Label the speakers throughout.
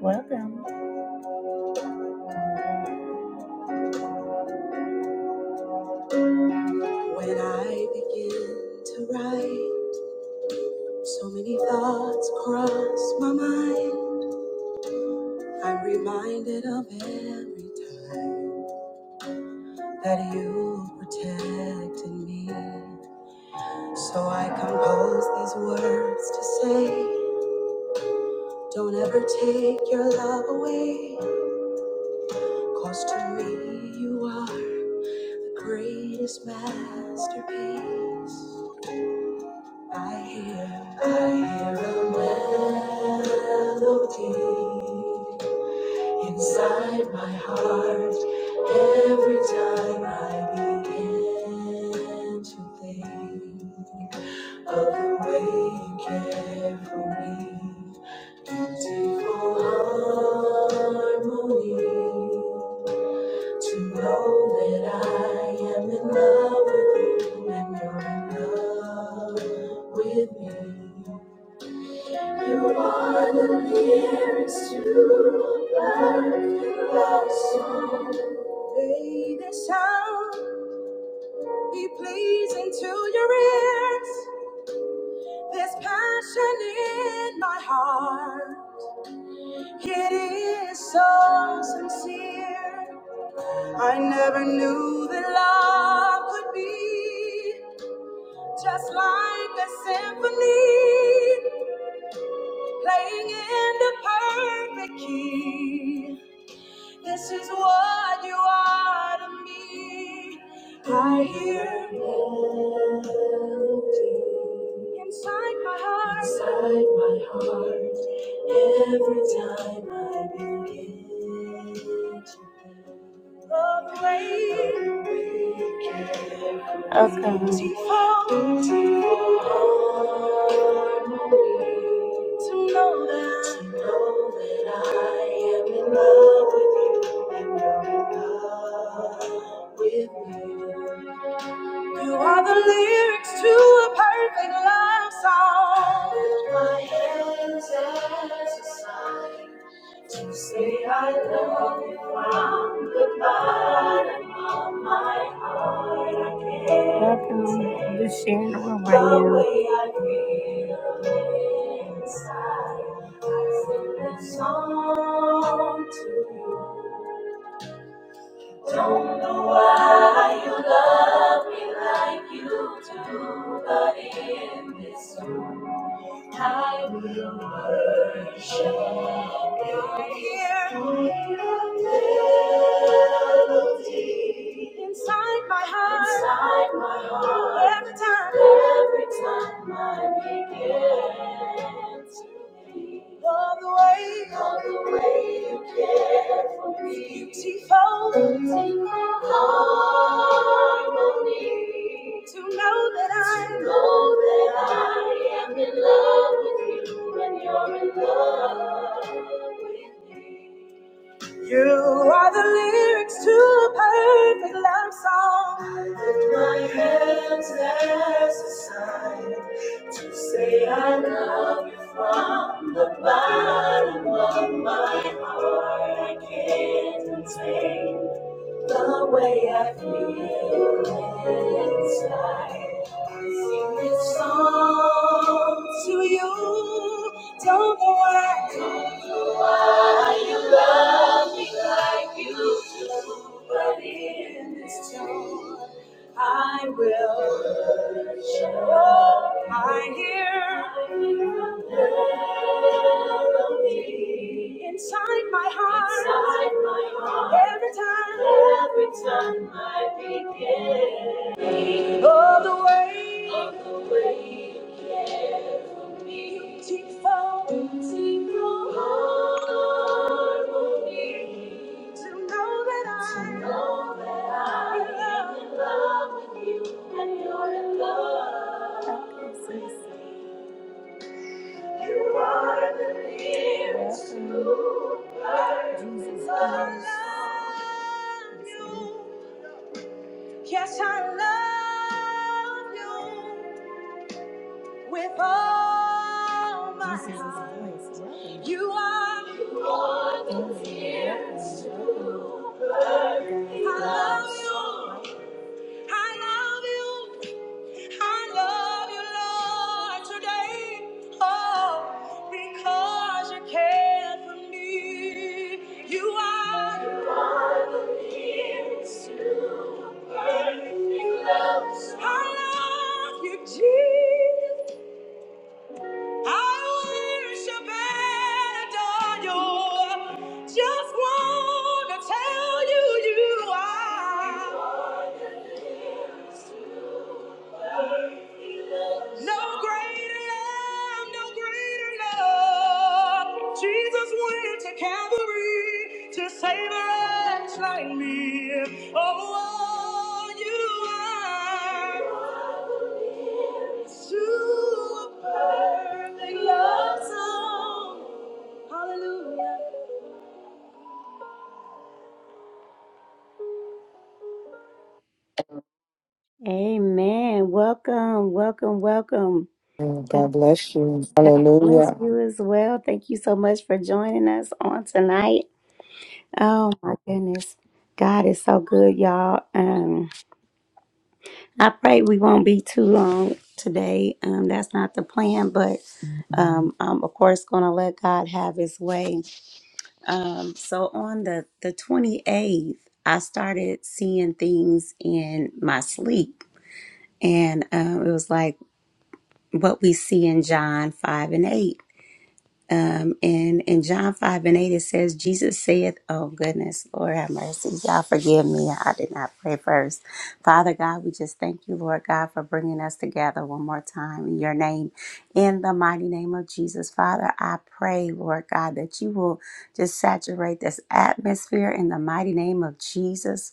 Speaker 1: Welcome. When I begin to write, so many thoughts cross my mind. I'm reminded of every time that you protected me. So I compose these words to say, Don't ever take your love away. 'Cause to me, you are the greatest masterpiece. I hear, I hear a melody inside my heart every time I begin to think of the way you care for me, beautiful harmony. To know that I am in love with you and you're in love with me. You are the nearest to a perfect love song. May this sound be pleasing to your ears. There's passion in my heart. It is so sincere. I never knew that love could be. Just like a symphony playing in the perfect key. This is what you are to me. I hear melody inside my heart. Inside my heart. Every time I begin. Okay. You are the lyrics to a perfect love song. Lift my hands as a sign to say I love you. Welcome. Just sharing the room right now. Don't know why you love me like you do, but in this I will worship you here. The melody Inside my heart. Inside my heart. Every time. Every time I begin to breathe. Love the way, love the way you care for me. Beautiful, beautiful harmony. To know that I, to know that I am in love with you and you're in love with me. You are the lyrics to a perfect love song. I Lift my hands as a sign to say I love you from the bottom of my heart. I can't contain the way I feel inside. Sing this song to you. Don't know why. like you do, but in this tune I will worship. I hear inside my heart, inside my heart every time I begin. All the way, of the way, you care for me. Beautiful, beautiful harmony. To know that I, to know that I am in love with you and you're in love. You are the nearest to Jesus. I love you. Yes, I love you. with all my heart. You are the tears. I love you. I love you. I love you, Lord, today. Oh, because you care for me. You are. I love you, Jesus. I worship and adore you. Just wanna tell you, you are no greater love, no greater love. Jesus went to Calvary to save a wretch like me. Oh, oh, you are super perfect love song. Hallelujah. Amen. Welcome, welcome, welcome.
Speaker 2: Oh,
Speaker 1: God,
Speaker 2: God bless you.
Speaker 1: God bless
Speaker 2: Hallelujah.
Speaker 1: you as well. Thank you so much for joining us on tonight. Oh my goodness. God is so good, y'all. Um, I pray we won't be too long today. Um, that's not the plan, but um, I'm of course gonna let God have his way. Um, so on the, the 28th, I started seeing things in my sleep. And um, it was like what we see in John 5 and 8. Um, and in John 5 and 8, it says, Jesus saith, Oh, goodness, Lord have mercy. Y'all forgive me. I did not pray first. Father God, we just thank you, Lord God, for bringing us together one more time in your name. In the mighty name of Jesus, Father, I pray, Lord God, that you will just saturate this atmosphere in the mighty name of Jesus.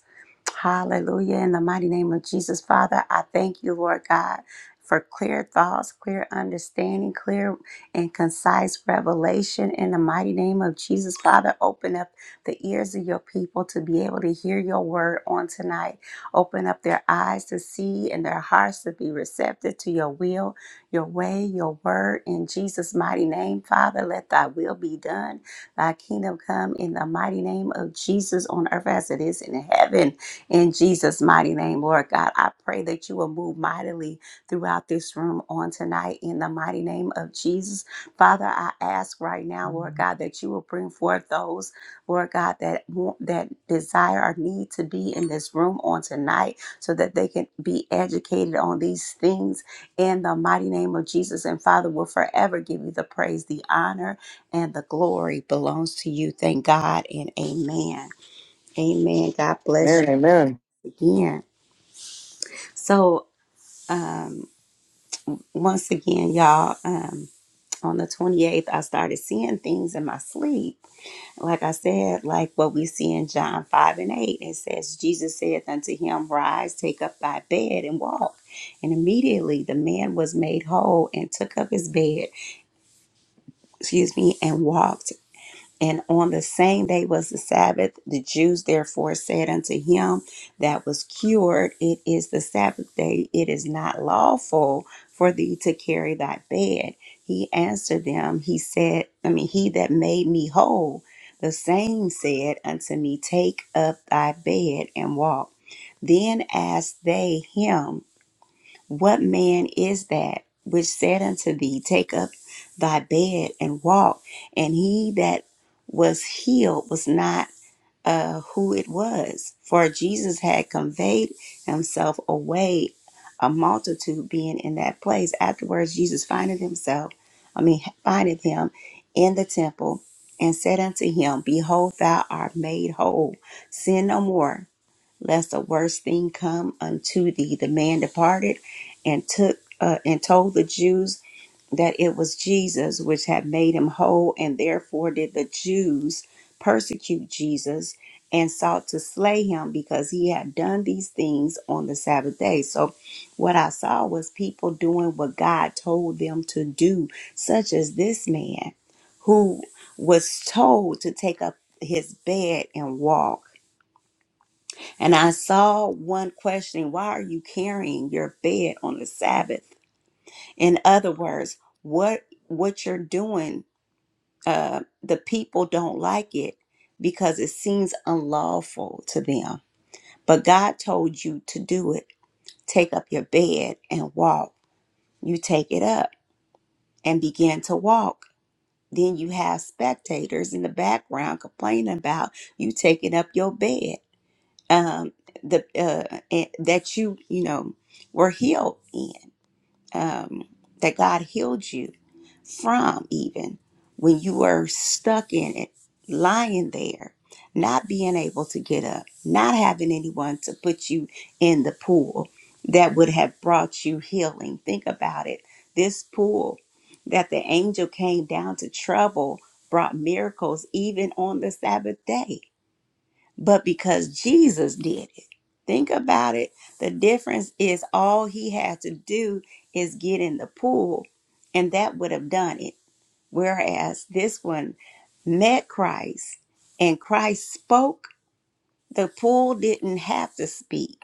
Speaker 1: Hallelujah. In the mighty name of Jesus, Father, I thank you, Lord God, for clear thoughts, clear understanding, clear and concise revelation. In the mighty name of Jesus, Father, open up the ears of your people to be able to hear your word on tonight. Open up their eyes to see and their hearts to be receptive to your will, your way, your word. In Jesus' mighty name, Father, let thy will be done. Thy kingdom come in the mighty name of Jesus on earth as it is in heaven. In Jesus' mighty name, Lord God, I pray that you will move mightily throughout this room on tonight in the mighty name of Jesus. Father, I ask right now, Lord God, that you will bring forth those, Lord God, that want, that desire or need to be in this room on tonight so that they can be educated on these things in the mighty name of Jesus. And Father, will forever give you the praise, the honor, and the glory belongs to you. Thank God and amen. Amen. God bless you
Speaker 2: Amen. Amen.
Speaker 1: again. So, um, once again, y'all, um, on the 28th, I started seeing things in my sleep. Like I said, like what we see in John 5 and 8, it says, Jesus saith unto him, Rise, take up thy bed and walk. And immediately the man was made whole and took up his bed, excuse me, and walked. And on the same day was the Sabbath. The Jews therefore said unto him that was cured, It is the Sabbath day. It is not lawful for thee to carry thy bed. He answered them, He said, I mean, he that made me whole, the same said unto me, Take up thy bed and walk. Then asked they him, what man is that which said unto thee, Take up thy bed and walk? And he that was healed was not uh, who it was, for Jesus had conveyed himself away, a multitude being in that place. Afterwards, Jesus findeth himself, I mean, findeth him in the temple and said unto him, Behold, thou art made whole. Sin no more lest a worse thing come unto thee. The man departed and took uh, and told the Jews that it was Jesus which had made him whole, and therefore did the Jews persecute Jesus and sought to slay him because he had done these things on the Sabbath day. So what I saw was people doing what God told them to do, such as this man who was told to take up his bed and walk and I saw one questioning, Why are you carrying your bed on the Sabbath? In other words, what what you're doing, uh, the people don't like it because it seems unlawful to them. But God told you to do it. Take up your bed and walk. You take it up and begin to walk. Then you have spectators in the background complaining about you taking up your bed. um, the uh, eh, that you you know were healed in, um, that God healed you from, even when you were stuck in it, lying there, not being able to get up, not having anyone to put you in the pool that would have brought you healing. Think about it. This pool that the angel came down to trouble brought miracles even on the Sabbath day but because Jesus did it. Think about it. The difference is all he had to do is get in the pool, and that would have done it. Whereas this one met Christ, and Christ spoke, the pool didn't have to speak.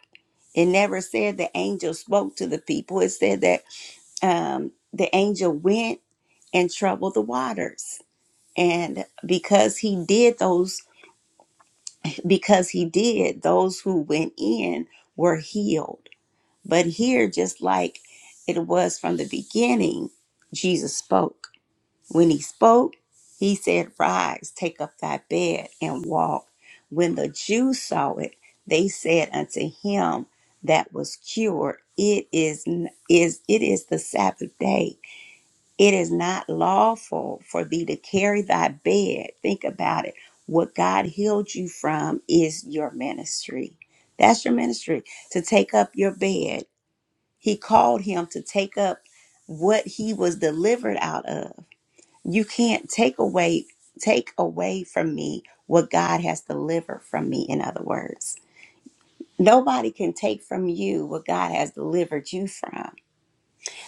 Speaker 1: It never said the angel spoke to the people, it said that um, the angel went and troubled the waters. And because he did those because he did, those who went in were healed. But here, just like it was from the beginning, Jesus spoke. When he spoke, he said, Rise, take up thy bed, and walk. When the Jews saw it, they said unto him that was cured, It is, is, it is the Sabbath day it is not lawful for thee to carry thy bed. Think about it. What God healed you from is your ministry. That's your ministry to take up your bed. He called him to take up what he was delivered out of. You can't take away take away from me what God has delivered from me in other words. Nobody can take from you what God has delivered you from.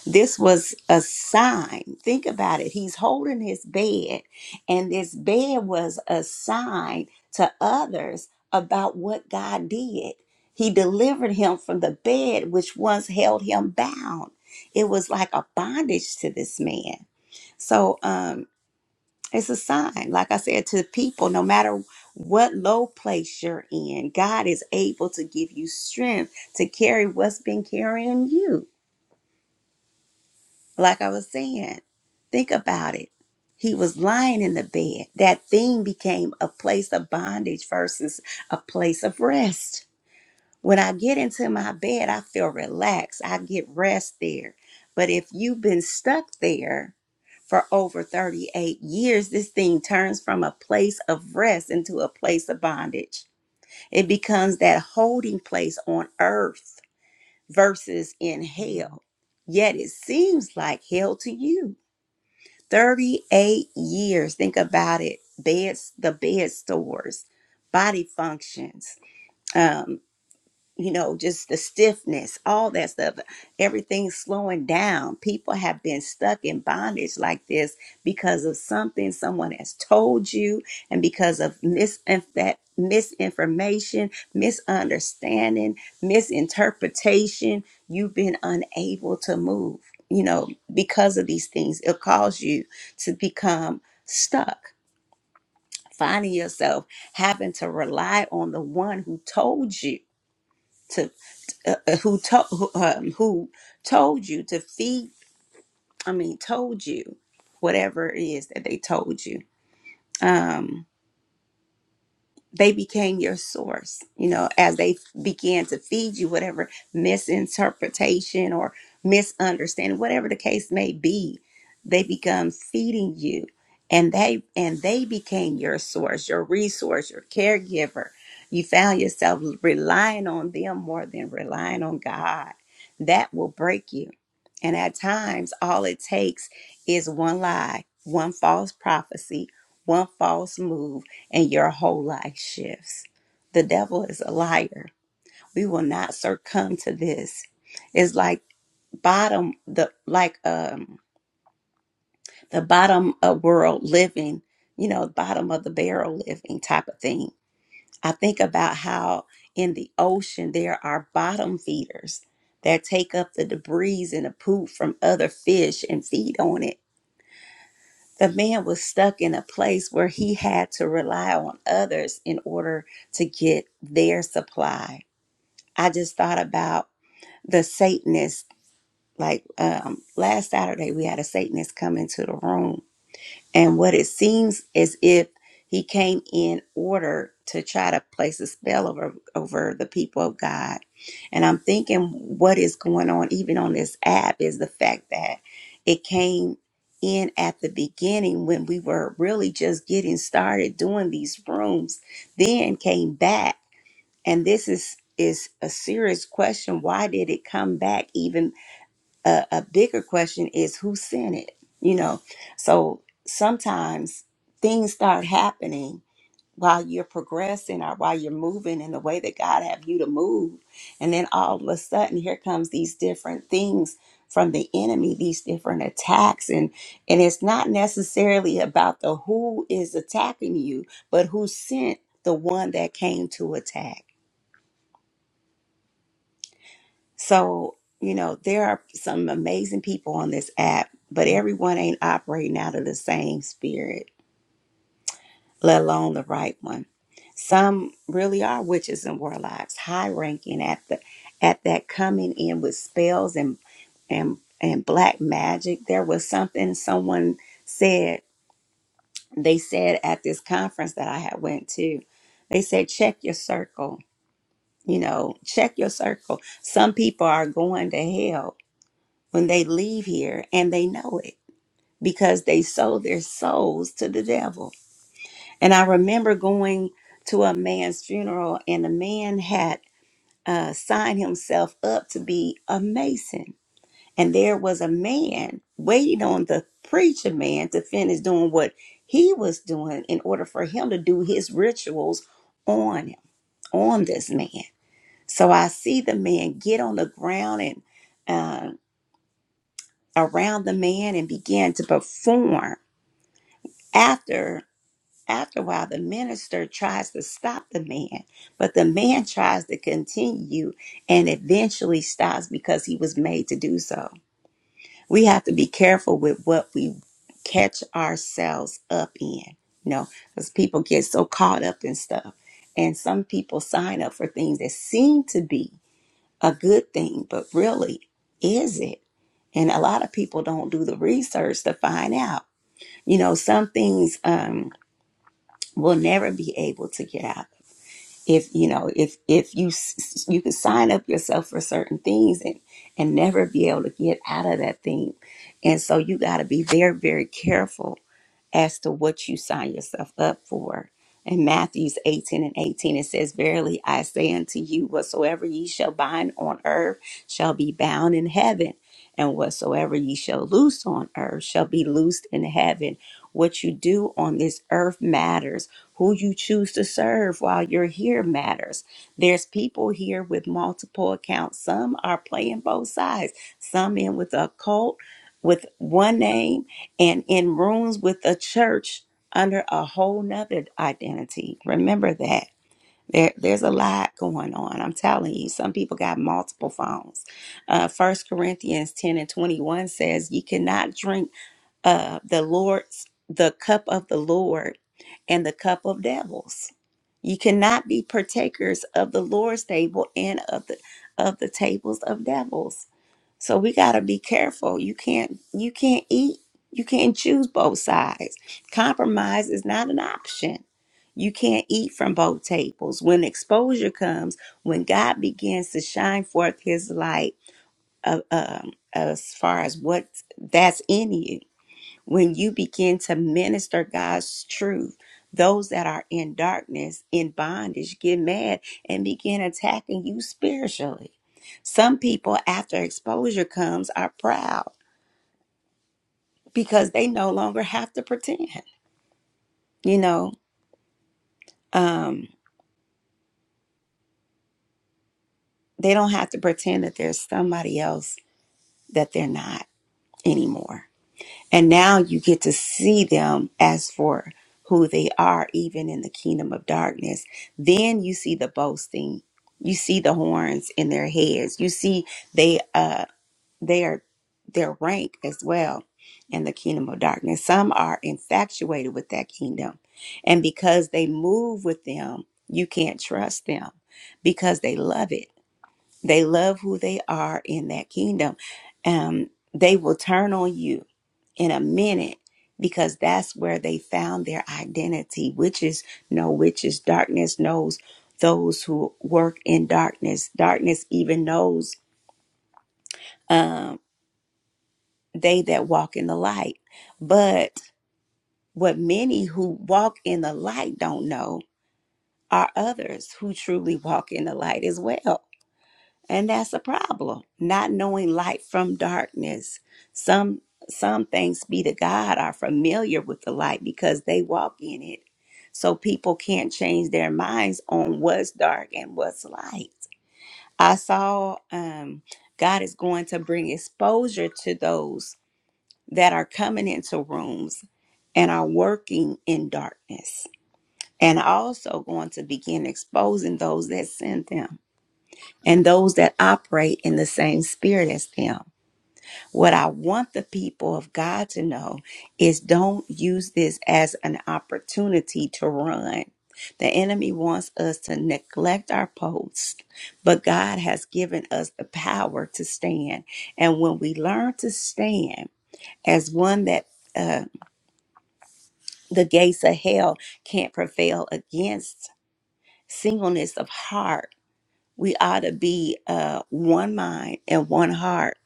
Speaker 1: This was a sign. Think about it. He's holding his bed, and this bed was a sign to others about what God did. He delivered him from the bed which once held him bound. It was like a bondage to this man. So um, it's a sign, like I said, to people, no matter what low place you're in, God is able to give you strength to carry what's been carrying you. Like I was saying, think about it. He was lying in the bed. That thing became a place of bondage versus a place of rest. When I get into my bed, I feel relaxed. I get rest there. But if you've been stuck there for over 38 years, this thing turns from a place of rest into a place of bondage. It becomes that holding place on earth versus in hell. Yet it seems like hell to you 38 years. Think about it. Beds, the bed stores, body functions. um, you know, just the stiffness, all that stuff. Everything's slowing down. People have been stuck in bondage like this because of something someone has told you and because of misin- that misinformation, misunderstanding, misinterpretation. You've been unable to move, you know, because of these things. It'll cause you to become stuck, finding yourself having to rely on the one who told you to uh, uh, who told who, um, who told you to feed i mean told you whatever it is that they told you Um, they became your source you know as they f- began to feed you whatever misinterpretation or misunderstanding whatever the case may be they become feeding you and they and they became your source your resource your caregiver you found yourself relying on them more than relying on god that will break you and at times all it takes is one lie one false prophecy one false move and your whole life shifts. The devil is a liar. We will not succumb to this. It's like bottom the like um the bottom of world living, you know, bottom of the barrel living type of thing. I think about how in the ocean there are bottom feeders that take up the debris and the poop from other fish and feed on it the man was stuck in a place where he had to rely on others in order to get their supply. I just thought about the Satanist. Like um, last Saturday, we had a Satanist come into the room and what it seems as if he came in order to try to place a spell over over the people of God. And I'm thinking what is going on even on this app is the fact that it came in at the beginning when we were really just getting started doing these rooms, then came back. And this is is a serious question. Why did it come back even a, a bigger question is who sent it you know so sometimes things start happening while you're progressing or while you're moving in the way that god have you to move and then all of a sudden here comes these different things from the enemy these different attacks and and it's not necessarily about the who is attacking you but who sent the one that came to attack So, you know, there are some amazing people on this app, but everyone ain't operating out of the same spirit, let alone the right one. Some really are witches and warlocks, high ranking at the at that coming in with spells and and and black magic. There was something someone said they said at this conference that I had went to. They said check your circle. You know, check your circle. Some people are going to hell when they leave here and they know it because they sold their souls to the devil. And I remember going to a man's funeral and the man had uh, signed himself up to be a mason. And there was a man waiting on the preacher man to finish doing what he was doing in order for him to do his rituals on him, on this man. So I see the man get on the ground and uh, around the man and began to perform. After after a while, the minister tries to stop the man, but the man tries to continue and eventually stops because he was made to do so. We have to be careful with what we catch ourselves up in, you know, because people get so caught up in stuff. And some people sign up for things that seem to be a good thing, but really, is it? And a lot of people don't do the research to find out. You know, some things um, will never be able to get out. If you know, if if you s- you can sign up yourself for certain things and and never be able to get out of that thing, and so you got to be very very careful as to what you sign yourself up for. In Matthews 18 and 18, it says, Verily I say unto you, whatsoever ye shall bind on earth shall be bound in heaven, and whatsoever ye shall loose on earth shall be loosed in heaven. What you do on this earth matters. Who you choose to serve while you're here matters. There's people here with multiple accounts. Some are playing both sides, some in with a cult with one name and in rooms with the church under a whole nother identity. Remember that. There, there's a lot going on. I'm telling you, some people got multiple phones. Uh, 1 Corinthians 10 and 21 says, You cannot drink uh, the Lord's, the cup of the Lord and the cup of devils. You cannot be partakers of the Lord's table and of the of the tables of devils so we got to be careful. You can't you can't eat. You can't choose both sides. Compromise is not an option. You can't eat from both tables. When exposure comes, when God begins to shine forth his light uh, um, as far as what that's in you, when you begin to minister God's truth, those that are in darkness, in bondage, get mad and begin attacking you spiritually. Some people, after exposure comes, are proud because they no longer have to pretend. You know, um, they don't have to pretend that there's somebody else that they're not anymore And now you get to see them as for who they are, even in the kingdom of darkness. Then you see the boasting. You see the horns in their heads. You see they uh their their rank as well in the kingdom of darkness. Some are infatuated with that kingdom. And because they move with them, you can't trust them because they love it. They love who they are in that kingdom. Um, they will turn on you in a minute because that's where they found their identity. Witches know witches. Darkness knows those who work in darkness. Darkness even knows um, they that walk in the light. But what many who walk in the light don't know are others who truly walk in the light as well. And that's a problem. Not knowing light from darkness. Some some things be to God are familiar with the light because they walk in it. So people can't change their minds on what's dark and what's light. I saw um God is going to bring exposure to those that are coming into rooms and are working in darkness. And also going to begin exposing those that send them and those that operate in the same spirit as them. What I want the people of God to know is don't use this as an opportunity to run. The enemy wants us to neglect our post, but God has given us the power to stand. And when we learn to stand as one that uh, the gates of hell can't prevail against, singleness of heart, we ought to be uh, one mind and one heart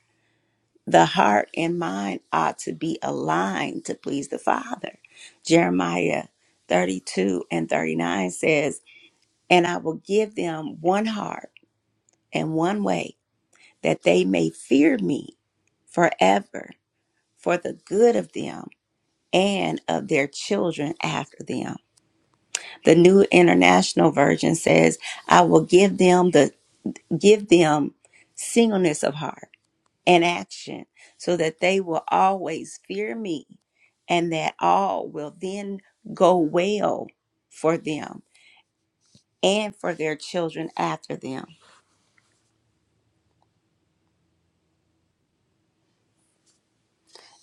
Speaker 1: the heart and mind ought to be aligned to please the Father. Jeremiah 32 and 39 says, And I will give them one heart and one way, that they may fear me forever for the good of them and of their children after them. The New International Version says, I will give them the give them singleness of heart and action so that they will always fear me and that all will then go well for them and for their children after them.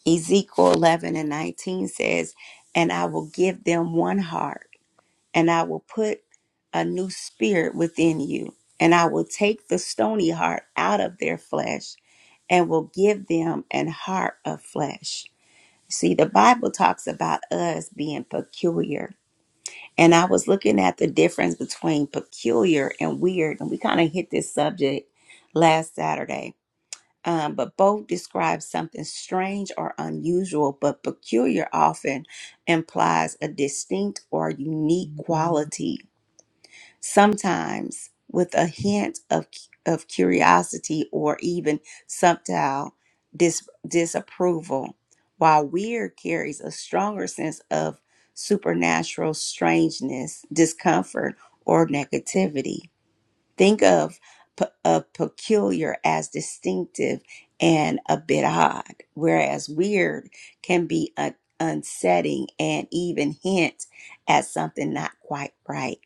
Speaker 1: Ezekiel 11 and 19 says, And I will give them one heart, and I will put a new spirit within you, and I will take the stony heart out of their flesh, and will give them an heart of flesh. See, the Bible talks about us being peculiar And I was looking at the difference between peculiar and weird, and we kind of hit this subject last Saturday. Um, but both describe something strange or unusual, but peculiar often implies a distinct or unique quality sometimes with a hint of of curiosity or even subtle dis, disapproval, while weird carries a stronger sense of supernatural strangeness, discomfort, or negativity. Think of p- a peculiar as distinctive and a bit odd, whereas weird can be un- unsetting and even hint at something not quite right.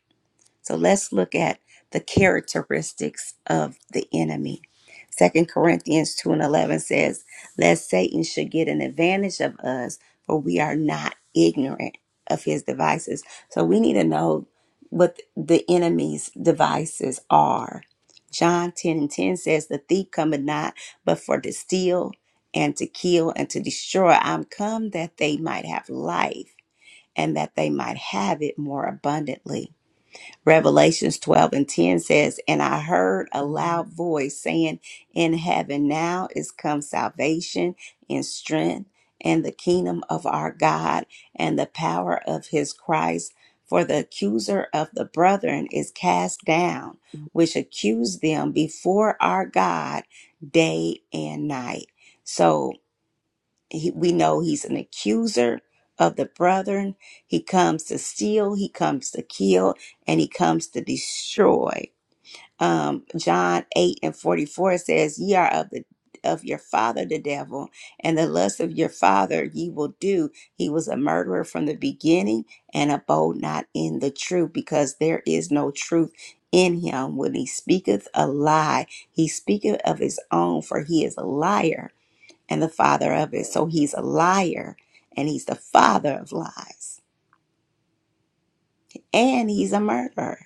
Speaker 1: So let's look at the characteristics of the enemy. Second Corinthians 2 and 11 says, Lest Satan should get an advantage of us, for we are not ignorant of his devices. So we need to know what the enemy's devices are. John 10 and 10 says, The thief cometh not but for to steal and to kill and to destroy. I'm come that they might have life and that they might have it more abundantly. Revelations 12 and 10 says, And I heard a loud voice saying, In heaven now is come salvation and strength and the kingdom of our God and the power of his Christ. For the accuser of the brethren is cast down, which accused them before our God day and night. So, he, we know he's an accuser of the brethren. He comes to steal, he comes to kill, and he comes to destroy. Um, John 8 and 44 says, Ye are of the of your father the devil, and the lust of your father ye will do. He was a murderer from the beginning and abode not in the truth, because there is no truth in him. When he speaketh a lie, he speaketh of his own, for he is a liar and the father of it. So he's a liar and he's the father of lies and he's a murderer.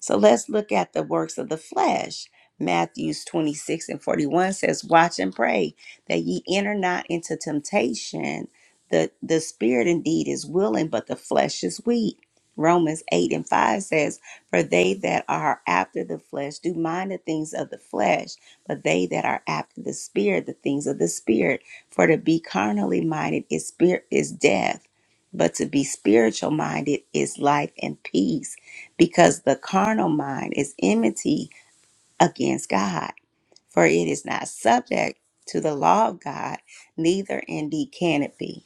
Speaker 1: So let's look at the works of the flesh. Matthews 26 and 41 says, Watch and pray that ye enter not into temptation. The, the spirit indeed is willing, but the flesh is weak. Romans 8 and 5 says, For they that are after the flesh do mind the things of the flesh, but they that are after the spirit, the things of the spirit. For to be carnally minded is spirit is death, but to be spiritual minded is life and peace because the carnal mind is enmity against God, for it is not subject to the law of God, neither indeed can it be.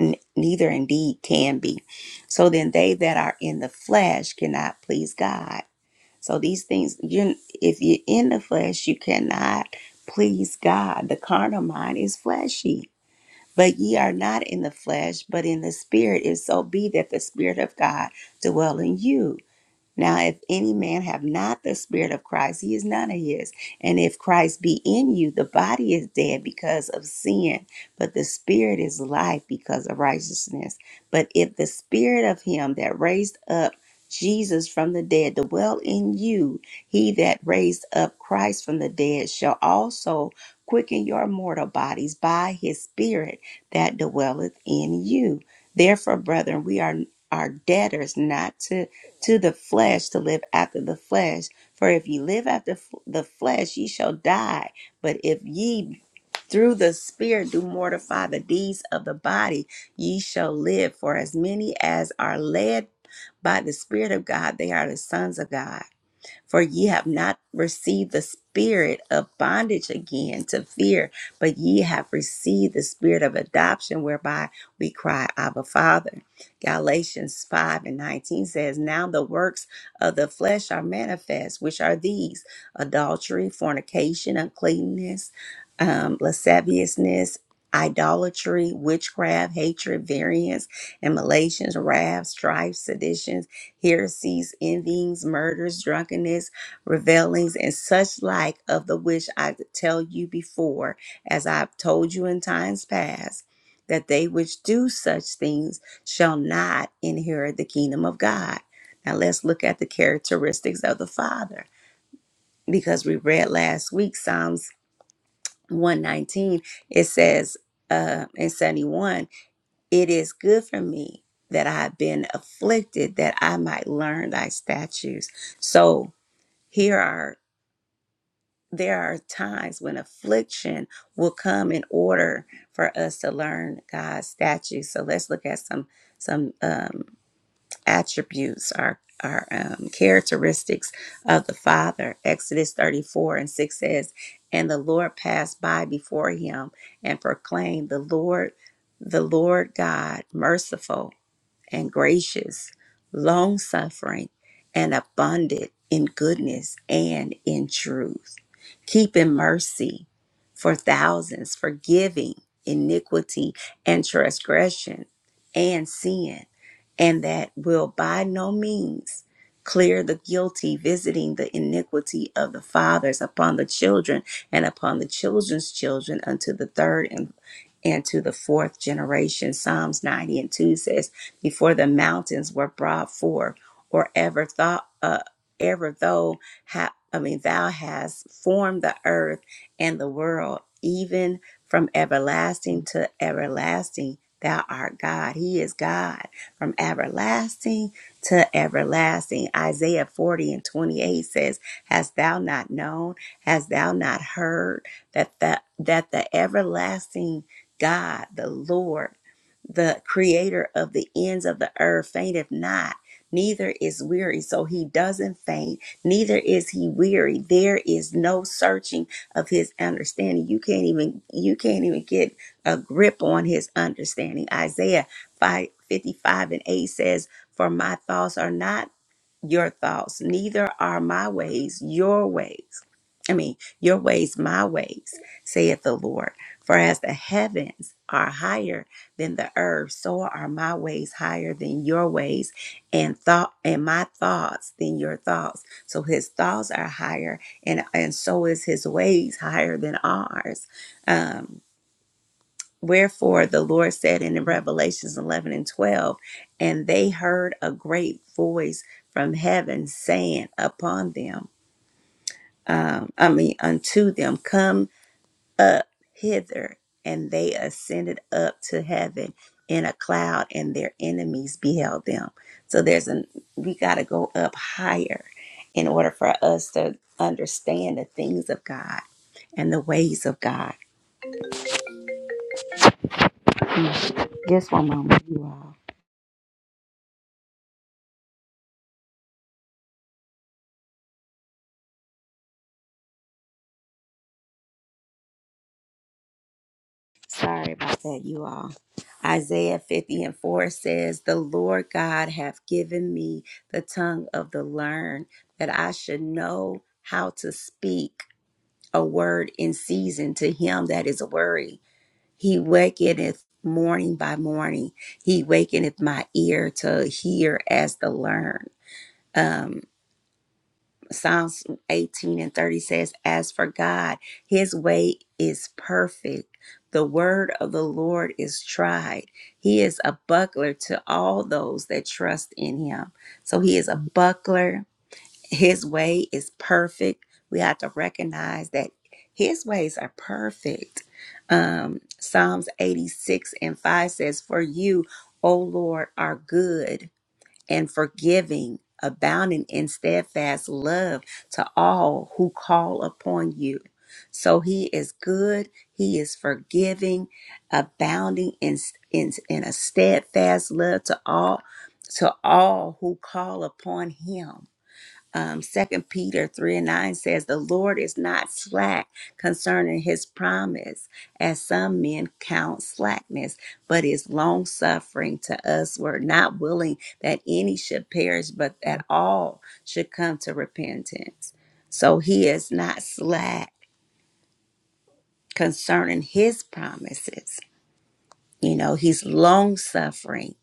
Speaker 1: N- Neither indeed can be. So then, they that are in the flesh cannot please God. So these things, you if you're in the flesh, you cannot please God. The carnal mind is fleshy. But ye are not in the flesh, but in the spirit, if so be that the spirit of God dwell in you. Now, if any man have not the Spirit of Christ, he is none of his. And if Christ be in you, the body is dead because of sin, but the Spirit is life because of righteousness. But if the Spirit of him that raised up Jesus from the dead dwell in you, he that raised up Christ from the dead shall also quicken your mortal bodies by his Spirit that dwelleth in you. Therefore, brethren, we are, are debtors not to to the flesh to live after the flesh. For if ye live after f- the flesh, ye shall die. But if ye through the Spirit do mortify the deeds of the body, ye shall live. For as many as are led by the Spirit of God, they are the sons of God. For ye have not received the spirit of bondage again to fear, but ye have received the spirit of adoption, whereby we cry, Abba, Father. Galatians 5 and 19 says, Now the works of the flesh are manifest, which are these adultery, fornication, uncleanness, um, lasciviousness, idolatry, witchcraft, hatred, variance, and Malaysians, wrath, strife, seditions heresies, envyings, murders, drunkenness, revelings, and such like of the which I tell you before, as I have told you in times past, that they which do such things shall not inherit the kingdom of God. Now let's look at the characteristics of the Father. Because we read last week Psalms 119, it says uh, in 71 it is good for me that I have been afflicted that I might learn thy statutes. So here are there are times when affliction will come in order for us to learn God's statutes. So let's look at some some um, attributes our our um, characteristics of the Father. Exodus 34 and 6 says, And the Lord passed by before him and proclaimed, The Lord, the Lord God, merciful and gracious, long suffering, and abundant in goodness and in truth, keeping mercy for thousands, forgiving iniquity and transgression and sin, and that will by no means clear the guilty, visiting the iniquity of the fathers upon the children and upon the children's children unto the third and and to the fourth generation. Psalms 90 and 2 says, before the mountains were brought forth, or ever thought, uh, ever though, ha- I mean, thou hast formed the earth and the world, even from everlasting to everlasting. Thou art God. He is God from everlasting to everlasting. Isaiah 40 and 28 says, Hast thou not known? Hast thou not heard that the, that the everlasting God, the Lord, the creator of the ends of the earth fainteth not neither is weary so he doesn't faint neither is he weary there is no searching of his understanding you can't even you can't even get a grip on his understanding isaiah 5 55 and 8 says for my thoughts are not your thoughts, neither are my ways your ways. I mean, your ways my ways, saith the Lord. For as the heavens are higher than the earth, so are my ways higher than your ways, and thought and my thoughts than your thoughts. So his thoughts are higher, and and so is his ways higher than ours. Um, Wherefore the Lord said in Revelations 11 and 12, and they heard a great voice from heaven saying upon them, um, I mean, unto them, come up hither. And they ascended up to heaven in a cloud, and their enemies beheld them. So there's an, we got to go up higher in order for us to understand the things of God and the ways of God. Just one moment, you all. Sorry about that, you all. Isaiah 50 and 4 says, The Lord God hath given me the tongue of the learned, that I should know how to speak a word in season to him that is weary. He wakeneth morning by morning. He wakeneth my ear to hear as the learned. Um. Psalms 18 and 30 says, As for God, his way is perfect. The word of the Lord is tried. He is a buckler to all those that trust in him. So he is a buckler. His way is perfect. We have to recognize that his ways are perfect. Um, Psalms 86 and 5 says, For you, O Lord, are good and forgiving, abounding in steadfast love to all who call upon you. So he is good, he is forgiving, abounding in in, in a steadfast love to all to all who call upon him um, 2 Peter 3 and 9 says, The Lord is not slack concerning his promise, as some men count slackness, but is long suffering to us. we not willing that any should perish, but that all should come to repentance. So he is not slack concerning his promises. You know, he's long suffering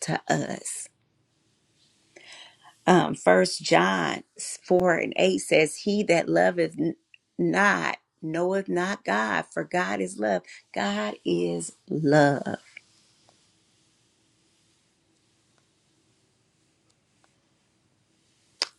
Speaker 1: to us. um, First John four and eight says, "He that loveth n- not knoweth not God, for God is love. God is love."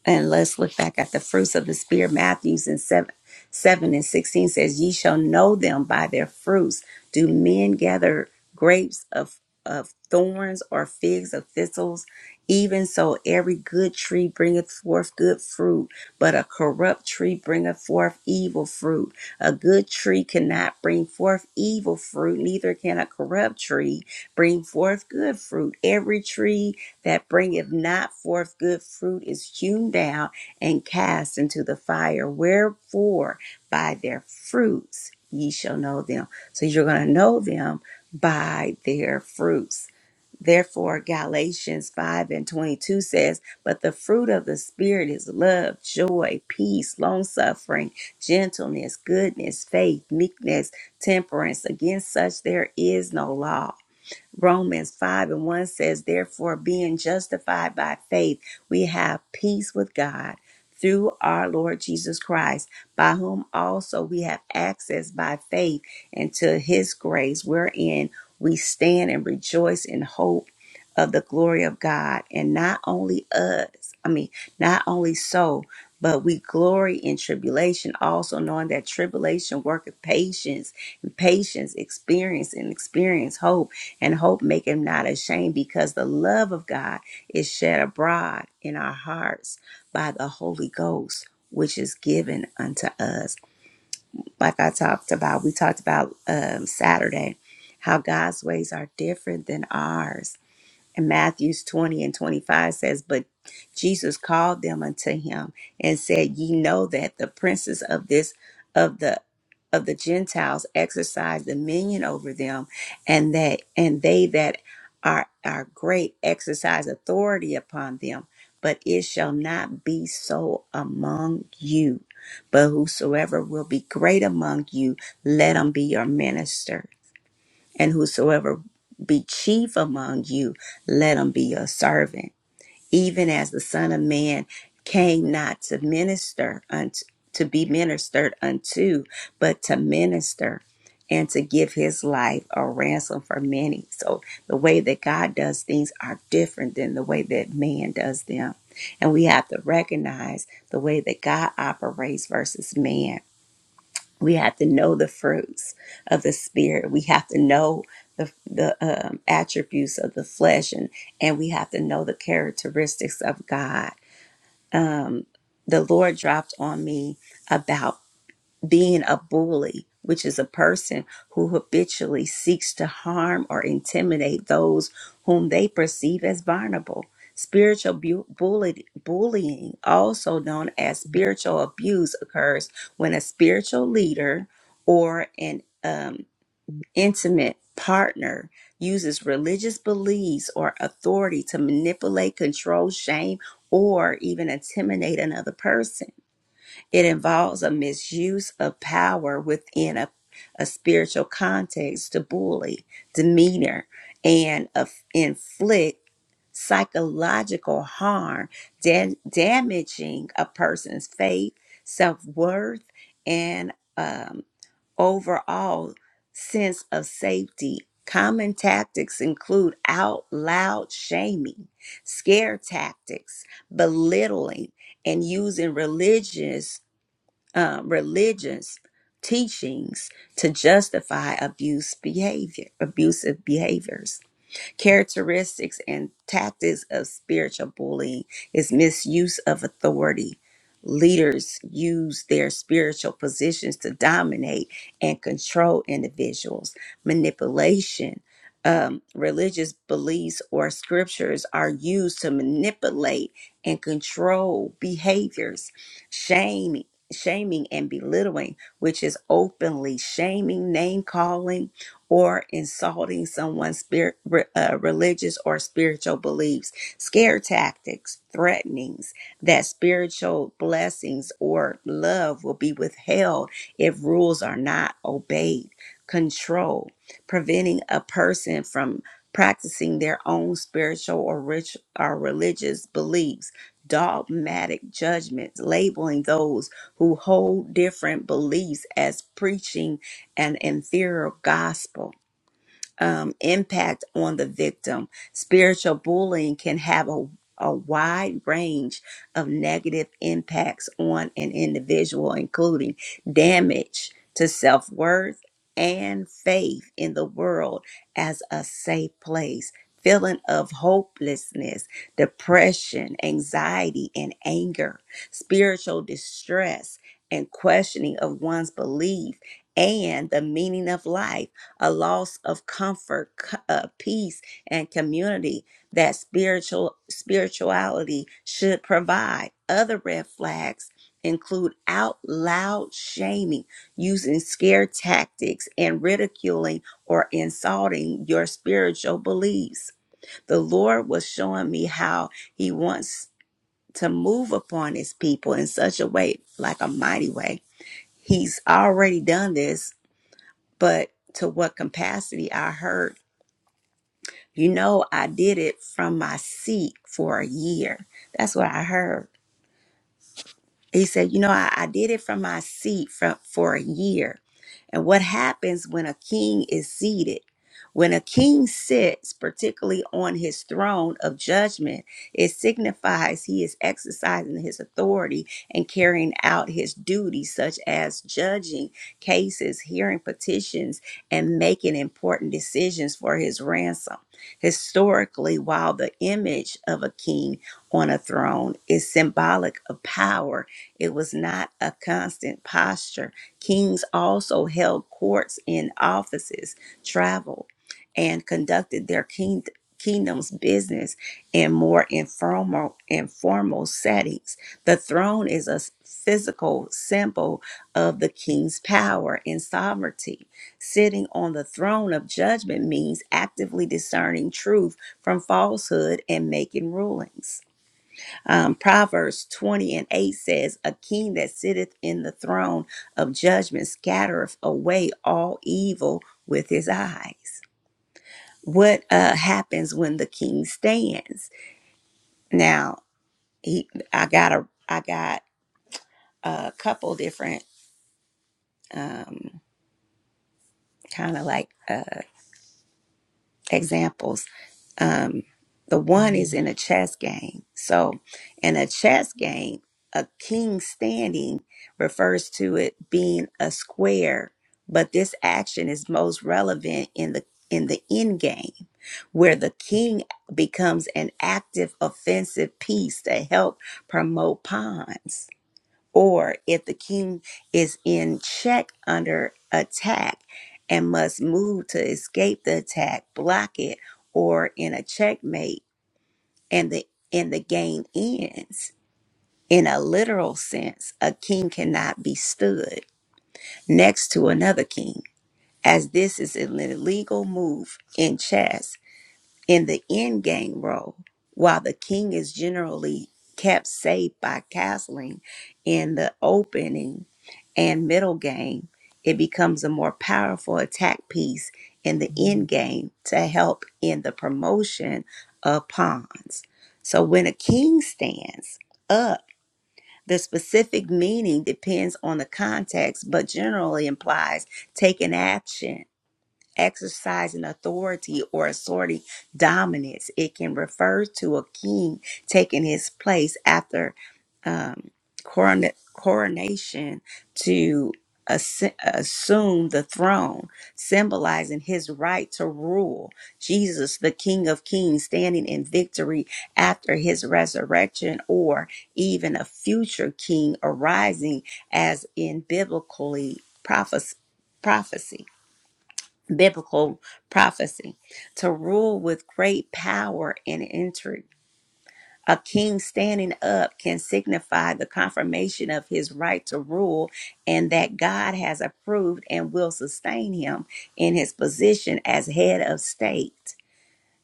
Speaker 1: and let's look back at the fruits of the spirit matthews in 7 7 and 16 says ye shall know them by their fruits do men gather grapes of of thorns or figs of thistles even so every good tree bringeth forth good fruit but a corrupt tree bringeth forth evil fruit a good tree cannot bring forth evil fruit neither can a corrupt tree bring forth good fruit every tree that bringeth not forth good fruit is hewn down and cast into the fire. Wherefore, by their fruits ye shall know them. So you're going to know them by their fruits. Therefore, Galatians 5 and 22 says, But the fruit of the Spirit is love, joy, peace, long suffering, gentleness, goodness, faith, meekness, temperance. Against such there is no law. Romans 5 and 1 says, Therefore, being justified by faith, we have peace with God through our Lord Jesus Christ, by whom also we have access by faith into his grace, wherein we stand and rejoice in hope of the glory of God. And not only us, I mean, not only so, but we glory in tribulation, also knowing that tribulation worketh patience, and patience, experience, and experience hope and hope make him not ashamed because the love of God is shed abroad in our hearts by the Holy Ghost, which is given unto us. Like I talked about, we talked about um, Saturday, how God's ways are different than ours and Matthews 20 and 25 says, But Jesus called them unto him and said, Ye know that the princes of this of the of the Gentiles exercise dominion over them, and that and they that are are great exercise authority upon them. But it shall not be so among you. But whosoever will be great among you, let him be your minister and whosoever be chief among you, let him be your servant. Even as the Son of Man came not to minister unto, to be ministered unto, but to minister and to give his life a ransom for many. So the way that God does things are different than the way that man does them. And we have to recognize the way that God operates versus man we have to know the fruits of the spirit we have to know the, the um, attributes of the flesh and and we have to know the characteristics of god um, the lord dropped on me about being a bully, which is a person who habitually seeks to harm or intimidate those whom they perceive as vulnerable. Spiritual bu- bully- bullying, also known as spiritual abuse, occurs when a spiritual leader or an um, intimate partner uses religious beliefs or authority to manipulate, control, shame, or even intimidate another person. It involves a misuse of power within a, a spiritual context to bully, demeanor, and of- inflict psychological harm, dam- damaging a person's faith, self worth, and um, overall sense of safety. Common tactics include out loud shaming, scare tactics, belittling, and using religious uh, religious teachings to justify abuse behavior, abusive behaviors. Characteristics and tactics of spiritual bullying is misuse of authority. Leaders use their spiritual positions to dominate and control individuals. Manipulation. Um, religious beliefs or scriptures are used to manipulate and control behaviors. Shame, shaming and belittling, which is openly shaming, name calling, or insulting someone's spirit, uh, religious or spiritual beliefs, scare tactics, threatenings that spiritual blessings or love will be withheld if rules are not obeyed, control, preventing a person from practicing their own spiritual or rich or religious beliefs. Dogmatic judgments, labeling those who hold different beliefs as preaching and inferior gospel um, impact on the victim. Spiritual bullying can have a, a wide range of negative impacts on an individual, including damage to self worth and faith in the world as a safe place. Feeling of hopelessness, depression, anxiety, and anger, spiritual distress, and questioning of one's belief and the meaning of life a loss of comfort, c- uh, peace, and community that spiritual spirituality should provide. Other red flags include out loud shaming, using scare tactics, and ridiculing or insulting your spiritual beliefs. The Lord was showing me how He wants to move upon His people in such a way, like a mighty way. He's already done this, but to what capacity I heard you know, I did it from my seat for a year. That's what I heard. He said, You know, I, I did it from my seat from, for a year. And what happens when a king is seated? When a king sits, particularly on his throne of judgment, it signifies he is exercising his authority and carrying out his duties, such as judging cases, hearing petitions, and making important decisions for his ransom. Historically, while the image of a king on a throne is symbolic of power it was not a constant posture. Kings also held courts in offices, traveled, and conducted their king, kingdom's business in more informal, informal settings. The throne is a s- physical symbol of the king's power and sovereignty. Sitting on the throne of judgment means actively discerning truth from falsehood and making rulings. Um, Proverbs 20 and 8 says, A king that sitteth in the throne of judgment scattereth away all evil with his eyes. What uh, happens when the king stands? Now, he, I got a, I got a couple different um, kind of like uh, examples Um, the one is in a chess game. So, in a chess game, a king standing refers to it being a square, but this action is most relevant in the in the end game, where the king becomes an active offensive piece to help promote pawns. Or if the king is in check under attack and must move to escape the attack, block it, or in a checkmate and the and the game ends. In a literal sense, a king cannot be stood next to another king, as this is an illegal move in chess in the end game role, while the king is generally kept safe by castling in the opening and middle game, it becomes a more powerful attack piece in the end game to help in the promotion of pawns. So when a king stands up, the specific meaning depends on the context, but generally implies taking action exercising authority or asserting dominance. It can refer to a king taking his place after um, corona- coronation to assu- assume the throne, symbolizing his right to rule. Jesus, the King of Kings, standing in victory after his resurrection, or even a future king arising, as in biblically prophes- prophecy biblical prophecy to rule with great power and intrigue. A king standing up can signify the confirmation of his right to rule and that God has approved and will sustain him in his position as head of state.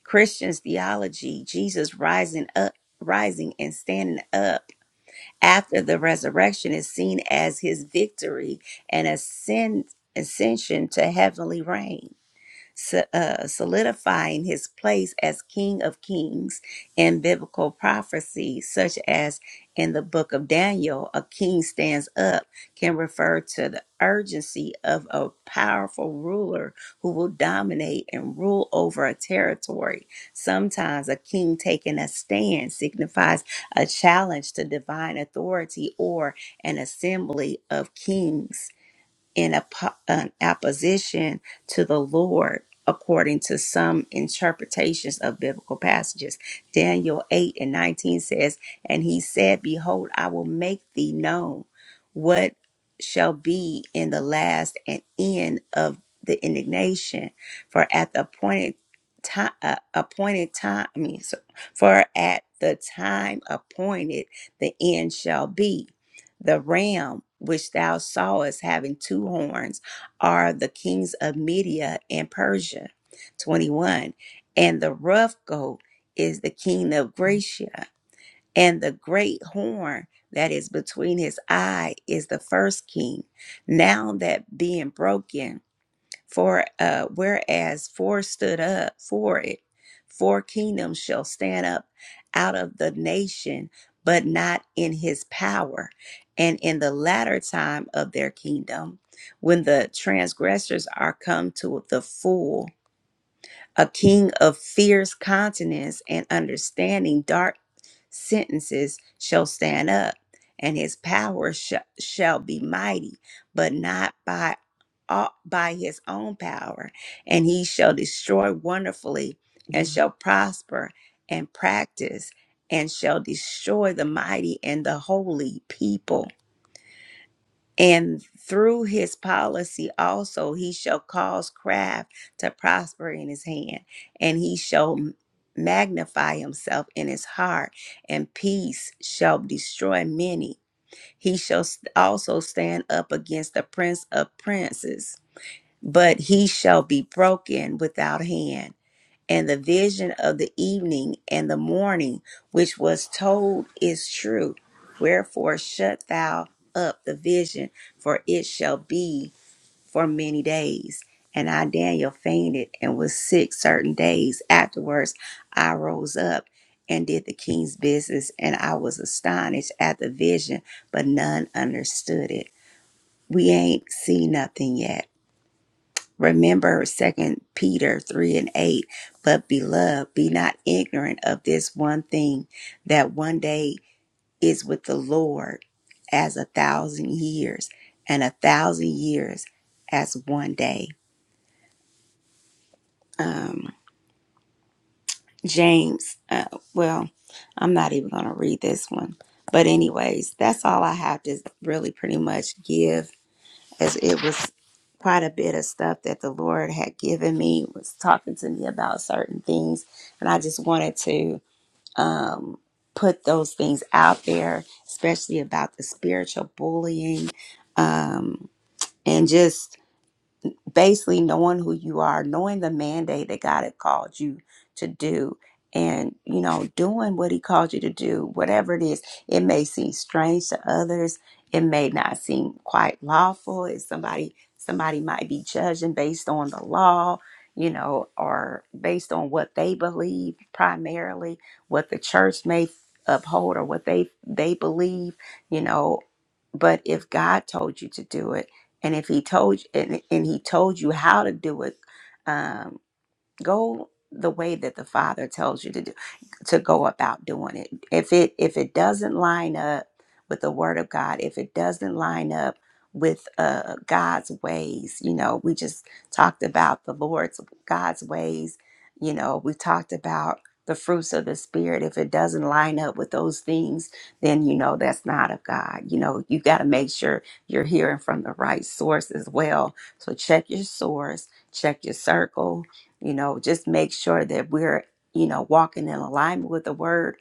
Speaker 1: Christians' theology, Jesus rising up, rising and standing up after the resurrection is seen as his victory and ascend, ascension to heavenly reign so- uh, solidifying his place as King of Kings in biblical prophecy, such as in the book of Daniel, a king stands up can refer to the urgency of a powerful ruler who will dominate and rule over a territory. Sometimes a king taking a stand signifies a challenge to divine authority or an assembly of kings in a, an opposition to the Lord, according to some interpretations of biblical passages. Daniel 8 and 19 says, And he said, Behold, I will make thee known what shall be in the last and end of the indignation. For at the appointed time, uh, appointed time, I mean, so- for at the time appointed, the end shall be. The ram which thou sawest having two horns are the kings of Media and Persia. 21. And the rough goat is the king of Gracia. And the great horn that is between his eye is the first king, now that being broken for uh, whereas four stood up for it, four kingdoms shall stand up out of the nation, but not in his power. And in the latter time of their kingdom, when the transgressors are come to the full, a king of fierce countenance and understanding dark sentences shall stand up and his power sh- shall be mighty but not by au- by his own power and he shall destroy wonderfully and Mhm. shall prosper and practice and shall destroy the mighty and the holy people and through his policy also, he shall cause craft to prosper in his hand, and he shall m- magnify himself in his heart, and peace shall destroy many. He shall s- also stand up against the prince of princes, but he shall be broken without hand and the vision of the evening and the morning, which was told, is true. Wherefore, shut thou up the vision, for it shall be for many days. And I, Daniel, fainted and was sick certain days. Afterwards, I rose up and did the king's business, and I was astonished at the vision, but none understood it. We ain't seen nothing yet Remember Second Peter 3 and 8. But beloved, be not ignorant of this one thing that one day is with the Lord as a thousand years, and a thousand years as one day. Um, James, uh, well, I'm not even going to read this one. But, anyways, that's all I have to really pretty much give as it was quite a bit of stuff that the Lord had given me, was talking to me about certain things. And I just wanted to um, put those things out there, especially about the spiritual bullying um, and just basically knowing who you are, knowing the mandate that God had called you to do, and you know, doing what He called you to do, whatever it is. It may seem strange to others. It may not seem quite lawful. If somebody somebody might be judging based on the law, you know, or based on what they believe primarily, what the church may uphold or what they they believe, you know. But if God told you to do it and if he told you and, and he told you how to do it, um, go the way that the father tells you to do to go about doing it if it if it doesn't line up with the word of god if it doesn't line up with uh god's ways you know we just talked about the lord's god's ways you know we talked about the fruits of the spirit if it doesn't line up with those things then you know that's not of god you know you got to make sure you're hearing from the right source as well so check your source check your circle you know, just make sure that we're, you know, walking in alignment with the word,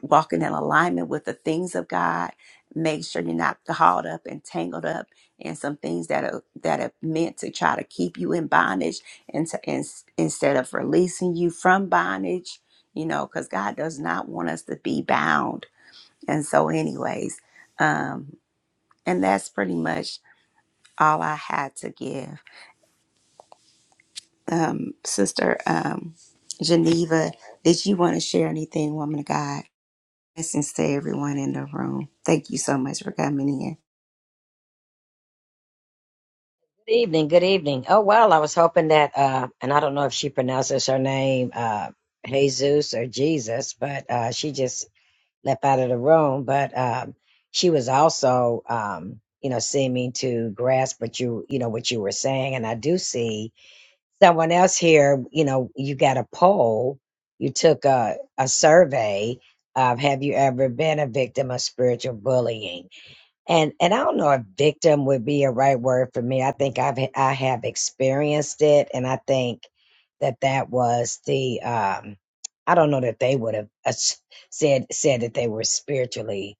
Speaker 1: walking in alignment with the things of God. Make sure you're not caught up and tangled up in some things that are that are meant to try to keep you in bondage and to, in, instead of releasing you from bondage, you know, because God does not want us to be bound. And so anyways, um, and that's pretty much all I had to give. um, Sister um, Geneva, did you want to share anything, woman of God? Blessings to everyone in the room. Thank you so much for coming in.
Speaker 3: Good evening. Good evening. Oh well, I was hoping that, uh, and I don't know if she pronounces her name uh, Jesus or Jesus, but uh, she just left out of the room. But um, she was also, um, you know, seeming to grasp what you, you know, what you were saying. And I do see someone else here. You know, you got a poll. You took a, a survey of have you ever been a victim of spiritual bullying? and and I don't know if victim would be a right word for me. I think I've h- I have experienced it, and I think that that was the um, I don't know that they would have uh, s- said said that they were spiritually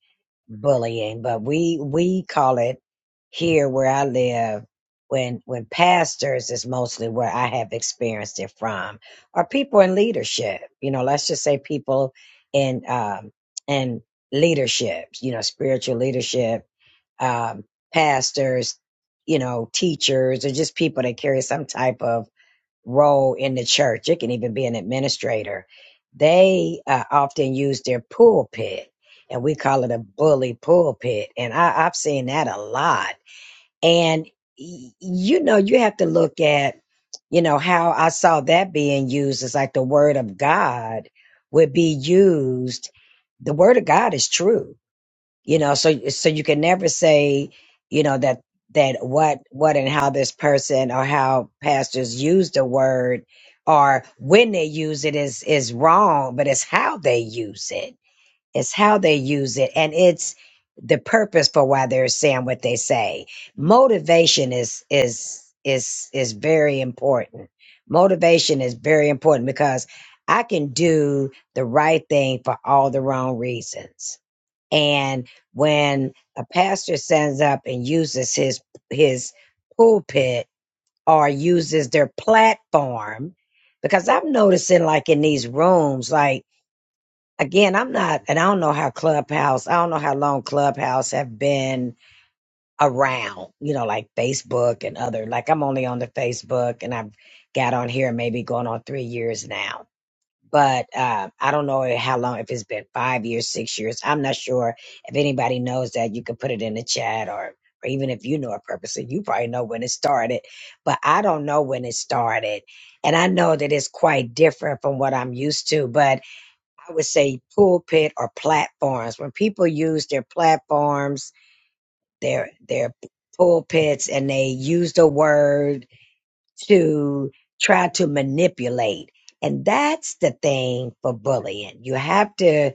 Speaker 3: bullying, but we we call it here where I live when when pastors is mostly where I have experienced it from, or people in leadership. You know, let's just say people in um, in leadership. You know, spiritual leadership um, pastors, you know, teachers, or just people that carry some type of role in the church. It can even be an administrator. They uh, often use their pulpit, and we call it a bully pulpit. And I, I've seen that a lot. And y- you know, you have to look at, you know, how I saw that being used as like the word of God would be used. The word of God is true you know so so you can never say you know that that what what and how this person or how pastors use the word or when they use it is is wrong but it's how they use it it's how they use it and it's the purpose for why they're saying what they say motivation is is is is very important motivation is very important because i can do the right thing for all the wrong reasons and when a pastor stands up and uses his his pulpit or uses their platform, because I'm noticing like in these rooms, like again, I'm not, and I don't know how Clubhouse, I don't know how long Clubhouse have been around, you know, like Facebook and other, like I'm only on the Facebook and I've got on here maybe going on three years now but uh, I don't know how long, if it's been five years, six years. I'm not sure. If anybody knows that, you can put it in the chat or, or even if you know it purposely, you probably know when it started. But I don't know when it started. And I know that it's quite different from what I'm used to, but I would say pulpit or platforms. When people use their platforms, their, their pulpits, and they use the word to try to manipulate. And that's the thing for bullying. You have to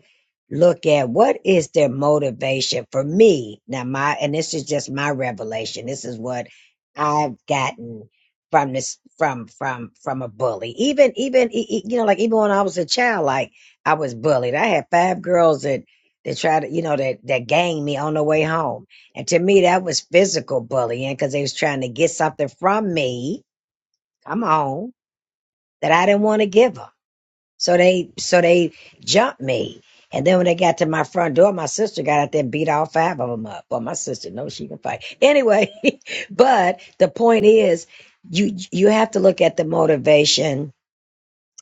Speaker 3: look at what is their motivation for me. Now my and this is just my revelation. This is what I've gotten from this from from from a bully. Even even e- e- you know like even when I was a child like I was bullied. I had five girls that that tried to you know that that ganged me on the way home. And to me that was physical bullying cuz they was trying to get something from me come on, that I didn't want to give them. So they, so they jumped me. And then when they got to my front door, my sister got out there and beat all five of them up. Well, my sister knows she can fight anyway. but the point is, you you have to look at the motivation.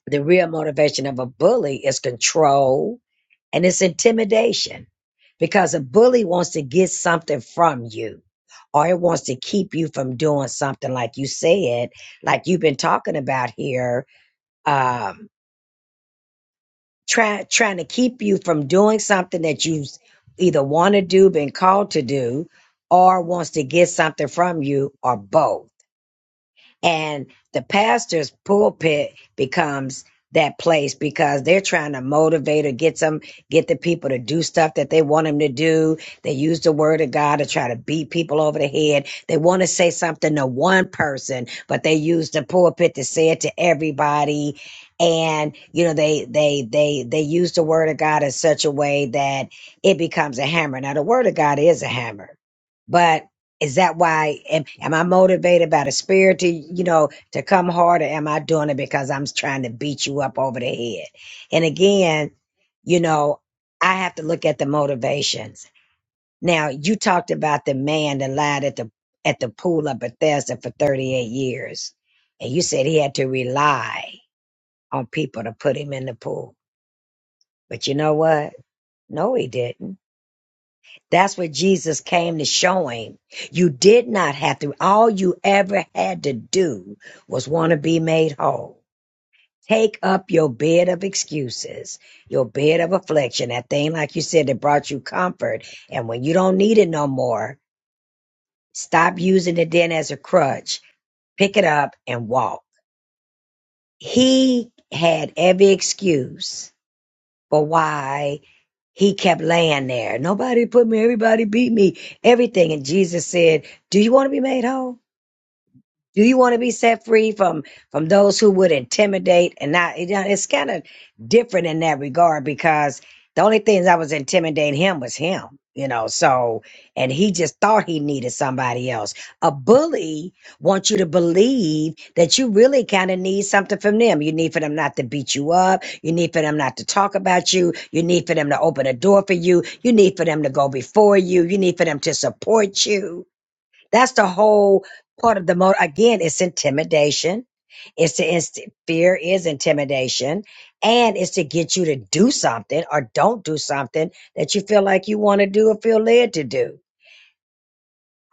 Speaker 3: The real motivation of a bully is control and it's intimidation, because a bully wants to get something from you, or it wants to keep you from doing something like you said, like you've been talking about here um, try, trying to keep you from doing something that you s- either want to do, been called to do, or wants to get something from you, or both and the pastor's pulpit becomes that place because they're trying to motivate or get some get the people to do stuff that they want them to do they use the word of god to try to beat people over the head they want to say something to one person but they use the pulpit to say it to everybody and you know they they they they use the word of god in such a way that it becomes a hammer now the word of god is a hammer but is that why am, am I motivated by the spirit to, you know, to come harder? Am I doing it because I'm trying to beat you up over the head? And again, you know, I have to look at the motivations. Now, you talked about the man that lied at the at the pool of Bethesda for 38 years. And you said he had to rely on people to put him in the pool. But you know what? No, he didn't That's what Jesus came to show him. You did not have to. All you ever had to do was want to be made whole. Take up your bed of excuses, your bed of affliction, that thing, like you said, that brought you comfort. And when you don't need it no more, stop using it then as a crutch. Pick it up and walk. He had every excuse for why He kept laying there. Nobody put me, everybody beat me, everything. And Jesus said, Do you want to be made whole? Do you want to be set free from from those who would intimidate and not? You know, it's kind of different in that regard because the only thing that was intimidating him was him. You know, so and he just thought he needed somebody else. A bully wants you to believe that you really kind of need something from them. You need for them not to beat you up. You need for them not to talk about you. You need for them to open a door for you. You need for them to go before you. You need for them to support you that's the whole part of the motive. Again, it's intimidation. It's to inst- fear is intimidation, and it's to get you to do something or don't do something that you feel like you want to do or feel led to do.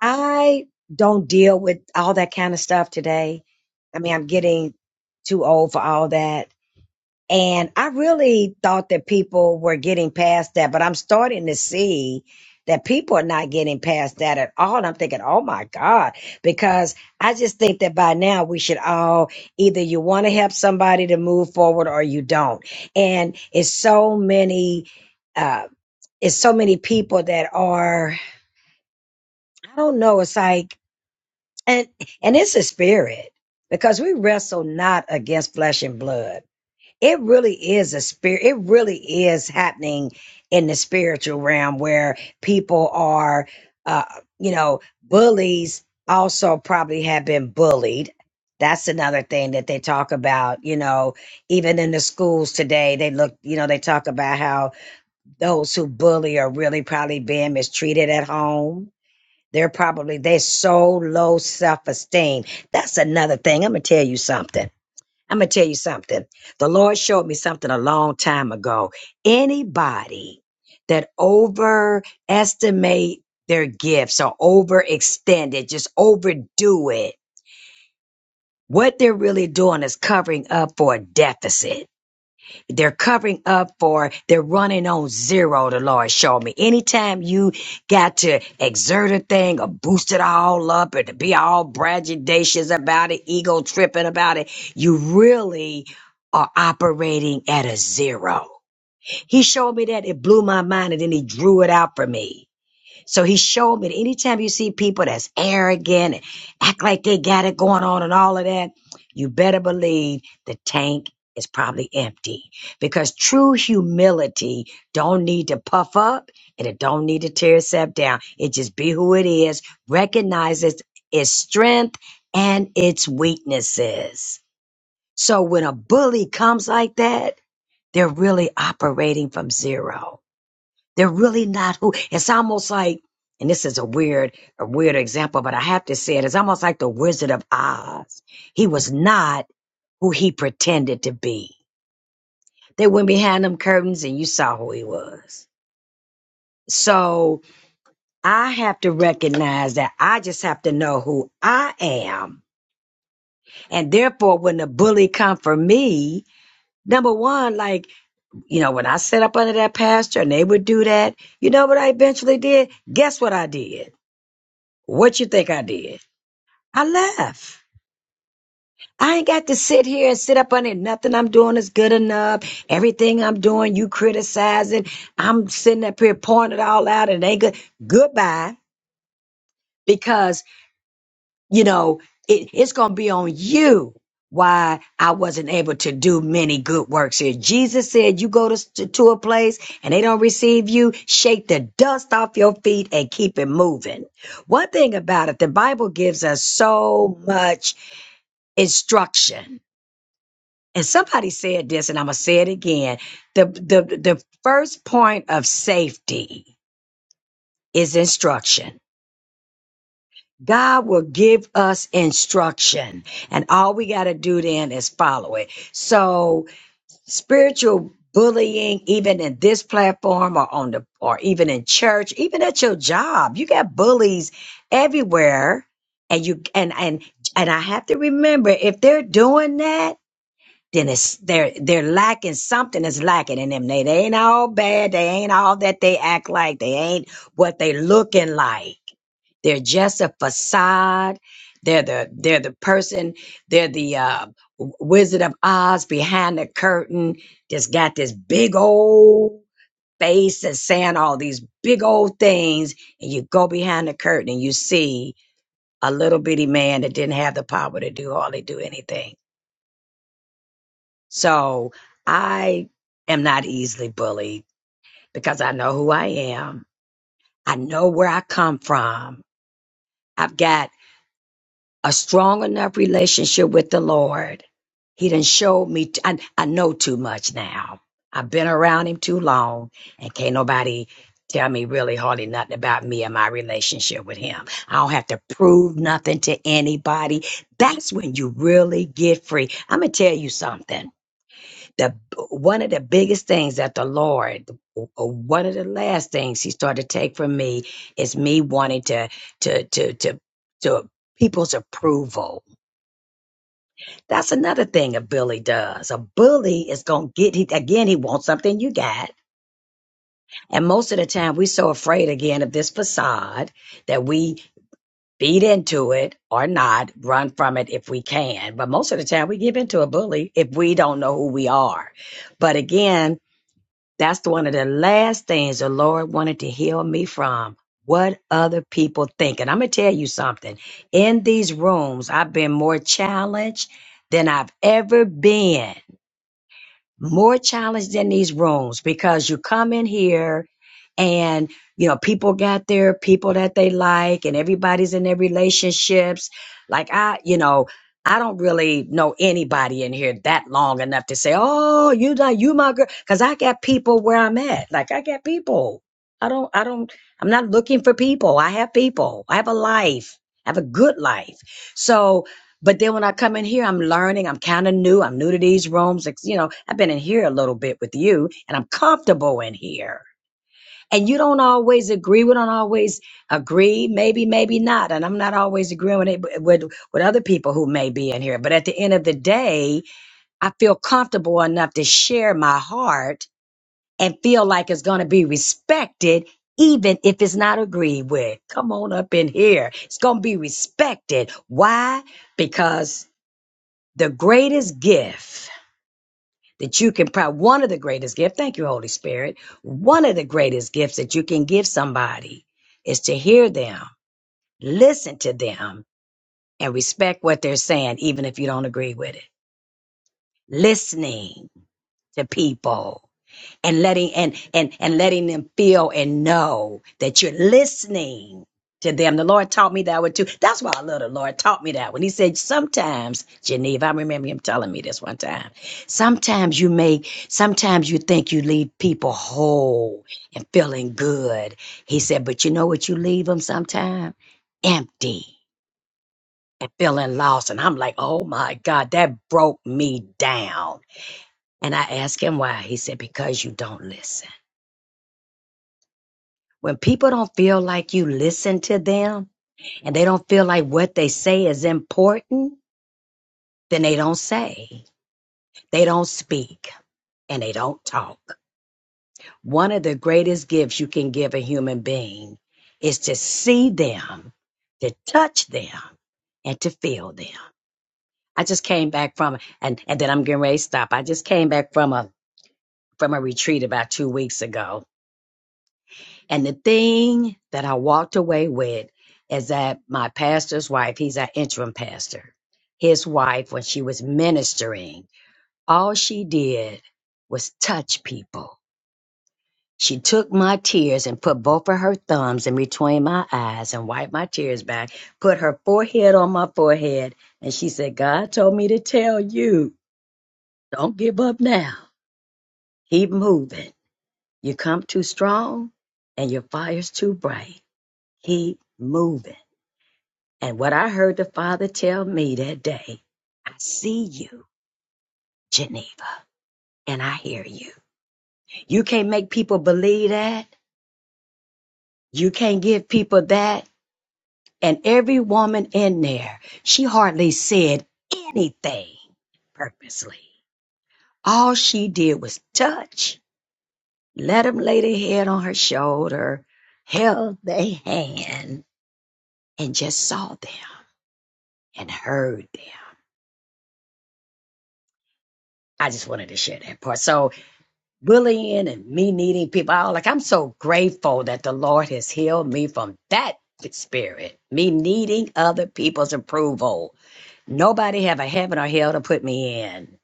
Speaker 3: I don't deal with all that kind of stuff today. I mean, I'm getting too old for all that. And I really thought that people were getting past that, but I'm starting to see that people are not getting past that at all. And I'm thinking, oh my God, because I just think that by now we should all either you want to help somebody to move forward or you don't. And it's so many, uh, it's so many people that are, I don't know, it's like, and, and it's a spirit because we wrestle not against flesh and blood it really is a spirit it really is happening in the spiritual realm where people are uh you know bullies also probably have been bullied that's another thing that they talk about you know even in the schools today they look you know they talk about how those who bully are really probably being mistreated at home they're probably they're so low self-esteem that's another thing i'm gonna tell you something I'm going to tell you something. The Lord showed me something a long time ago. Anybody that overestimate their gifts or overextend it, just overdo it, what they're really doing is covering up for a deficit they're covering up for they're running on zero the lord showed me anytime you got to exert a thing or boost it all up and to be all braggadocious about it ego tripping about it you really are operating at a zero he showed me that it blew my mind and then he drew it out for me so he showed me that anytime you see people that's arrogant and act like they got it going on and all of that, you better believe the tank is probably empty because true humility don't need to puff up and it don't need to tear itself down. It just be who it is, recognizes its strength and its weaknesses. So when a bully comes like that, they're really operating from zero they're really not who. It's almost like, and this is a weird, a weird example, but I have to say it. It's almost like the Wizard of Oz. He was not who he pretended to be. They went behind them curtains and you saw who he was. So I have to recognize that I just have to know who I am. And therefore, when the bully come for me, number one, like, you know, when I set up under that pasture and they would do that, you know what I eventually did? Guess what I did? What you think I did? I left. I ain't got to sit here and sit up on it. Nothing I'm doing is good enough. Everything I'm doing, you criticizing. I'm sitting up here pouring it all out and it ain't good. Goodbye. Because, you know, it, it's going to be on you why I wasn't able to do many good works here. Jesus said, you go to, to, to a place and they don't receive you, shake the dust off your feet and keep it moving. One thing about it, the Bible gives us so much instruction. And somebody said this, and I'm gonna say it again. The the the first point of safety is instruction. God will give us instruction, and all we got to do then is follow it. So spiritual bullying, even in this platform or on the or even in church, even at your job, you got bullies everywhere. And you and and and I have to remember if they're doing that, then it's they're they're lacking something is lacking in them. They they ain't all bad. They ain't all that they act like. They ain't what they looking like. They're just a facade. They're the they're the person. They're the uh, w- Wizard of Oz behind the curtain. Just got this big old face and saying all these big old things, and you go behind the curtain and you see a little bitty man that didn't have the power to do hardly do anything so I am not easily bullied because I know who I am. I know where I come from. I've got a strong enough relationship with the Lord. He done showed me, t- I I know too much now. I've been around him too long and can't nobody tell me really hardly nothing about me and my relationship with him. I don't have to prove nothing to anybody. That's when you really get free. I'm going to tell you something. the one of the biggest things that the Lord, o- o- one of the last things He started to take from me is me wanting to to to to to people's approval. That's another thing a bully does. A bully is gonna get he again. He wants something you got, and most of the time we're so afraid again of this facade that we beat into it or not run from it if we can but most of the time we give into a bully if we don't know who we are but again That's one of the last things the Lord wanted to heal me from. What other people think. And I'm going to tell you something. In these rooms, I've been more challenged than I've ever been more challenged than these rooms because you come in here and you know people got their people that they like and everybody's in their relationships like i you know i don't really know anybody in here that long enough to say oh you like you my girl because i got people where i'm at like i got people i don't i don't i'm not looking for people i have people i have a life i have a good life so but then when I come in here, I'm learning. I'm kind of new. I'm new to these rooms. Like, You know, I've been in here a little bit with you and I'm comfortable in here. And you don't always agree. We don't always agree. Maybe, maybe not. And I'm not always agreeing with, it- with, with other people who may be in here. But at the end of the day, I feel comfortable enough to share my heart and feel like it's going to be respected, even if it's not agreed with. Come on up in here. It's going to be respected. Why? Because the greatest gift that you can probably one of the greatest gifts thank you holy spirit one of the greatest gifts that you can give somebody is to hear them listen to them and respect what they're saying even if you don't agree with it listening to people and letting and and and letting them feel and know that you're listening to them. The Lord taught me that one too. That's why I love the Lord taught me that when He said, sometimes, Geneva, I remember him telling me this one time. Sometimes you make, sometimes you think you leave people whole and feeling good. He said, but you know what you leave them sometimes? Empty and feeling lost. And I'm like, oh my God, that broke me down. And I asked him why. He said, because you don't listen When people don't feel like you listen to them and they don't feel like what they say is important, then they don't say, they don't speak, and they don't talk. One of the greatest gifts you can give a human being is to see them, to touch them, and to feel them. I just came back from and and then I'm getting ready to stop. I just came back from a from a retreat about two weeks ago And the thing that I walked away with is that my pastor's wife, he's our interim pastor, his wife, when she was ministering, all she did was touch people. She took my tears and put both of her thumbs in between my eyes and wiped my tears back, put her forehead on my forehead, and she said, God told me to tell you, don't give up now. Keep moving. You come too strong and your fire's too bright. Keep moving. And what I heard the Father tell me that day, I see you, Geneva, and I hear you. You can't make people believe that. You can't give people that. And every woman in there, she hardly said anything purposely. All she did was touch, let him lay their head on her shoulder, held their hand, and just saw them and heard them. I just wanted to share that part. So bullying and me needing people I Like I'm so grateful that the Lord has healed me from that spirit, me needing other people's approval. Nobody have a heaven or hell to put me in.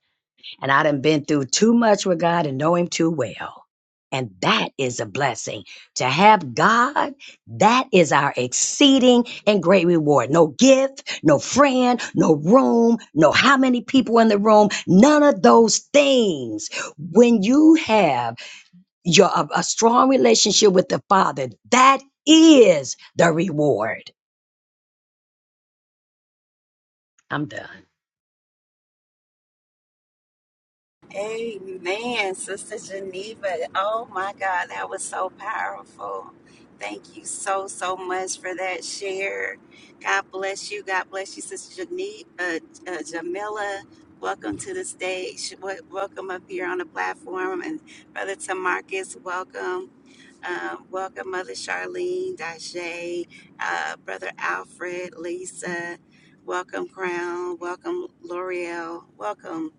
Speaker 3: And I done been through too much with God and know him too well. And that is a blessing. To have God, that is our exceeding and great reward. No gift, no friend, no room, no how many people in the room, none of those things. When you have your a, a strong relationship with the father that is the reward i'm done
Speaker 1: Amen, Sister Geneva. Oh my God, that was so powerful. Thank you so, so much for that share. God bless you. God bless you, Sister Geneva, uh, uh, Jamila. Welcome to the stage. Wel- Welcome up here on the platform. And Brother Tamarcus, welcome. Um, welcome, Mother Charlene, Daisha, uh, Brother Alfred, Lisa. Welcome, Crown. Welcome, L'Oreal. Welcome,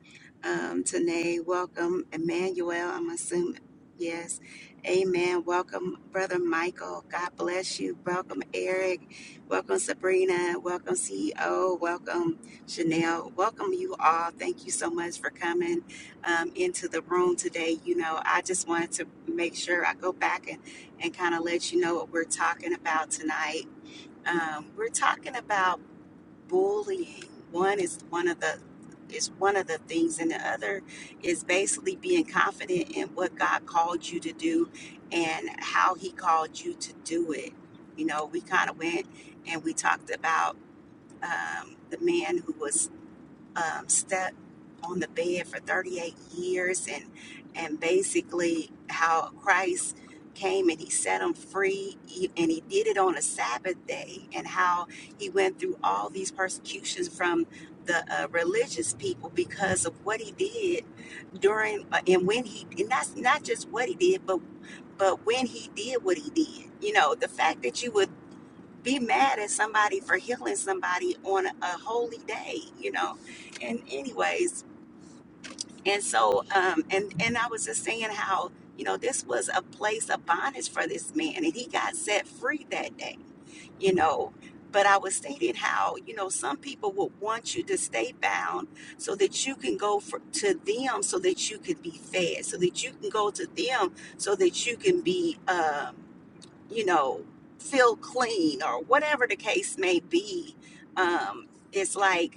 Speaker 1: um, Tanae. Welcome, Emmanuel. I'm assuming, yes. Amen. Welcome, Brother Michael. God bless you. Welcome, Eric. Welcome, Sabrina. Welcome, CEO. Welcome, Chanel. Welcome, you all. Thank you so much for coming um, into the room today, you know, I just wanted to make sure I go back and, and kind of let you know what we're talking about tonight. Um, we're talking about bullying. One is one of the is one of the things, and the other is basically being confident in what God called you to do and how He called you to do it. You know, we kind of went and we talked about um, the man who was um, sat on the bed for 38 years and and basically how Christ came and he set him free he- and he did it on a Sabbath day and how he went through all these persecutions from the uh, religious people because of what he did during uh, and when he and that's not just what he did but but when he did what he did you know the fact that you would be mad at somebody for healing somebody on a holy day, you know. And anyways, and so um and and I was just saying how, you know, this was a place of bondage for this man and he got set free that day, you know. But I was stating how, you know, some people would want you to stay bound so that you can go for, to them so that you could be fed, so that you can go to them so that you can be um you know, feel clean or whatever the case may be. Um, it's like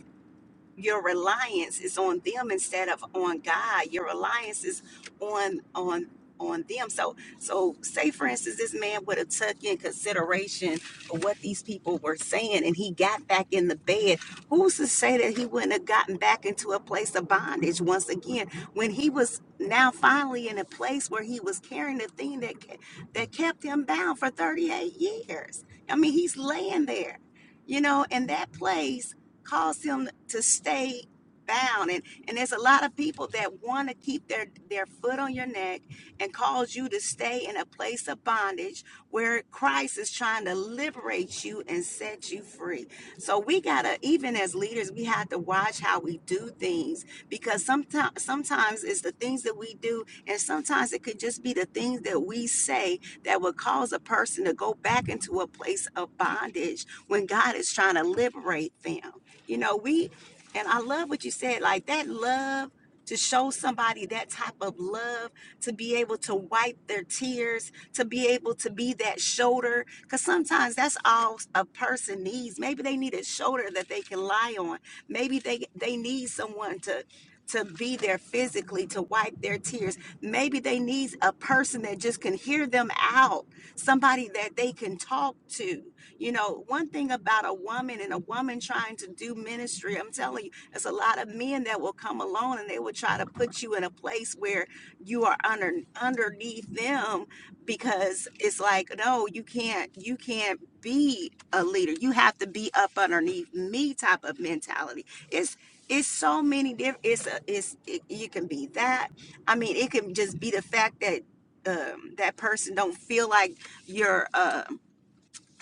Speaker 1: your reliance is on them instead of on God. Your reliance is on on on them. So so say for instance this man would have took in consideration of what these people were saying and he got back in the bed. Who's to say that he wouldn't have gotten back into a place of bondage once again when he was now finally in a place where he was carrying the thing that ke- that kept him bound for 38 years. I mean he's laying there. You know, in that place cause them to stay bound and and there's a lot of people that want to keep their their foot on your neck and cause you to stay in a place of bondage where Christ is trying to liberate you and set you free. So we got to even as leaders we have to watch how we do things because sometimes sometimes it's the things that we do and sometimes it could just be the things that we say that would cause a person to go back into a place of bondage when God is trying to liberate them. You know, we, and I love what you said, like that love to show somebody that type of love, to be able to wipe their tears, to be able to be that shoulder. Because sometimes that's all a person needs. Maybe they need a shoulder that they can lie on. Maybe they, they need someone to, to be there physically to wipe their tears. Maybe they need a person that just can hear them out, somebody that they can talk to you know, one thing about a woman and a woman trying to do ministry, I'm telling you, there's a lot of men that will come along and they will try to put you in a place where you are under underneath them because it's like, no, you can't, you can't be a leader. You have to be up underneath me type of mentality. It's it's so many different. It's a, it's it, you can be that. I mean, it can just be the fact that um, that person don't feel like you're. Uh,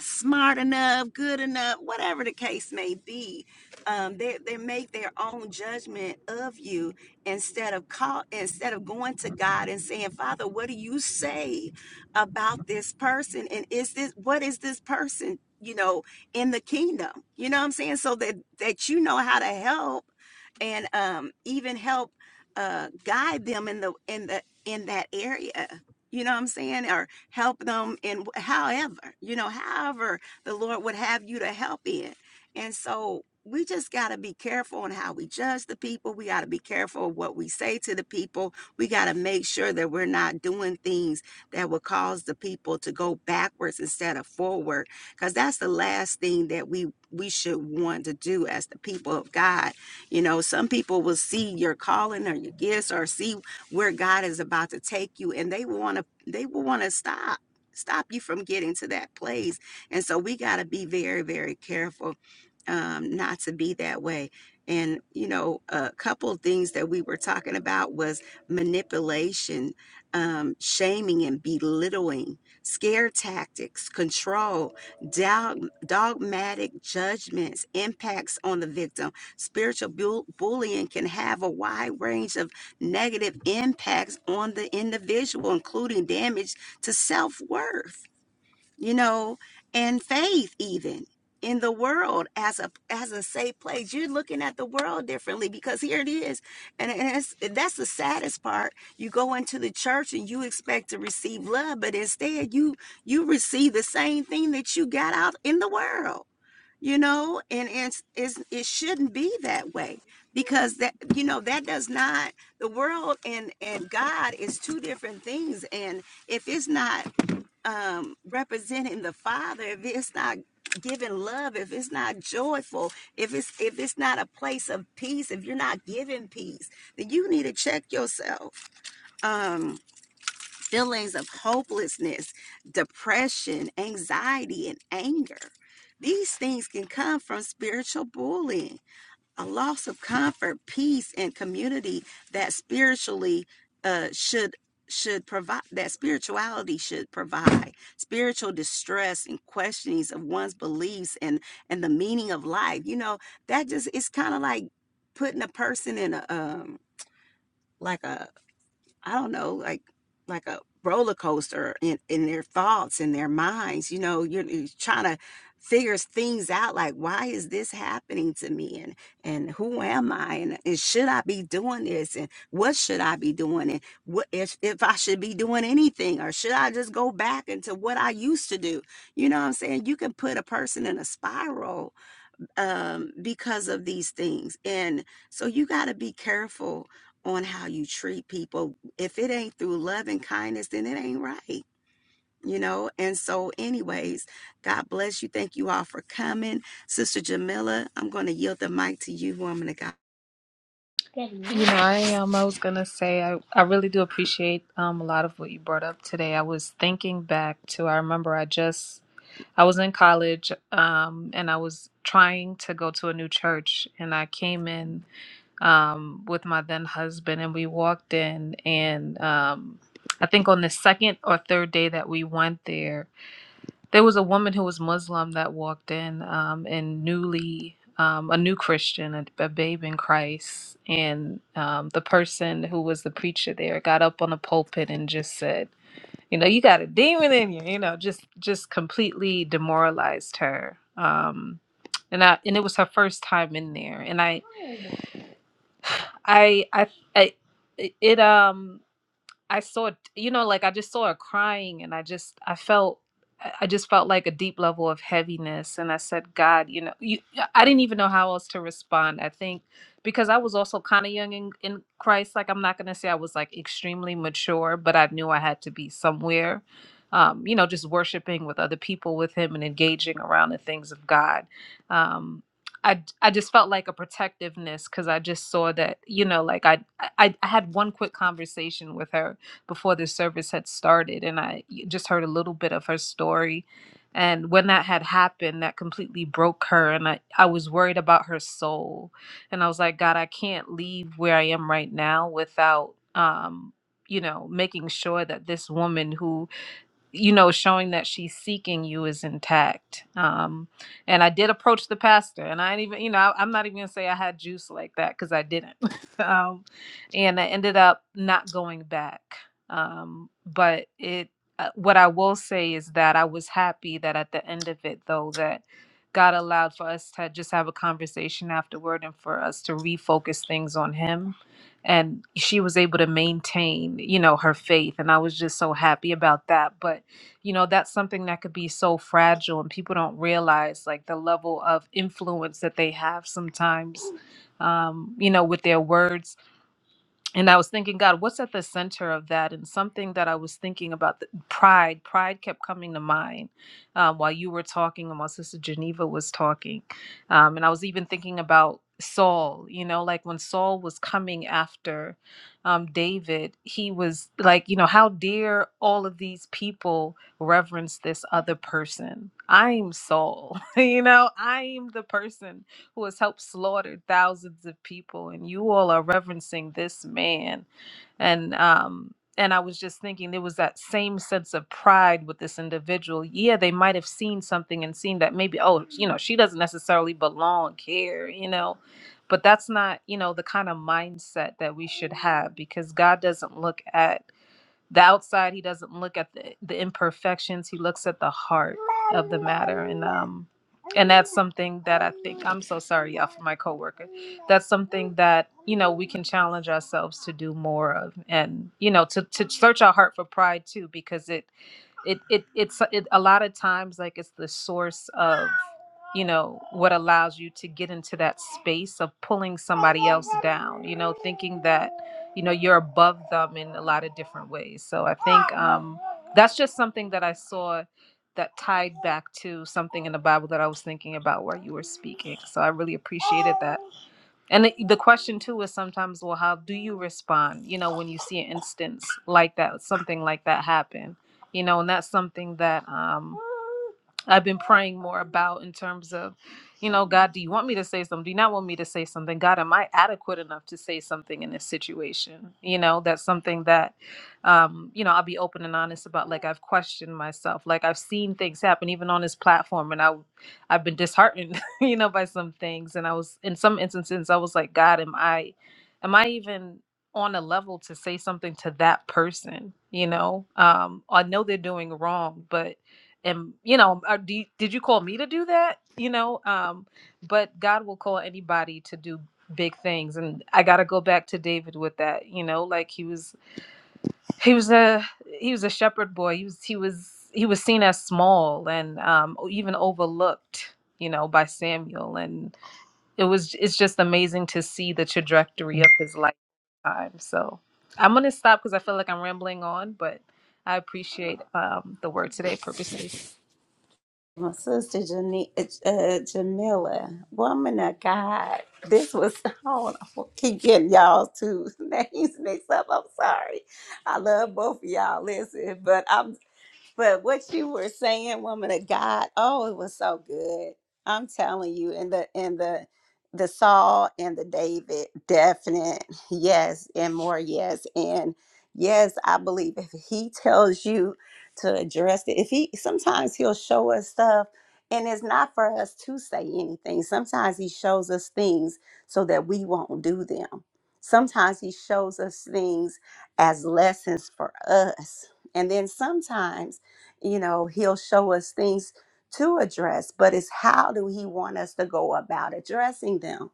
Speaker 1: smart enough, good enough, whatever the case may be. Um, they, they make their own judgment of you instead of call instead of going to God and saying, Father, what do you say about this person? And is this what is this person, you know, in the kingdom? You know what I'm saying? So that that you know how to help and um even help uh guide them in the in the in that area. You know what I'm saying? Or help them in however, you know, however the Lord would have you to help in. And so we just got to be careful on how we judge the people. We got to be careful of what we say to the people. We got to make sure that we're not doing things that will cause the people to go backwards instead of forward because that's the last thing that we we should want to do as the people of God. You know, some people will see your calling or your gifts or see where God is about to take you and they want to they will want to stop stop you from getting to that place and so we got to be very very careful um not to be that way and you know a couple of things that we were talking about was manipulation um shaming and belittling scare tactics control dog, dogmatic judgments impacts on the victim spiritual bull- bullying can have a wide range of negative impacts on the individual, including damage to self worth, you know, and faith, even in the world as a as a safe place you're looking at the world differently because here it is and, and it's, that's the saddest part you go into the church and you expect to receive love but instead you you receive the same thing that you got out in the world you know and it's, it's it shouldn't be that way because that you know that does not the world and and god is two different things and if it's not um representing the father if it's not giving love if it's not joyful if it's if it's not a place of peace if you're not giving peace then you need to check yourself um feelings of hopelessness, depression, anxiety, and anger. These things can come from spiritual bullying, a loss of comfort, peace, and community that spiritually uh, should should provide that spirituality should provide spiritual distress and questionings of one's beliefs and and the meaning of life you know that just it's kind of like putting a person in a um like a I don't know, like like a roller coaster in in their thoughts in their minds. You know, you're, you're trying to figure things out like why is this happening to me and and who am I and, and should I be doing this and what should I be doing and what if if I should be doing anything or should I just go back into what I used to do? You know what I'm saying? You can put a person in a spiral um, because of these things. And so you got to be careful on how you treat people. If it ain't through love and kindness, then it ain't right. You know, and so, anyways, God bless you. Thank you all for coming. Sister Jamila, I'm going to yield the mic to you, woman of God.
Speaker 4: You know, I um I was gonna say, I, I really do appreciate um a lot of what you brought up today. I was thinking back to, I remember I just I was in college, um, and I was trying to go to a new church, and I came in um with my then husband, and we walked in, and um I think on the second or third day that we went there, there was a woman who was Muslim that walked in, um, and newly um, a new Christian, a, a babe in Christ, and um, the person who was the preacher there got up on the pulpit and just said, "You know, you got a demon in you," you know, just just completely demoralized her. Um, and I and it was her first time in there, and I I I, I it, it um. I saw, you know, like I just saw her crying and I just, I felt, I I just felt like a deep level of heaviness. And I said, God, you know, you, I didn't even know how else to respond. I think because I was also kind of young in, in Christ, like I'm not going to say I was like extremely mature, but I knew I had to be somewhere, um, you know, just worshiping with other people with Him and engaging around the things of God. Um, I, I just felt like a protectiveness because I just saw that, you know, like I, I I had one quick conversation with her before the service had started. And I just heard a little bit of her story. And when that had happened, that completely broke her. And I, I was worried about her soul. And I was like, God, I can't leave where I am right now without, um, you know, making sure that this woman who you know, showing that she's seeking you is intact. Um, and I did approach the pastor, and I ain't even, you know, I, I'm not even gonna say I had juice like that because I didn't. um, and I ended up not going back. Um, but it, uh, what I will say is that I was happy that at the end of it, though, that God allowed for us to just have a conversation afterward and for us to refocus things on Him. And she was able to maintain, you know, her faith. And I was just so happy about that. But you know that's something that could be so fragile and people don't realize like the level of influence that they have sometimes um, you know with their words and I was thinking, God, what's at the center of that? And something that I was thinking about, the, pride, pride kept coming to mind um, while you were talking and while Sister Geneva was talking. Um, and I was even thinking about Saul, you know, like when Saul was coming after um, David, he was like, you know, how dare all of these people reverence this other person? I'm Saul, you know, I'm the person who has helped slaughter thousands of people, and you all are reverencing this man. And um, and I was just thinking there was that same sense of pride with this individual. Yeah, they might have seen something and seen that maybe, oh, you know, she doesn't necessarily belong here, you know. But that's not, you know, the kind of mindset that we should have because God doesn't look at the outside he doesn't look at the, the imperfections he looks at the heart of the matter and um and that's something that i think i'm so sorry y'all for my coworker that's something that you know we can challenge ourselves to do more of and you know to, to search our heart for pride too because it it it it's it, a lot of times like it's the source of you know what allows you to get into that space of pulling somebody else down you know thinking that you know you're above them in a lot of different ways so i think um that's just something that i saw that tied back to something in the bible that i was thinking about where you were speaking so i really appreciated that and the the question too is sometimes, well, how do you respond? You know, when you see an instance like that, something like that happen, you know, and that's something that um, I've been praying more about in terms of, you know, God, do you want me to say something? Do you not want me to say something? God, am I adequate enough to say something in this situation? You know, that's something that, um, you know, I'll be open and honest about. Like I've questioned myself. Like I've seen things happen, even on this platform, and I, I've been disheartened you know, by some things. And I was in some instances I was like, God, am I am I even on a level to say something to that person? You know? Um, I know they're doing wrong, but and you know, are, do you- did you call me to do that? You know, um, but God will call anybody to do big things, and I got to go back to David with that. You know, like he was he was a he was a shepherd boy. He was he was he was seen as small and um, even overlooked, you know, by Samuel. And it was it's just amazing to see the trajectory of his lifetime. So I'm gonna stop because I feel like I'm rambling on, but I appreciate um, the word today, purposely.
Speaker 1: My sister Jane, uh, Jamila, woman of God, this was, hold on, I don't know, keep getting y'all two names mixed up. I'm sorry. I love both of y'all, listen, but I'm But what you were saying, woman of God, oh, it was so good. I'm telling you, and the and the the Saul and the David, definite yes, and more yes, and yes, I believe if he tells you to address it, if he sometimes he'll show us stuff, and it's not for us to say anything. Sometimes he shows us things so that we won't do them. Sometimes he shows us things as lessons for us. And then sometimes you know, he'll show us things to address, but it's how do he want us to go about addressing them?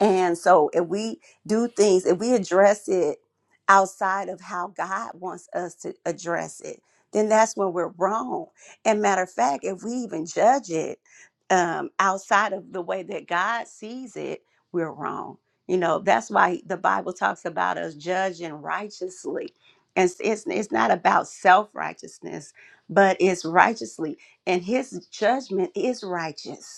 Speaker 1: And so if we do things, if we address it outside of how God wants us to address it, then that's when we're wrong. And matter of fact, if we even judge it um, outside of the way that God sees it, we're wrong. You know, that's why the Bible talks about us judging righteously. And it's, it's it's not about self righteousness, but it's righteously. And his judgment is righteous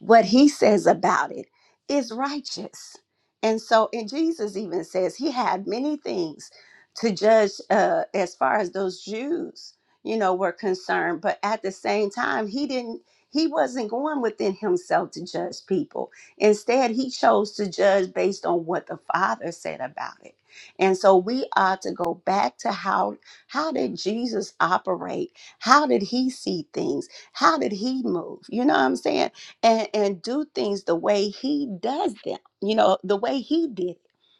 Speaker 1: what he says about it is righteous. And so, and Jesus even says he had many things to judge uh, as far as those Jews, you know, were concerned. But at the same time, he didn't, he wasn't going within himself to judge people. Instead, he chose to judge based on what the Father said about it. And so we ought to go back to how how did Jesus operate? How did he see things? How did he move? You know what I'm saying? and and do things the way he does them you know the way he did it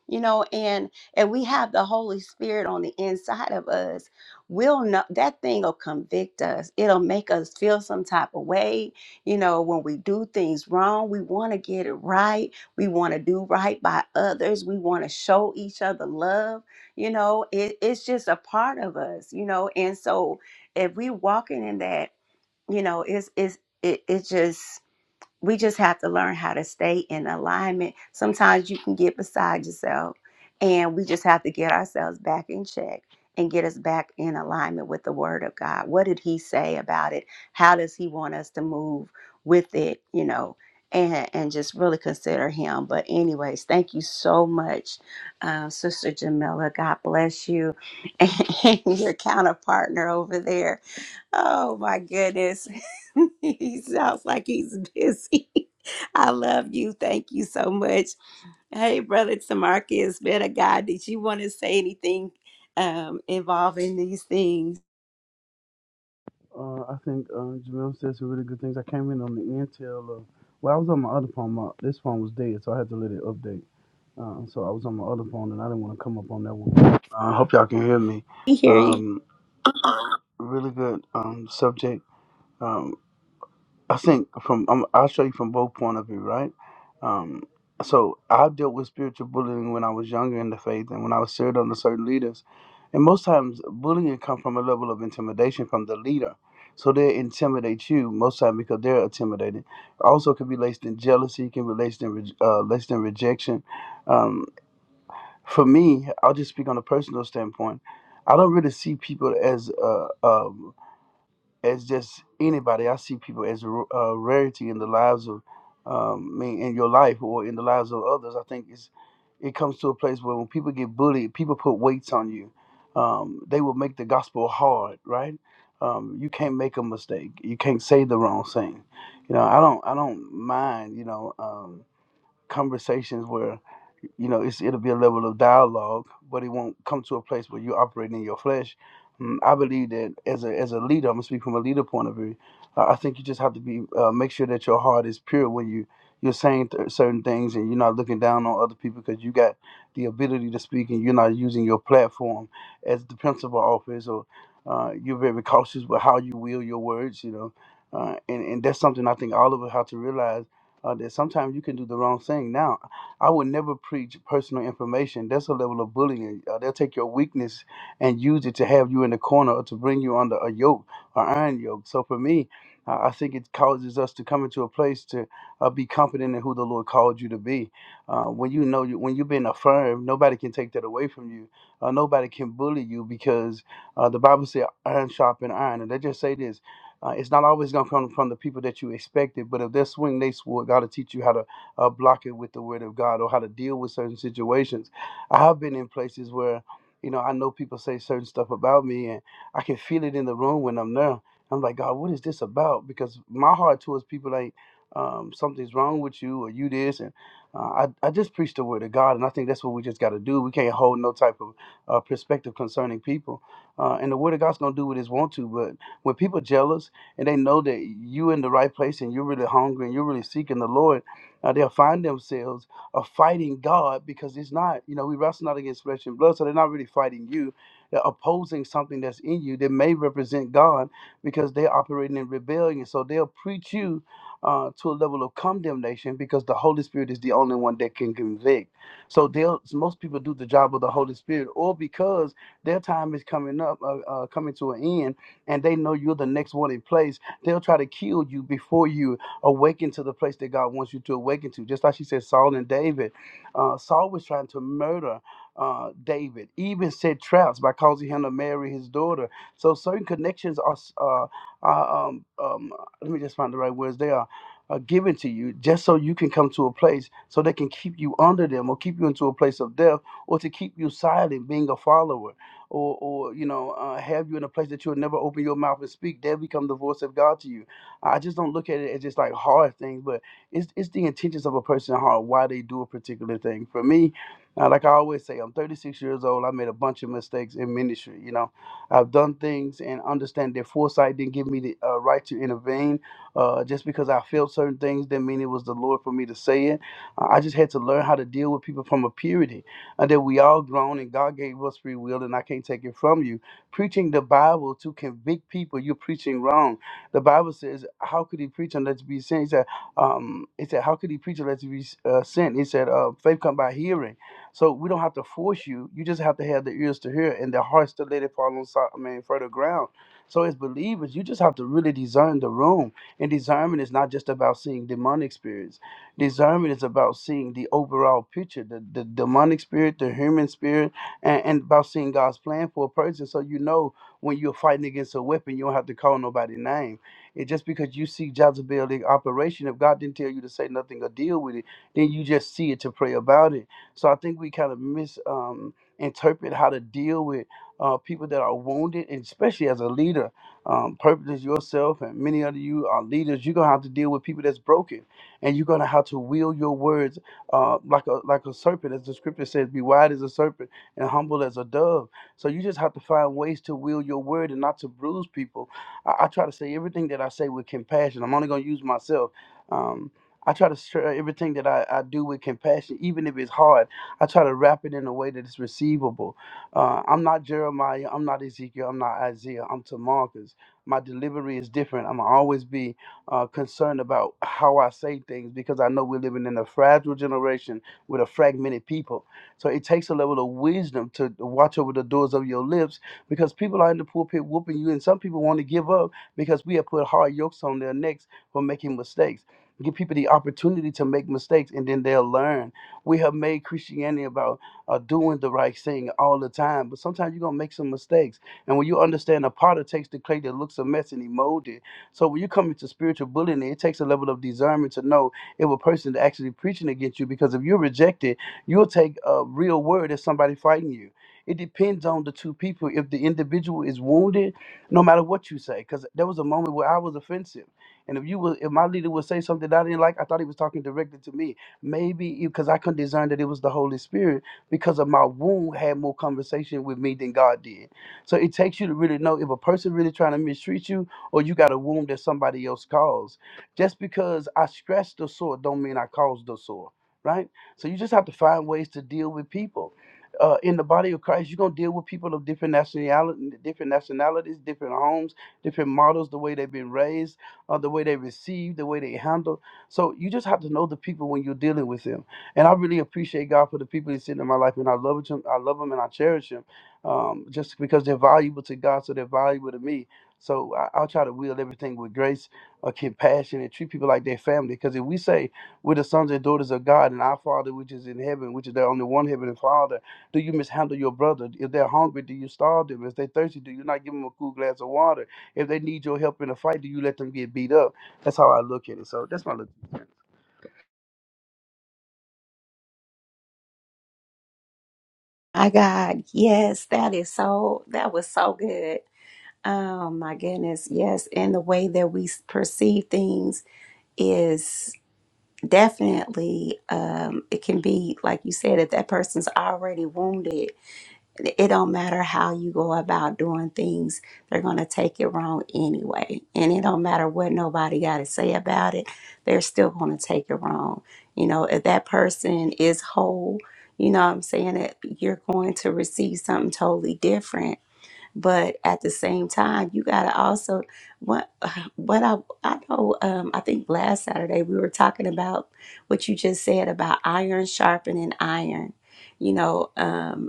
Speaker 1: you know and and we have the holy spirit on the inside of us we'll know that thing will convict us it'll make us feel some type of way you know when we do things wrong we want to get it right we want to do right by others we want to show each other love you know it, it's just a part of us you know and so if we walking in that you know it's it's it, it just we just have to learn how to stay in alignment. Sometimes you can get beside yourself, and we just have to get ourselves back in check and get us back in alignment with the Word of God. What did He say about it? How does He want us to move with it? You know. And, and just really consider him. But, anyways, thank you so much, uh, Sister Jamila. God bless you and your counterpartner over there. Oh my goodness. he sounds like he's busy. I love you. Thank you so much. Hey, Brother Tamarcus, man of God, did you want to say anything um, involving these things?
Speaker 5: Uh, I think uh, Jamil said some really good things. I came in on the end tail of, well, I was on my other phone. My, this phone was dead, so I had to let it update. Uh, so I was on my other phone, and I didn't want to come up on that one. I uh, hope y'all can hear me.
Speaker 1: We hear you.
Speaker 5: Um, really good um, subject. Um, I think from um, I'll show you from both point of view, right? Um, so I've dealt with spiritual bullying when I was younger in the faith, and when I was served under certain leaders, and most times bullying comes from a level of intimidation from the leader. So they intimidate you most time because they're intimidated. Also, can be laced in jealousy, can be laced in re- uh, laced in rejection. Um, for me, I'll just speak on a personal standpoint. I don't really see people as uh, uh, as just anybody. I see people as a r- a rarity in the lives of um, me, in your life, or in the lives of others. I think it's it comes to a place where when people get bullied, people put weights on you. Um, they will make the gospel hard, right? Um, you can't make a mistake. You can't say the wrong thing. You know, I don't. I don't mind. You know, um, conversations where you know, it's, it'll be a level of dialogue, but it won't come to a place where you operate in your flesh. Mm, I believe that as a as a leader, I'm gonna speak from a leader point of view. I I think you just have to be uh, make sure that your heart is pure when you you're saying th- certain things and you're not looking down on other people because you got the ability to speak and you're not using your platform as the principal office or uh, you're very cautious with how you wield your words, you know. Uh, and, and that's something I think all of us have to realize uh, that sometimes you can do the wrong thing now I would never preach personal information. That's a level of bullying. Uh, they'll take your weakness and use it to have you in the corner or to bring you under a yoke, or iron yoke. So for me, I I think it causes us to come into a place to uh, be confident in who the Lord called you to be. Uh, when you know, you, when you've been affirmed, nobody can take that away from you. Uh, nobody can bully you because uh, the Bible says iron sharpen iron. And they just say this uh, it's not always going to come from the people that you expected, but if they swing they sword, God will teach you how to uh, block it with the word of God or how to deal with certain situations. I have been in places where, you know, I know people say certain stuff about me and I can feel it in the room when I'm there. I'm like, God, what is this about? Because my heart towards people like, um, something's wrong with you or you this. And uh, I, I just preach the word of God. And I think that's what we just got to do. We can't hold no type of uh, perspective concerning people. Uh, and the word of God's going to do what it's want to. But when people jealous and they know that you in the right place and you're really hungry and you're really seeking the Lord, uh, they'll find themselves uh, fighting God because it's not, you know, we wrestle not against flesh and blood, so they're not really fighting you. They're opposing something that's in you that may represent God because they're operating in rebellion. So they'll preach you uh, to a level of condemnation because the Holy Spirit is the only one that can convict. So they'll most people do the job of the Holy Spirit, or because their time is coming up, uh, uh, coming to an end, and they know you're the next one in place. They'll try to kill you before you Awaken to the place that God wants you to awaken to. Just like she said, Saul and David. Uh, Saul was trying to murder uh, David, even set traps by causing him to marry his daughter. So certain connections are, s- uh, are um, um, let me just find the right words. They are uh, given to you just so you can come to a place so they can keep you under them or keep you into a place of death or to keep you silent, being a follower or, or you know, uh, have you in a place that you'll never open your mouth and speak. They become the voice of God to you I just don't look at it as just like hard things, but it's it's the intentions of a person's heart why they do a particular thing. For me, uh, like I always say, I'm 36 years old. I made a bunch of mistakes in ministry. You know, I've done things and understand that foresight didn't give me the uh, right to intervene. Uh, just because I felt certain things didn't mean it was the Lord for me to say it. Uh, I just had to learn how to deal with people from a purity and that we all grown and God gave us free will and I can't take it from you. Preaching the Bible to convict people, you're preaching wrong the Bible says, "How could he preach unless he be sent?" He said, um, "He said, how could he preach unless he be uh, sent?" He said, uh, "Faith come by hearing." So we don't have to force you. You just have to have the ears to hear and the hearts to let it fall on so- I mean, further ground. So as believers, you just have to really discern the room. And discernment is not just about seeing demonic spirits. Discernment is about seeing the overall picture, the, the demonic spirit, the human spirit, and, and about seeing God's plan for a person. So you know when you're fighting against a weapon, you don't have to call nobody name. And just because you see Jezebel in operation, if God didn't tell you to say nothing or deal with it, then you just see it to pray about it. So I think we kind of mis um, interpret how to deal with uh, people that are wounded, and especially as a leader. Um, purpose is yourself, and many of you are leaders. You're gonna have to deal with people that's broken, and you're gonna have to wield your words uh, like a like a serpent, as the scripture says, "Be wide as a serpent and humble as a dove." So you just have to find ways to wield your word and not to bruise people I, I try to say everything that I say with compassion. I'm only going to use myself. Um, I try to share everything that I, I do with compassion, even if it's hard. I try to wrap it in a way that is receivable. Uh, I'm not Jeremiah. I'm not Ezekiel. I'm not Isaiah. I'm to My delivery is different. I'm always be uh, concerned about how I say things because I know we're living in a fragile generation with a fragmented people. So it takes a level of wisdom to watch over the doors of your lips because people are in the pulpit whooping you, and some people want to give up because we have put hard yokes on their necks for making mistakes. Give people the opportunity to make mistakes and then they'll learn. We have made Christianity about uh, doing the right thing all the time, but sometimes you're going to make some mistakes. And when you understand a potter takes the clay that looks a mess and he molds it. So when you come into spiritual bullying, it takes a level of discernment to know if a person is actually preaching against you because if you're rejected, you'll take a real word as somebody fighting you. It depends on the two people. If the individual is wounded, no matter what you say, because there was a moment where I was offensive, and if you were, if my leader would say something that I didn't like, I thought he was talking directly to me. Maybe because I couldn't discern that it was the Holy Spirit because of my wound had more conversation with me than God did. So it takes you to really know if a person really trying to mistreat you or you got a wound that somebody else caused. Just because I scratched the sore don't mean I caused the sore, right? So you just have to find ways to deal with people uh, in the body of Christ, you're gonna deal with people of different nationality, different nationalities, different homes, different models, the way they've been raised, uh, the way they receive, the way they handle. So you just have to know the people when you're dealing with them. And I really appreciate God for the people He's sent in my life, and I love Him. I love Him, and I cherish Him, um, just because they're valuable to God, so they're valuable to me. So I, I'll try to wield everything with grace, uh, compassion, and treat people like their family. Because if we say we're the sons and daughters of God, and our Father which is in heaven, which is the only one heavenly Father do you mishandle your brother? If they're hungry, do you starve them? If they're thirsty, do you not give them a cool glass of water? If they need your help in a fight, do you let them get beat up? That's how I look at it. So that's my look.
Speaker 1: My God, yes, that is so, that was so good. Oh my goodness, yes. And the way that we s- perceive things is definitely, um, it can be, like you said, if that person's already wounded it don't matter how you go about doing things they're going to take it wrong anyway and it don't matter what nobody got to say about it they're still going to take it wrong you know if that person is whole you know what i'm saying that you're going to receive something totally different but at the same time you got to also what what i i know um i think last saturday we were talking about what you just said about iron sharpening iron you know um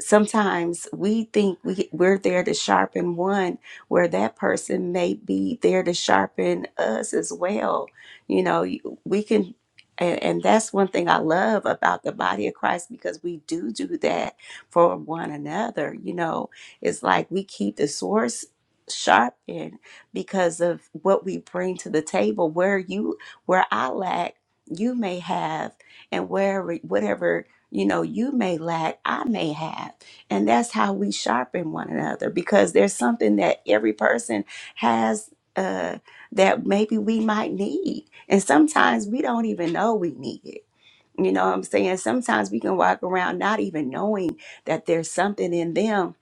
Speaker 1: sometimes we think we, we're there to sharpen one where that person may be there to sharpen us as well you know you- we can and, and that's one thing i love about the body of christ because we do do that for one another you know it's like we keep the source sharpened because of what we bring to the table where you where i lack you may have and where whatever you know, you may lack, I may have. And that's how we sharpen one another because there's something that every person has uh, that maybe we might need. And sometimes we don't even know we need it. You know what I'm saying? Sometimes we can walk around not even knowing that there's something in them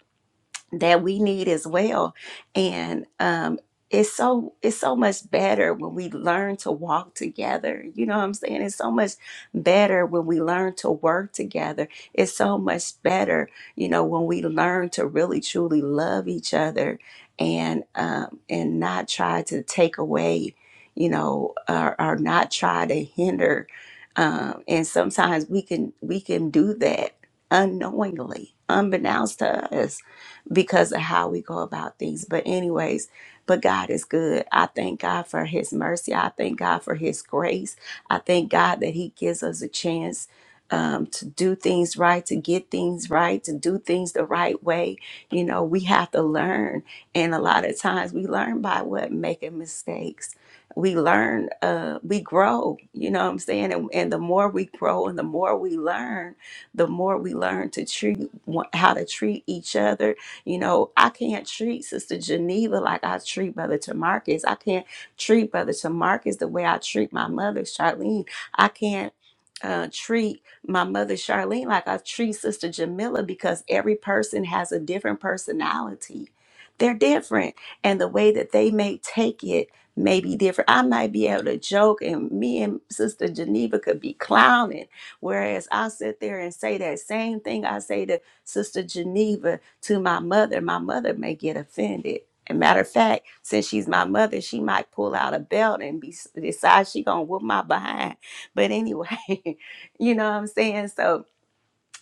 Speaker 1: that we need as well and um it's so it's so much better when we learn to walk together you know what i'm saying it's so much better when we learn to work together it's so much better you know when we learn to really truly love each other and um and not try to take away you know or, or not try to hinder um and sometimes we can we can do that unknowingly unbeknownst to us because of how we go about things. But, anyways, but God is good. I thank God for His mercy. I thank God for His grace. I thank God that He gives us a chance. Um, to do things right, to get things right, to do things the right way. You know, we have to learn. And a lot of times we learn by what? Making mistakes. We learn, uh, we grow, you know what I'm saying? And, and the more we grow and the more we learn, the more we learn to treat how to treat each other you know, I can't treat Sister Geneva like I treat Brother Tamarcus. I can't treat Brother Tamarcus the way I treat my mother, Charlene. I can't uh, treat my mother, Charlene, like I treat Sister Jamila because every person has a different personality. They're different. And the way that they may take it may be different. I might be able to joke, and me and Sister Geneva could be clowning. Whereas I'll sit there and say that same thing I say to Sister Geneva to my mother, my mother may get offended. And matter of fact, since she's my mother, she might pull out a belt and be, decide she gonna whoop my behind. But anyway, you know what I'm saying? So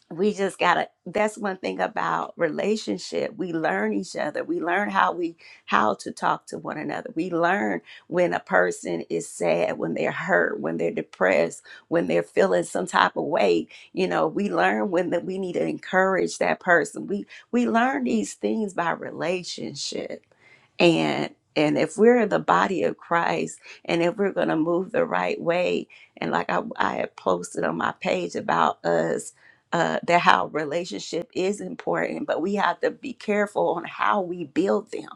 Speaker 1: we just gotta that's one thing about relationship we learn each other we learn how we how to talk to one another we learn when a person is sad when they're hurt when they're depressed when they're feeling some type of way you know we learn when that we need to encourage that person we we learn these things by relationship and and if we're the body of christ and if we're going to move the right way and like i, I had posted on my page about us uh, that how relationship is important but we have to be careful on how we build them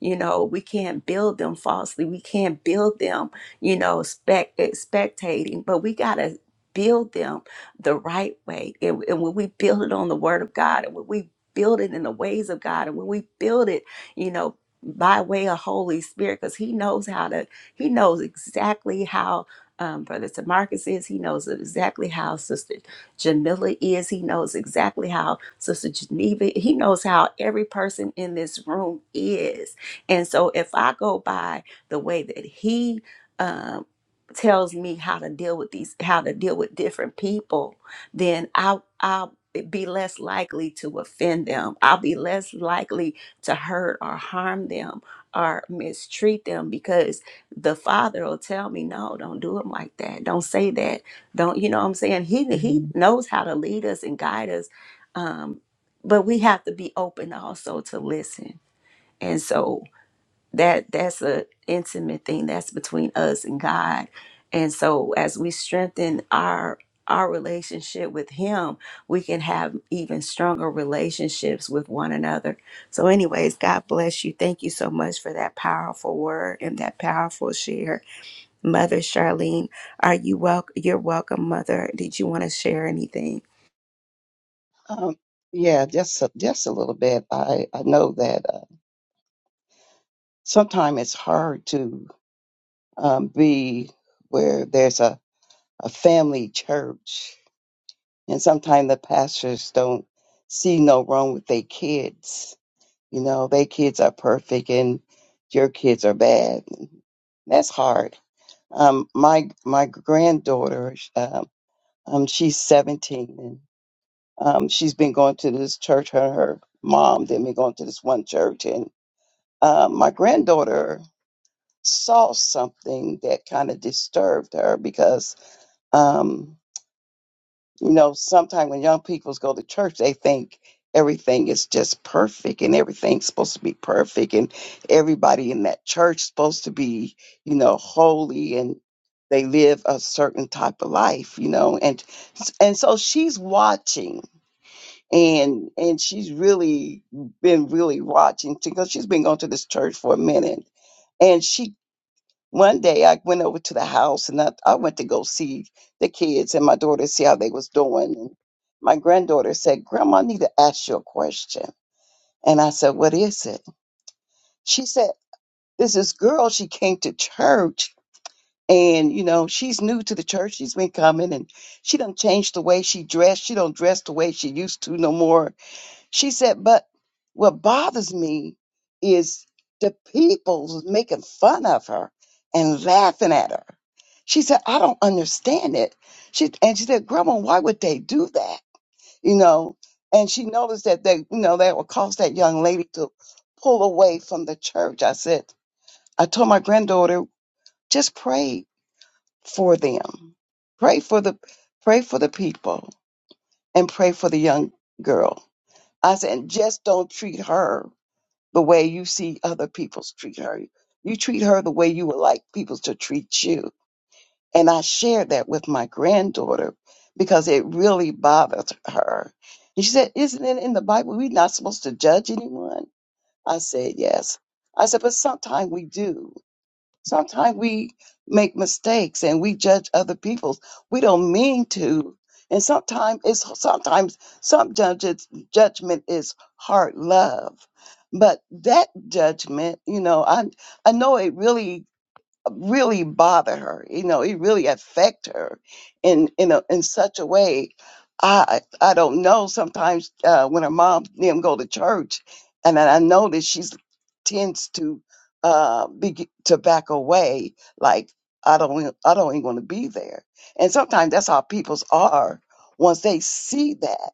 Speaker 1: you know, we can't build them falsely. We can't build them, you know, spec- expectating, but we got to build them the right way. And, and when we build it on the word of God and when we build it in the ways of God and when we build it, you know, by way of Holy Spirit, because He knows how to, He knows exactly how um, Brother Tamarcus is. He knows exactly how Sister Jamila is. He knows exactly how Sister Geneva. He knows how every person in this room is. And so if I go by the way that he um, tells me how to deal with these, how to deal with different people, then I'll, I'll be less likely to offend them. I'll be less likely to hurt or harm them or mistreat them because the father will tell me, no, don't do them like that. Don't say that. Don't, you know what I'm saying? He, he Mhm. knows how to lead us and guide us. Um, but we have to be open also to listen. And so that that's a intimate thing that's between us and god and so as we strengthen our our relationship with him we can have even stronger relationships with one another so anyways god bless you thank you so much for that powerful word and that powerful share mother charlene are you welcome you're welcome mother did you want to share anything
Speaker 6: Um, yeah, just a, just a little bit. I I know that uh, sometimes it's hard to um, be where there's a a family church, and sometimes the pastors don't see no wrong with their kids. You know, their kids are perfect, and your kids are bad. That's hard. Um, my my granddaughter, sh- um, um, she's 17, and um, she's been going to this church. Her her mom they've been going to this one church, and uh, my granddaughter saw something that kind of disturbed her because, um, you know, sometimes when young people go to church, they think everything is just perfect and everything's supposed to be perfect and everybody in that church supposed to be, you know, holy and they live a certain type of life, you know, and and so she's watching and and she's really been really watching because she's been going to this church for a minute and she One day I went over to the house and I, I went to go see the kids and my daughter see how they was doing. And my granddaughter said, Grandma, I need to ask you a question. And I said, What is it? She said, There's this girl, she came to church and you know, she's new to the church. She's been coming and she done changed the way she dressed. She don't dress the way she used to no more she said, but what bothers me is the people making fun of her and laughing at her. She said, I don't understand it. She and she said, Grandma, why would they do that? You know, and she noticed that they, you know, that would cause that young lady to pull away from the church. I said, I told my granddaughter, just pray for them. Pray for the pray for the people and pray for the young girl. I said, and just don't treat her the way you see other people treat her. You treat her the way you would like people to treat you. And I shared that with my granddaughter because it really bothered her. And she said, Isn't it in the Bible we're not supposed to judge anyone? I said, Yes. I said, But sometimes we do. Sometimes we make mistakes and we judge other people. We don't mean to. And sometimes it's sometimes some judges judgment is hard love. But that judgment, you know, I I know it really really bother her. You know, it really affect her in in a, in such a way. I I don't know. Sometimes uh, when her mom and them go to church, and then I know that she's tends to uh be to back away. Like I don't wanna- I don't even want to be there. And sometimes that's how people's are once they see that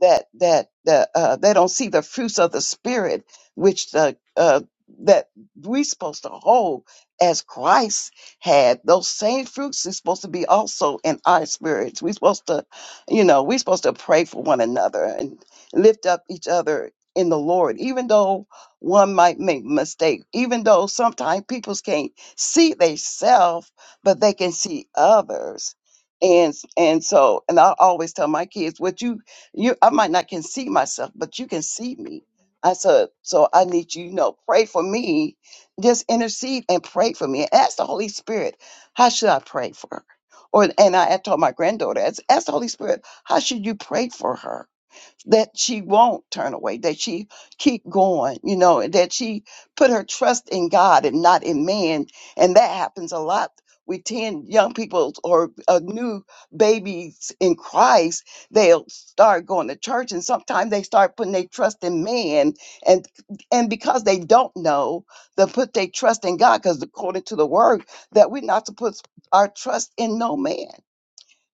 Speaker 6: that that that uh, they don't see the fruits of the spirit, which the uh, that we supposed to hold as Christ had, those same fruits is supposed to be also in our spirits. We're supposed to, you know, we're supposed to pray for one another and lift up each other in the Lord, even though one might make mistake, even though sometimes people can't see themselves, but they can see others. And and so, and I always tell my kids, what you you I might not can see myself, but you can see me. I said, so I need you, you know, pray for me just intercede and pray for me. Ask the Holy Spirit, how should I pray for her? Or and I had told my granddaughter, ask ask the Holy Spirit, how should you pray for her? that she won't turn away, that she keep going, you know, and that she put her trust in God and not in man. And that happens a lot. We tend young people or uh, new babies in Christ, they'll start going to church and sometimes they start putting their trust in man and and because they don't know, they'll put their trust in God because according to the word that we're not to put our trust in no man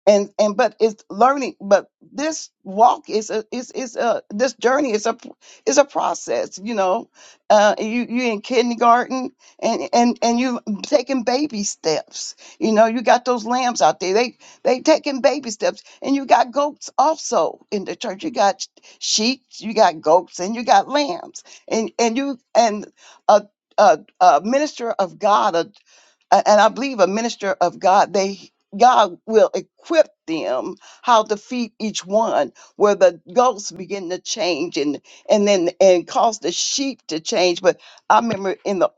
Speaker 6: and and but it's learning but this walk is a is is a this journey is a is a process you know uh you you in kindergarten and and and you taking baby steps you know you got those lambs out there they they taking baby steps and you got goats also in the church you got sheep you got goats and you got lambs and and you and a a, a minister of God a- and I believe a minister of God, they God will equip them how to feed each one, where the goats begin to change and and then and cause the sheep to change. But I remember in the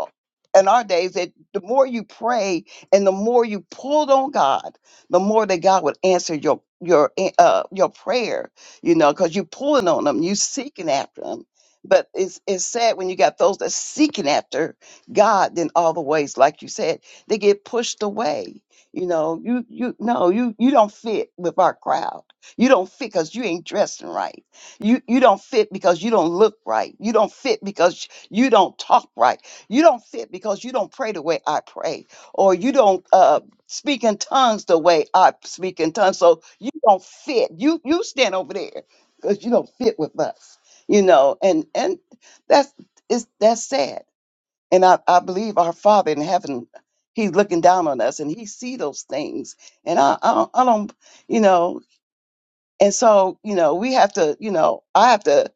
Speaker 6: in our days that the more you pray and the more you pulled on God, the more that God would answer your your uh your prayer, you know, because you're pulling on him, you seeking after him. But it's it's sad when you got those that seeking after God, then all the ways, like you said, they get pushed away. You know, you you no, you you don't fit with our crowd. You don't fit because you ain't dressing right. You you don't fit because you don't look right. You don't fit because you don't talk right. You don't fit because you don't pray the way I pray, or you don't uh, speak in tongues the way I speak in tongues. So you don't fit. You you stand over there because you don't fit with us. You know, and and that's it's that's sad and I, I believe our Father in heaven, He's looking down on us and He see those things. And I, I, don't, I don't, you know, and so, you know, we have to, you know, I have to,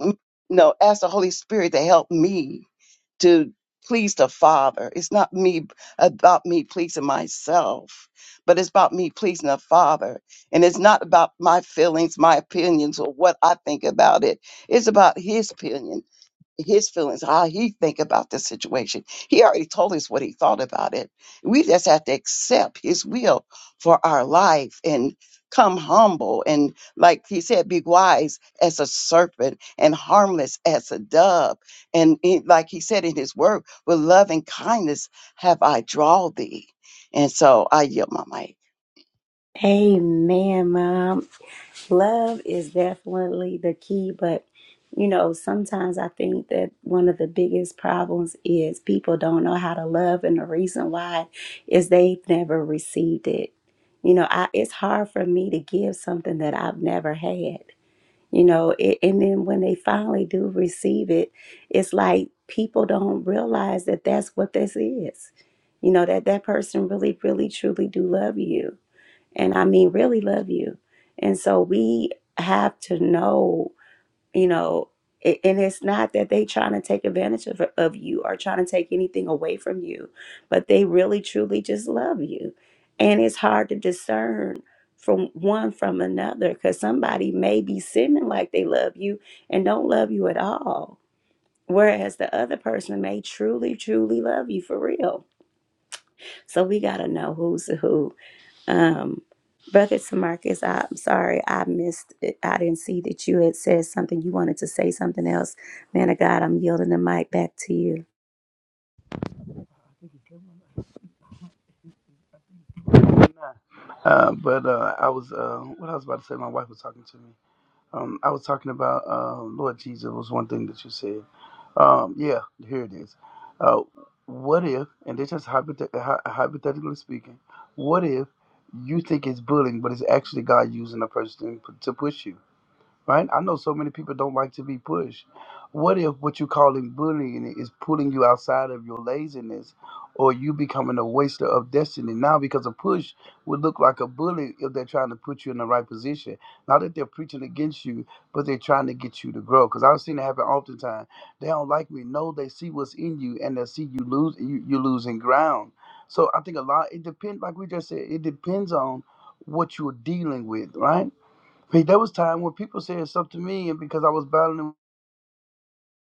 Speaker 6: mm, you know, ask the Holy Spirit to help me to please the Father. It's not me about me pleasing myself, but it's about me pleasing the Father. And it's not about my feelings, my opinions, or what I think about it. It's about His opinion his feelings, how he think about the situation. He already told us what he thought about it. We just have to accept his will for our life and come humble and like he said, be wise as a serpent and harmless as a dove. And he- like he said in his word, with love and kindness have I drawn thee. And so I yield my mic.
Speaker 1: Amen, Mom. Love is definitely the key, but you know, sometimes I think that one of the biggest problems is people don't know how to love, and the reason why is they've never received it. You know, I, it's hard for me to give something that I've never had. You know, it, and then when they finally do receive it, it's like people don't realize that that's what this is. You know that that person really, really, truly do love you and I mean really love you. And so we have to know, you know, a- and it's not that they trying to take advantage of, of you or trying to take anything away from you, but they really truly just love you. And it's hard to discern from one from another because somebody may be seeming like they love you and don't love you at all. Whereas the other person may truly, truly love you for real. So we got to know who's who um, Brother Tamarcus, I- I'm sorry I missed it. I didn't see that you had said something. You wanted to say something else. Man of God, I'm yielding the mic back to you.
Speaker 5: Uh, but uh, I was uh, what I was about to say. My wife was talking to me. Um, I was talking about uh, Lord Jesus was one thing that you said. Um, yeah, here it is. Uh, what if, and this is hypothet- hy- hypothetically speaking, what if you think it's bullying, but it's actually God using a person to push you? right? I know so many people don't like to be pushed. What if what you're calling bullying is pulling you outside of your laziness or you becoming a waster of destiny? Now, because a push would look like a bully if they're trying to put you in the right position. Not that they're preaching against you, but they're trying to get you to grow. Because I've seen it happen oftentimes. They don't like me. No, they see what's in you and they see you lose, you, you're losing ground. So I think a lot, it depends, like we just said, it depends on what you're dealing with, right? Like, there was time when people said stuff to me, and because I was battling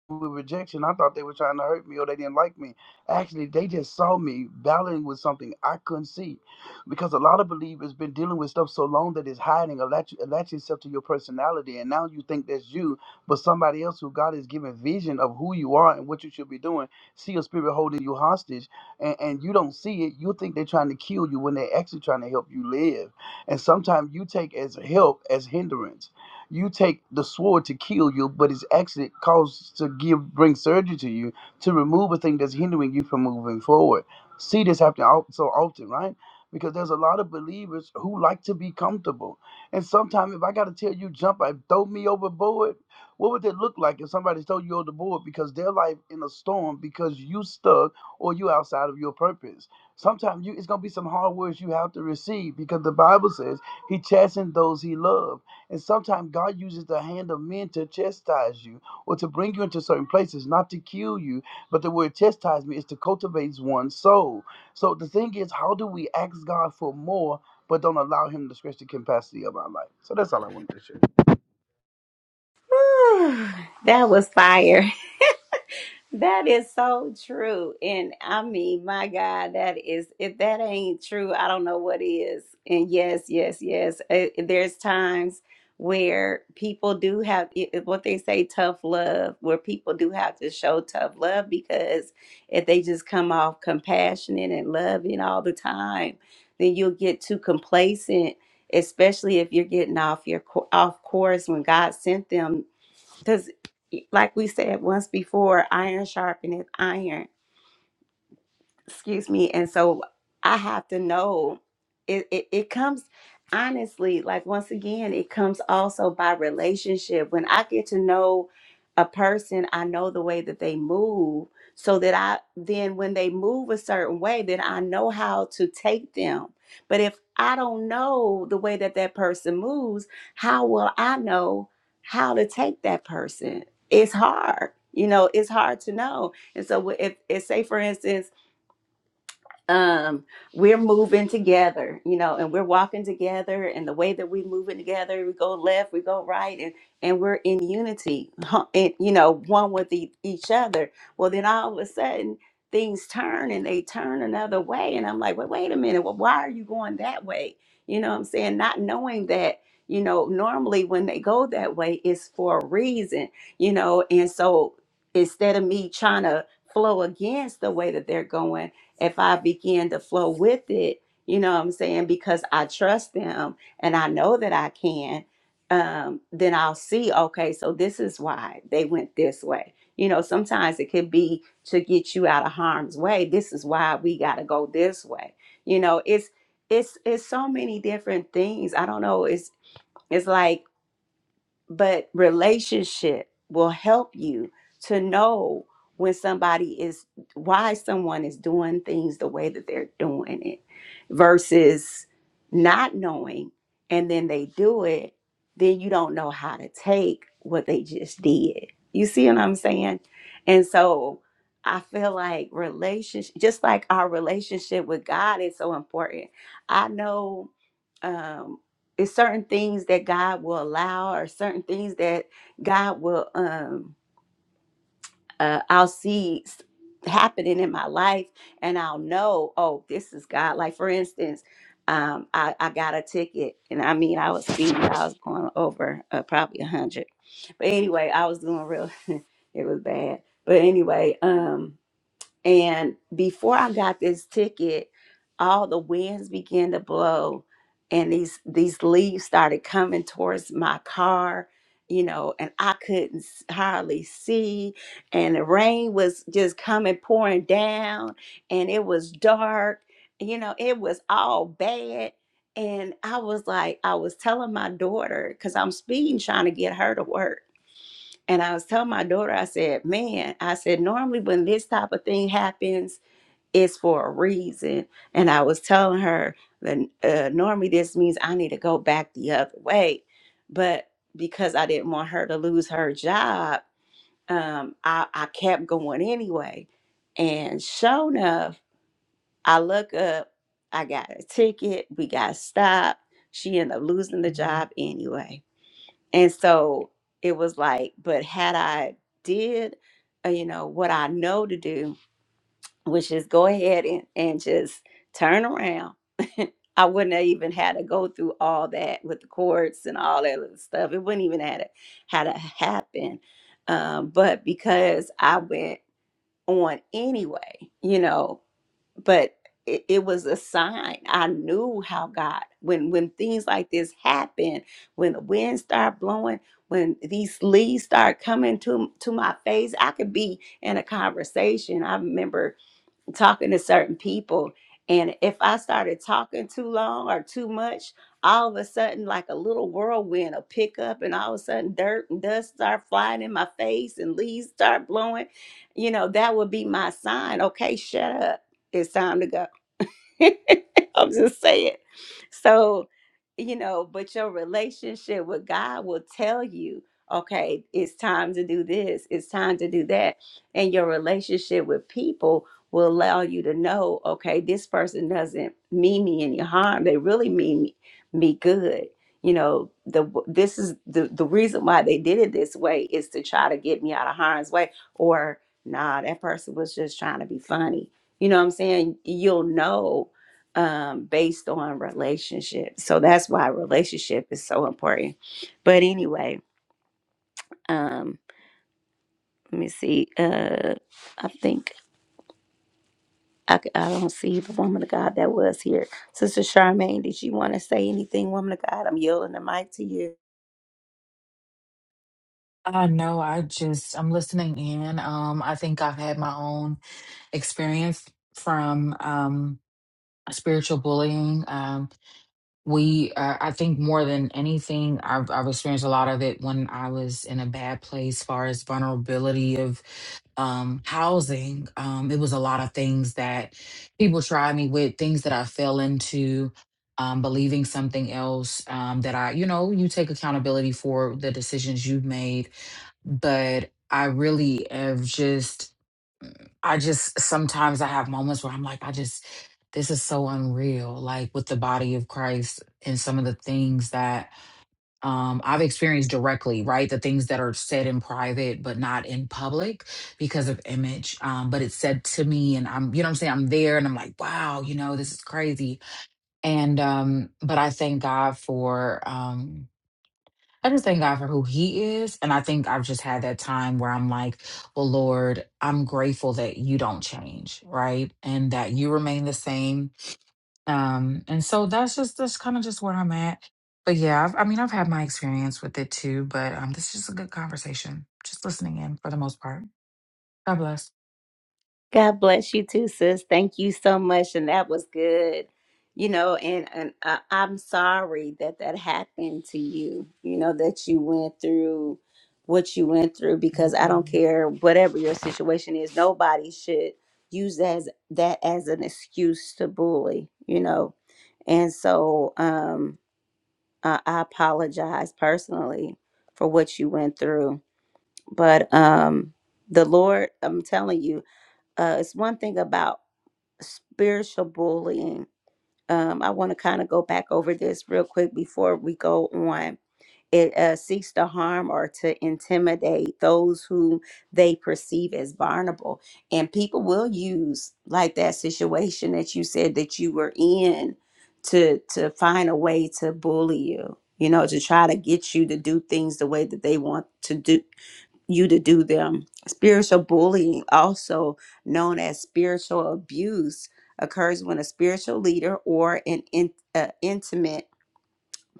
Speaker 5: with rejection, I thought they were trying to hurt me or they didn't like me. Actually, they just saw me battling with something I couldn't see, because a lot of believers been dealing with stuff so long that it's hiding, attach- attaching itself to your personality, and now you think that's you, but somebody else who God is giving vision of who you are and what you should be doing, see a spirit holding you hostage, and, and you don't see it. You think they're trying to kill you when they're actually trying to help you live, and sometimes you take as help as hindrance you take the sword to kill you, but its accident causes to give bring surgery to you to remove a thing that's hindering you from moving forward. See this happen al- so often, right? Because there's a lot of believers who like to be comfortable. And sometimes if I gotta tell you jump I throw me overboard, what would it look like if somebody throw you overboard because their life in a storm because you stuck or you outside of your purpose? Sometimes you it's gonna be some hard words you have to receive because the Bible says he chastens those he loves. And sometimes God uses the hand of men to chastise you or to bring you into certain places, not to kill you. But the word chastisement is to cultivate one's soul. So the thing is, how do we ask God for more but don't allow Him to stretch the capacity of our life? So that's all I wanted to share.
Speaker 1: Whew, that was fire. That is so true. And I mean, my God, that is, if that ain't true, I don't know what is. And yes, yes, yes. eh, there's times where people do have it- it- what they say tough love, where people do have to show tough love because if they just come off compassionate and loving all the time, then you'll get too complacent, especially if you're getting off your co- off course when God sent them because, like we said once before, iron sharpeneth iron excuse me and so i have to know it, it it comes honestly like once again it comes also by relationship when i get to know a person i know the way that they move so that i then when they move a certain way then i know how to take them but if i don't know the way that that person moves how will i know how to take that person it's hard you know it's hard to know and so if, if say for instance um we're moving together you know and we're walking together and the way that we moving together we go left we go right and and we're in unity huh, and you know one with e- each other well then all of a sudden things turn and they turn another way and i'm like well, wait a minute well, why are you going that way you know what i'm saying not knowing that you know normally when they go that way it's for a reason you know and so instead of me trying to flow against the way that they're going if I begin to flow with it, you know what I'm saying? Because I trust them and I know that I can, um, then I'll see, okay, so this is why they went this way. You know, sometimes it could be to get you out of harm's way. This is why we gotta go this way. You know, it's it's it's so many different things. I don't know, it's it's like but relationship will help you to know when somebody is why someone is doing things the way that they're doing it versus not knowing and then they do it then you don't know how to take what they just did you see what i'm saying and so i feel like relationship just like our relationship with god is so important i know um, it's certain things that God will allow, or certain things that God will um uh, I'll see s- happening in my life, and I'll know, oh, this is God. Like for instance, um, I, I got a ticket, and I mean, I was speeding, I was going over uh, probably a hundred, but anyway, I was doing real, it was bad. But anyway, um, and before I got this ticket, all the winds began to blow and these these leaves started coming towards my car, you know, and I couldn't s- hardly see and the rain was just coming pouring down and it was dark, you know, it was all bad. And I was like, I was telling my daughter, because I'm speeding trying to get her to work. And I was telling my daughter, I said, man, I said, normally when this type of thing happens, it's for a reason. And I was telling her that uh, normally this means I need to go back the other way. But because I didn't want her to lose her job, um, I, I kept going anyway. And sure enough, I look up, I got a ticket, we got stopped. She ended up losing the job anyway. And so it was like, but had I did, uh, you know, what I know to do, which is go ahead and, and just turn around, I wouldn't have even had to go through all that with the courts and all that other stuff. It wouldn't even had to had to happen. Um, but because I went on anyway, you know, but it, it was a sign i knew how god when when things like this happen when the wind start blowing when these leaves start coming to to my face i could be in a conversation i remember talking to certain people. And if I started talking too long or too much, all of a sudden, like a little whirlwind will pick up, and all of a sudden, dirt and dust start flying in my face, and leaves start blowing. You know, that would be my sign. Okay, shut up. It's time to go. I'm just saying. So, you know, but your relationship with God will tell you, okay, it's time to do this, it's time to do that. And your relationship with people will allow you to know, okay, this person doesn't mean me any harm. They really mean me, me good. You know, the this is the the reason why they did it this way is to try to get me out of harm's way or nah, that person was just trying to be funny. You know what I'm saying? You'll know um, based on relationships. So that's why relationship is so important. But anyway, um, let me see. Uh, I think I, c- I don't see the woman of God that was here. Sister Charmaine, did you want to say anything, woman of God? I'm yielding the mic to you.
Speaker 7: I know. I just I'm listening in. Um, I think I've had my own experience from um spiritual bullying. Um, we uh, i think more than anything I've, I've experienced a lot of it when i was in a bad place far as vulnerability of um housing um it was a lot of things that people tried me with things that i fell into um believing something else um that i you know you take accountability for the decisions you've made but i really have just I just sometimes I have moments where I'm like, I just, this is so unreal. Like with the body of Christ and some of the things that um, I've experienced directly, right? The things that are said in private, but not in public because of image. Um, but it's said to me, and I'm, you know what I'm saying? I'm there and I'm like, wow, you know, this is crazy. And, um, but I thank God for, um, I just thank God for who He is. And I think I've just had that time where I'm like, well, Lord, I'm grateful that you don't change, right? And that you remain the same. Um, and so that's just, that's kind of just where I'm at. But yeah, I've, I mean, I've had my experience with it too, but um, this is just a good conversation. Just listening in for the most part. God bless.
Speaker 1: God bless you too, sis. Thank you so much. And that was good. You know, and, and uh, I'm sorry that that happened to you, you know, that you went through what you went through because I don't care whatever your situation is, nobody should use that as, that as an excuse to bully, you know. And so um, I, I apologize personally for what you went through. But um, the Lord, I'm telling you, uh, it's one thing about spiritual bullying. Um, I want to kind of go back over this real quick before we go on. It uh, seeks to harm or to intimidate those who they perceive as vulnerable. And people will use like that situation that you said that you were in to to find a way to bully you, you know, to try to get you to do things the way that they want to do you to do them. Spiritual bullying, also known as spiritual abuse, occurs when a spiritual leader or an in, uh, intimate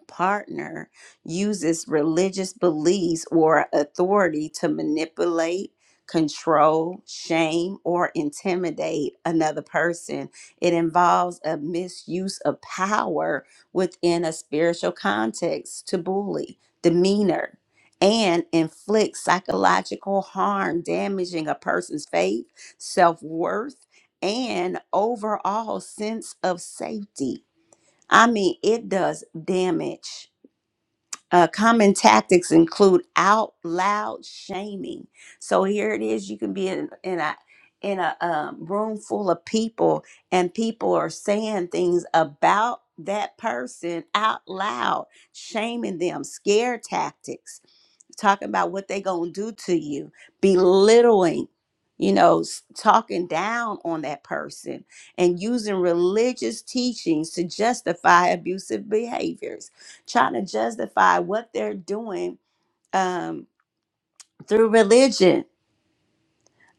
Speaker 1: partner uses religious beliefs or authority to manipulate, control, shame, or intimidate another person. It involves a misuse of power within a spiritual context to bully, demeanor, and inflict psychological harm, damaging a person's faith, self worth, and overall sense of safety. I mean, it does damage uh, common tactics include out loud shaming. So here it is: you can be in, in a in a um, room full of people, and people are saying things about that person out loud, shaming them. Scare tactics talking about what they gonna do to you, belittling, you know, s- talking down on that person, and using religious teachings to justify abusive behaviors, trying to justify what they're doing um, through religion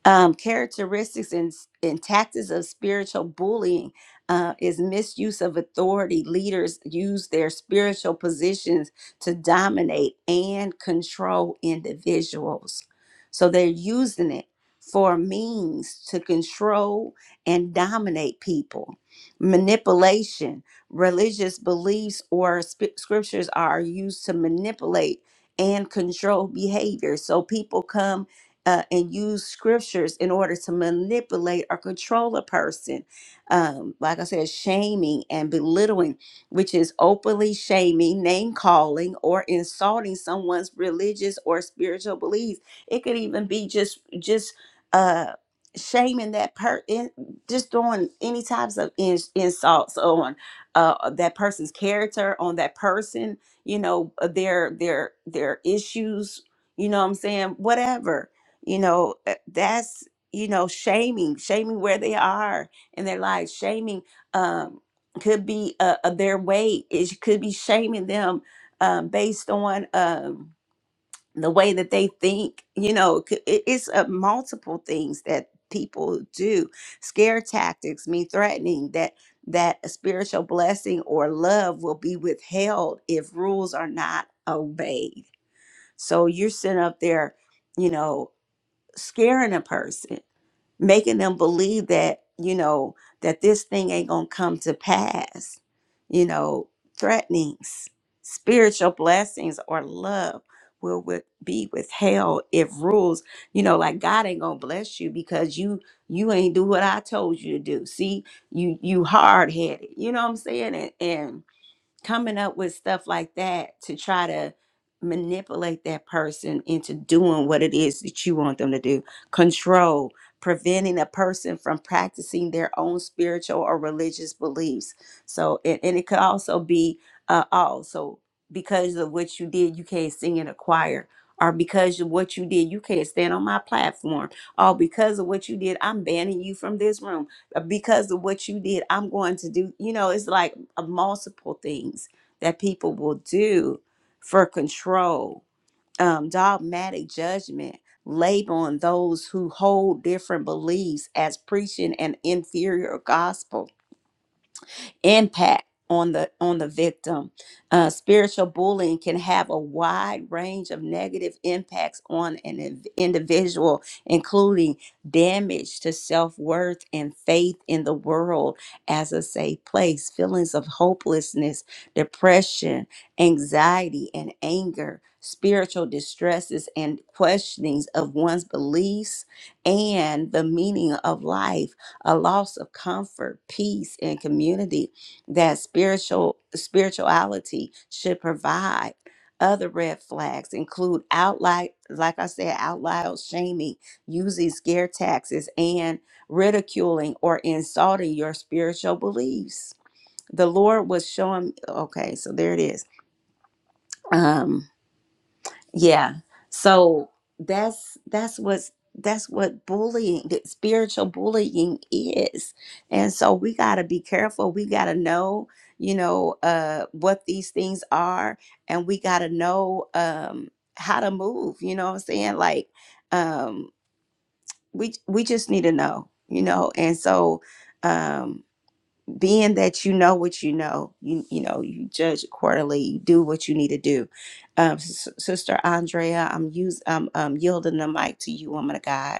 Speaker 1: um, characteristics and, and tactics of spiritual bullying uh, is misuse of authority. Leaders use their spiritual positions to dominate and control individuals. So they're using it for a means to control and dominate people. Manipulation, religious beliefs or sp- scriptures are used to manipulate and control behavior. So people come uh, and use scriptures in order to manipulate or control a person. Um, like I said, shaming and belittling, which is openly shaming, name calling, or insulting someone's religious or spiritual beliefs. It could even be just just uh, shaming that per in, just throwing any types of in, insults on uh, that person's character, on that person, you know, their their their issues. You know what I'm saying? Whatever you know uh, that's you know shaming shaming where they are in their lives shaming um could be uh, uh, their weight it could be shaming them um based on um the way that they think you know it could- it- it's uh, multiple things that people do scare tactics mean threatening that that a spiritual blessing or love will be withheld if rules are not obeyed so you're sitting up there you know scaring a person, making them believe that, you know, that this thing ain't going to come to pass. You know, threatenings, spiritual blessings, or love will with, be withheld if rules, you know, like God ain't going to bless you because you you ain't do what I told you to do. See, you you hard-headed. You know what I'm saying? And and coming up with stuff like that to try to manipulate that person into doing what it is that you want them to do control preventing a person from practicing their own spiritual or religious beliefs so and, and it could also be uh also because of what you did you can't sing in a choir or because of what you did you can't stand on my platform or because of what you did i'm banning you from this room or because of what you did i'm going to do you know it's like of multiple things that people will do for control, um, dogmatic judgment, labeling those who hold different beliefs as preaching an inferior gospel impact on the on the victim. Uh, spiritual bullying can have a wide range of negative impacts on an in- individual, including damage to self worth and faith in the world as a safe place, feelings of hopelessness, depression, anxiety, and anger, spiritual distresses and questionings of one's beliefs and the meaning of life, a loss of comfort, peace, and community that spiritual spirituality should provide. Other red flags include outline, like I said, out loud shaming, using scare taxes, and ridiculing or insulting your spiritual beliefs. The Lord was showing. Okay, so there it is. Um, yeah. So that's that's what's that's what bullying, that spiritual bullying is. And so we got to be careful. We got to know, you know, uh what these things are and we got to know um how to move, you know what I'm saying? Like um we we just need to know, you know. And so um being that you know what you know, you you know you judge accordingly, you do what you need to do. Um, S- Sister Andrea, I'm use I'm um, yielding the mic to you, woman of God.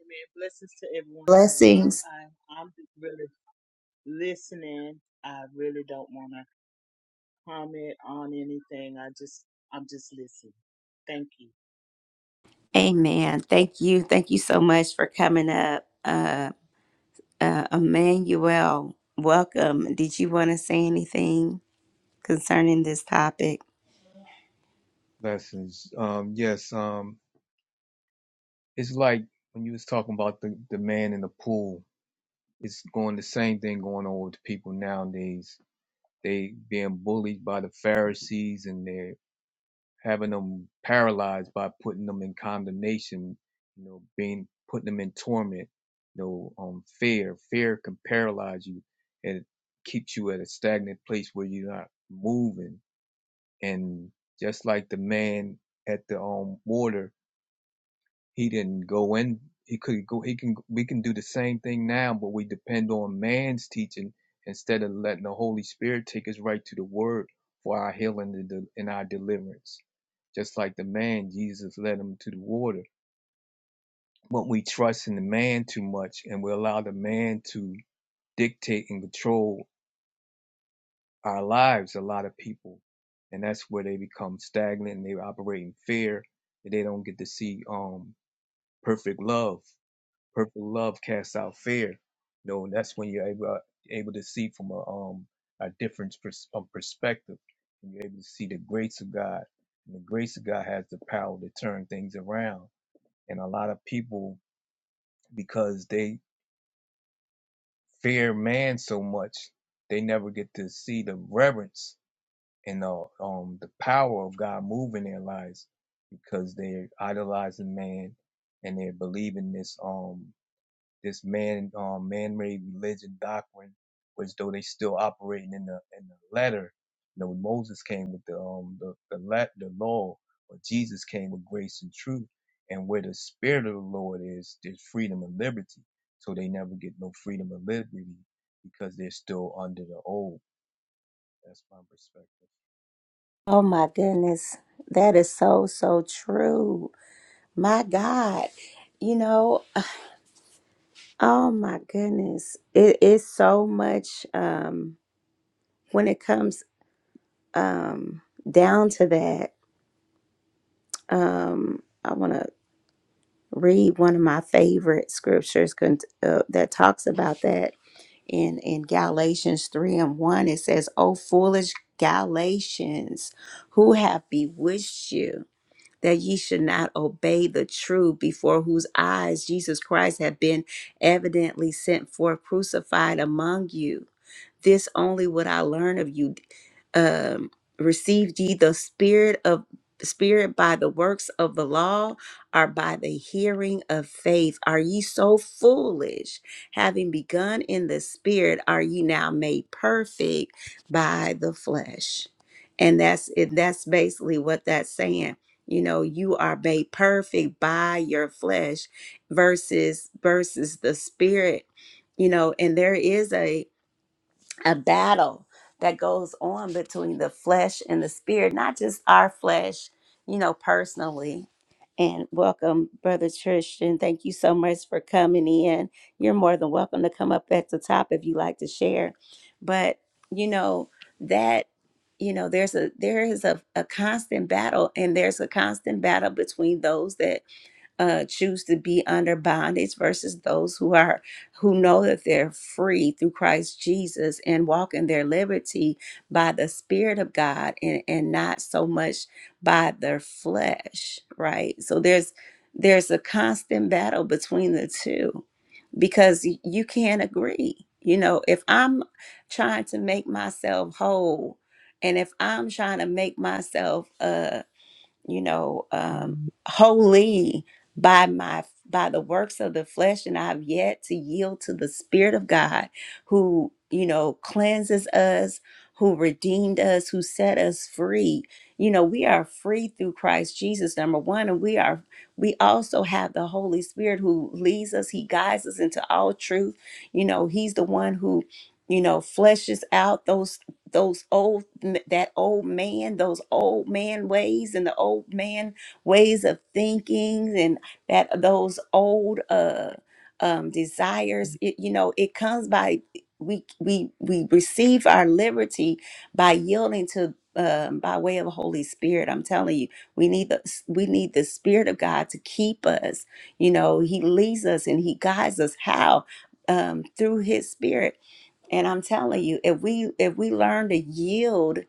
Speaker 8: Amen. Blessings to everyone in the room.
Speaker 1: Blessings.
Speaker 8: I, I'm really listening. I really don't want to comment on anything. I just, I'm just listening. Thank you.
Speaker 1: Amen. Thank you. Thank you so much for coming up, uh, uh, Emmanuel. Welcome. Did you want to say anything concerning this topic?
Speaker 9: lessons. Um, yes, um, it's like when you was talking about the, the man in the pool. It's going the same thing going on with people nowadays. They being bullied by the Pharisees and they're having them paralyzed by putting them in condemnation, you know, being putting them in torment, you know, um, fear. Fear can paralyze you and it keeps you at a stagnant place where you're not moving. And just like the man at the um water, He didn't go in. He could go. He can. We can do the same thing now, but we depend on man's teaching instead of letting the Holy Spirit take us right to the Word for our healing and, de- and our deliverance. Just like the man, Jesus led him to the water. But we trust in the man too much, and we allow the man to dictate and control our lives. A lot of people, and that's where they become stagnant and they operate in fear, and they don't get to see um perfect love perfect love casts out fear. You know, and that's when you're able, uh, able to see from a um a different pers- um, perspective, and you're able to see the grace of God. And the grace of God has the power to turn things around. And a lot of people, because they fear man so much, they never get to see the reverence and the um the power of God move in their lives because they're idolizing man and they're believing this um this man um, man-made religion doctrine, which though they still operating in the in the letter. You know, when Moses came with the um the the, let, the law, or Jesus came with grace and truth, and where the spirit of the Lord is, there's freedom and liberty. So they never get no freedom and liberty because they're still under the old. That's my perspective.
Speaker 1: Oh my goodness. That is so, so true. My God. You know, Oh my goodness. It is so much um when it comes um down to that. Um I want to read one of my favorite scriptures con- uh, that talks about that in in Galatians 3 and 1 it says, "O foolish Galatians, who have bewitched you that ye should not obey the truth before whose eyes Jesus Christ had been evidently sent forth crucified among you." This only would I learn of you. Um, received ye the spirit of spirit by the works of the law or by the hearing of faith? Are ye so foolish? Having begun in the spirit, are ye now made perfect by the flesh? And that's it. That's basically what that's saying. You know, you are made perfect by your flesh versus versus the spirit you know and there is a a battle that goes on between the flesh and the spirit, not just our flesh, you know, personally. And welcome, Brother Tristan. Thank you so much for coming in. You're more than welcome to come up at the top if you like to share. But, you know, that you know there's a there is a, a constant battle and there's a constant battle between those that uh, choose to be under bondage versus those who are who know that they're free through Christ Jesus and walk in their liberty by the Spirit of God and, and not so much by their flesh, right? So there's there's a constant battle between the two because y- you can't agree. You know, if I'm trying to make myself whole and if I'm trying to make myself uh you know, um, wholly by my by the works of the flesh, and I've yet to yield to the Spirit of God, who you know cleanses us, who redeemed us, who set us free. You know, we are free through Christ Jesus, number one, and we are we also have the Holy Spirit who leads us, He guides us into all truth. You know, He's the one who you know fleshes out those those old that old man those old man ways and the old man ways of thinking and that those old uh um desires it, you know it comes by we we we receive our liberty by yielding to um, by way of the Holy Spirit, I'm telling you, we need the we need the Spirit of God to keep us. You know, He leads us and He guides us how um, through His Spirit and I'm telling you, if we if we learn to yield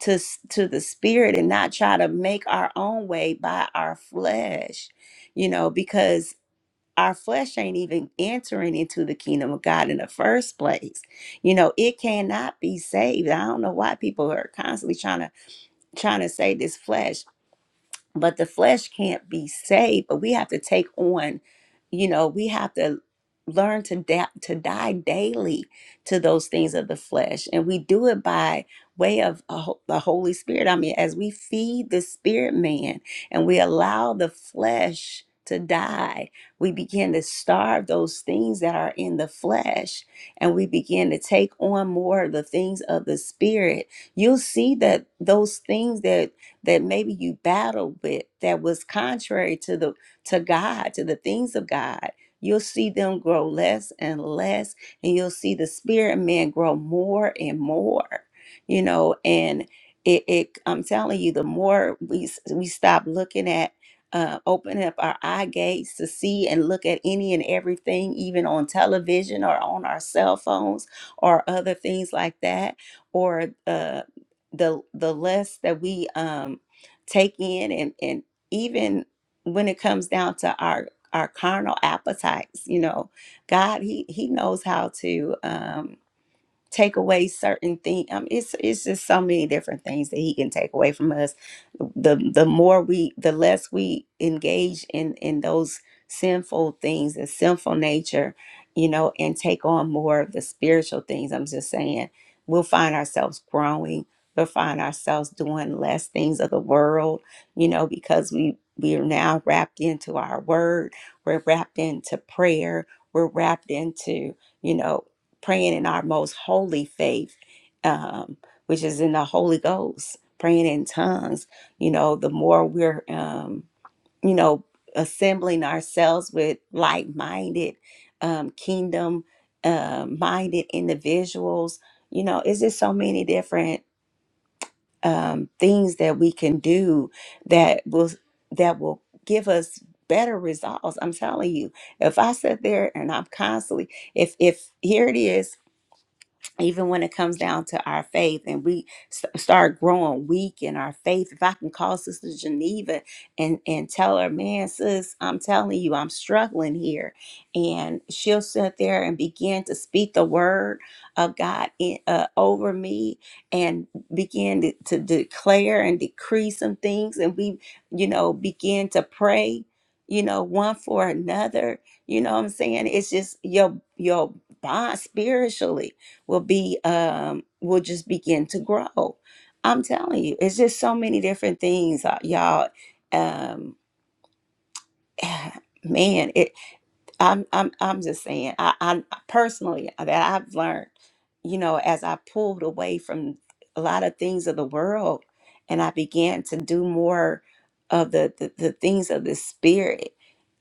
Speaker 1: to s- to the spirit and not try to make our own way by our flesh, you know, because our flesh ain't even entering into the kingdom of God in the first place. You know, it cannot be saved. I don't know why people are constantly trying to trying to say this flesh but the flesh can't be saved but we have to take on you know we have to learn to da- to die daily to those things of the flesh and we do it by way of a ho- the holy spirit i mean as we feed the spirit man and we allow the flesh to die we begin to starve those things that are in the flesh and we begin to take on more of the things of the spirit you'll see that those things that that maybe you battled with that was contrary to the to God, to the things of God. You'll see them grow less and less, and you'll see the spirit man grow more and more. You know, and it, it I'm telling you, the more we s- we stop looking at uh, open up our eye gates to see and look at any and everything, even on television or on our cell phones or other things like that, or uh, the the less that we um take in and and even when it comes down to our our carnal appetites you know god he he knows how to um take away certain things. Um, it's it's just so many different things that he can take away from us. The the more we, the less we engage in in those sinful things, the sinful nature, you know, and take on more of the spiritual things. I'm just saying, we'll find ourselves growing. We'll find ourselves doing less things of the world, you know, because we we are now wrapped into our word. We're wrapped into prayer. We're wrapped into you know praying in our most holy faith, um, which is in the Holy Ghost, praying in tongues. You know, the more we're, um, you know, assembling ourselves with like minded, um, kingdom uh, minded individuals, you know, it's just so many different um, things that we can do that will that will give us better results. I'm telling you, if I sit there and I'm constantly, if if here it is, even when it comes down to our faith and we st- start growing weak in our faith if i can call sister geneva and and tell her man sis i'm telling you i'm struggling here and she'll sit there and begin to speak the word of god in, uh, over me and begin to, to declare and decree some things and we you know begin to pray you know one for another you know what i'm saying it's just your your bond spiritually will be um will just begin to grow i'm telling you it's just so many different things uh, y'all um man it i'm i'm, I'm just saying I, I personally uh, that i've learned you know as i pulled away from a lot of things of the world and i began to do more of the the, the things of the spirit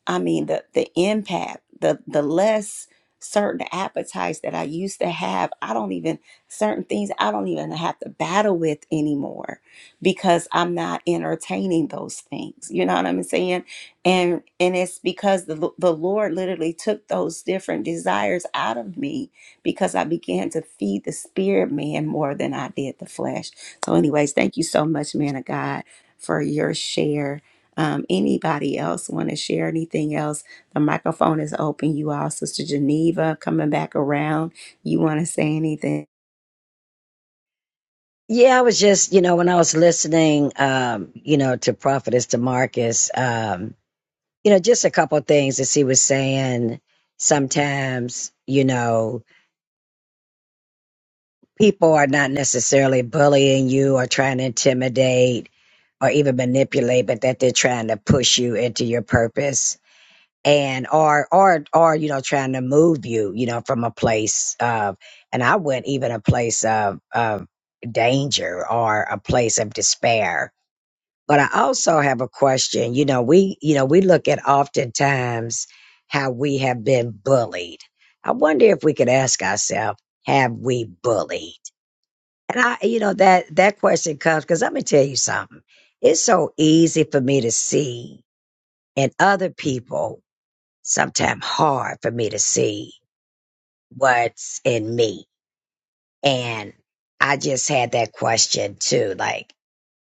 Speaker 1: I mean the the impact, the the less certain appetites that I used to have, I don't even certain things I don't even have to battle with anymore because I'm not entertaining those things. You know what I'm saying? And and it's because the the Lord literally took those different desires out of me because I began to feed the spirit man more than I did the flesh. So anyways, thank you so much man of God for your share um, anybody else want to share anything else? The microphone is open. You all, Sister Geneva, coming back around. You want to say anything?
Speaker 3: yeah i was just you know when i was listening um you know to prophetess Demarcus, um you know just a couple of things that she was saying sometimes you know people are not necessarily bullying you or trying to intimidate or even manipulate but that they're trying to push you into your purpose and or or or you know trying to move you you know from a place of and i went even a place of of danger or a place of despair but i also have a question you know we you know we look at oftentimes how we have been bullied i wonder if we could ask ourselves have we bullied and i you know that that question comes because let me tell you something it's so easy for me to see in other people sometimes hard for me to see what's in me. And I just had that question too. Like,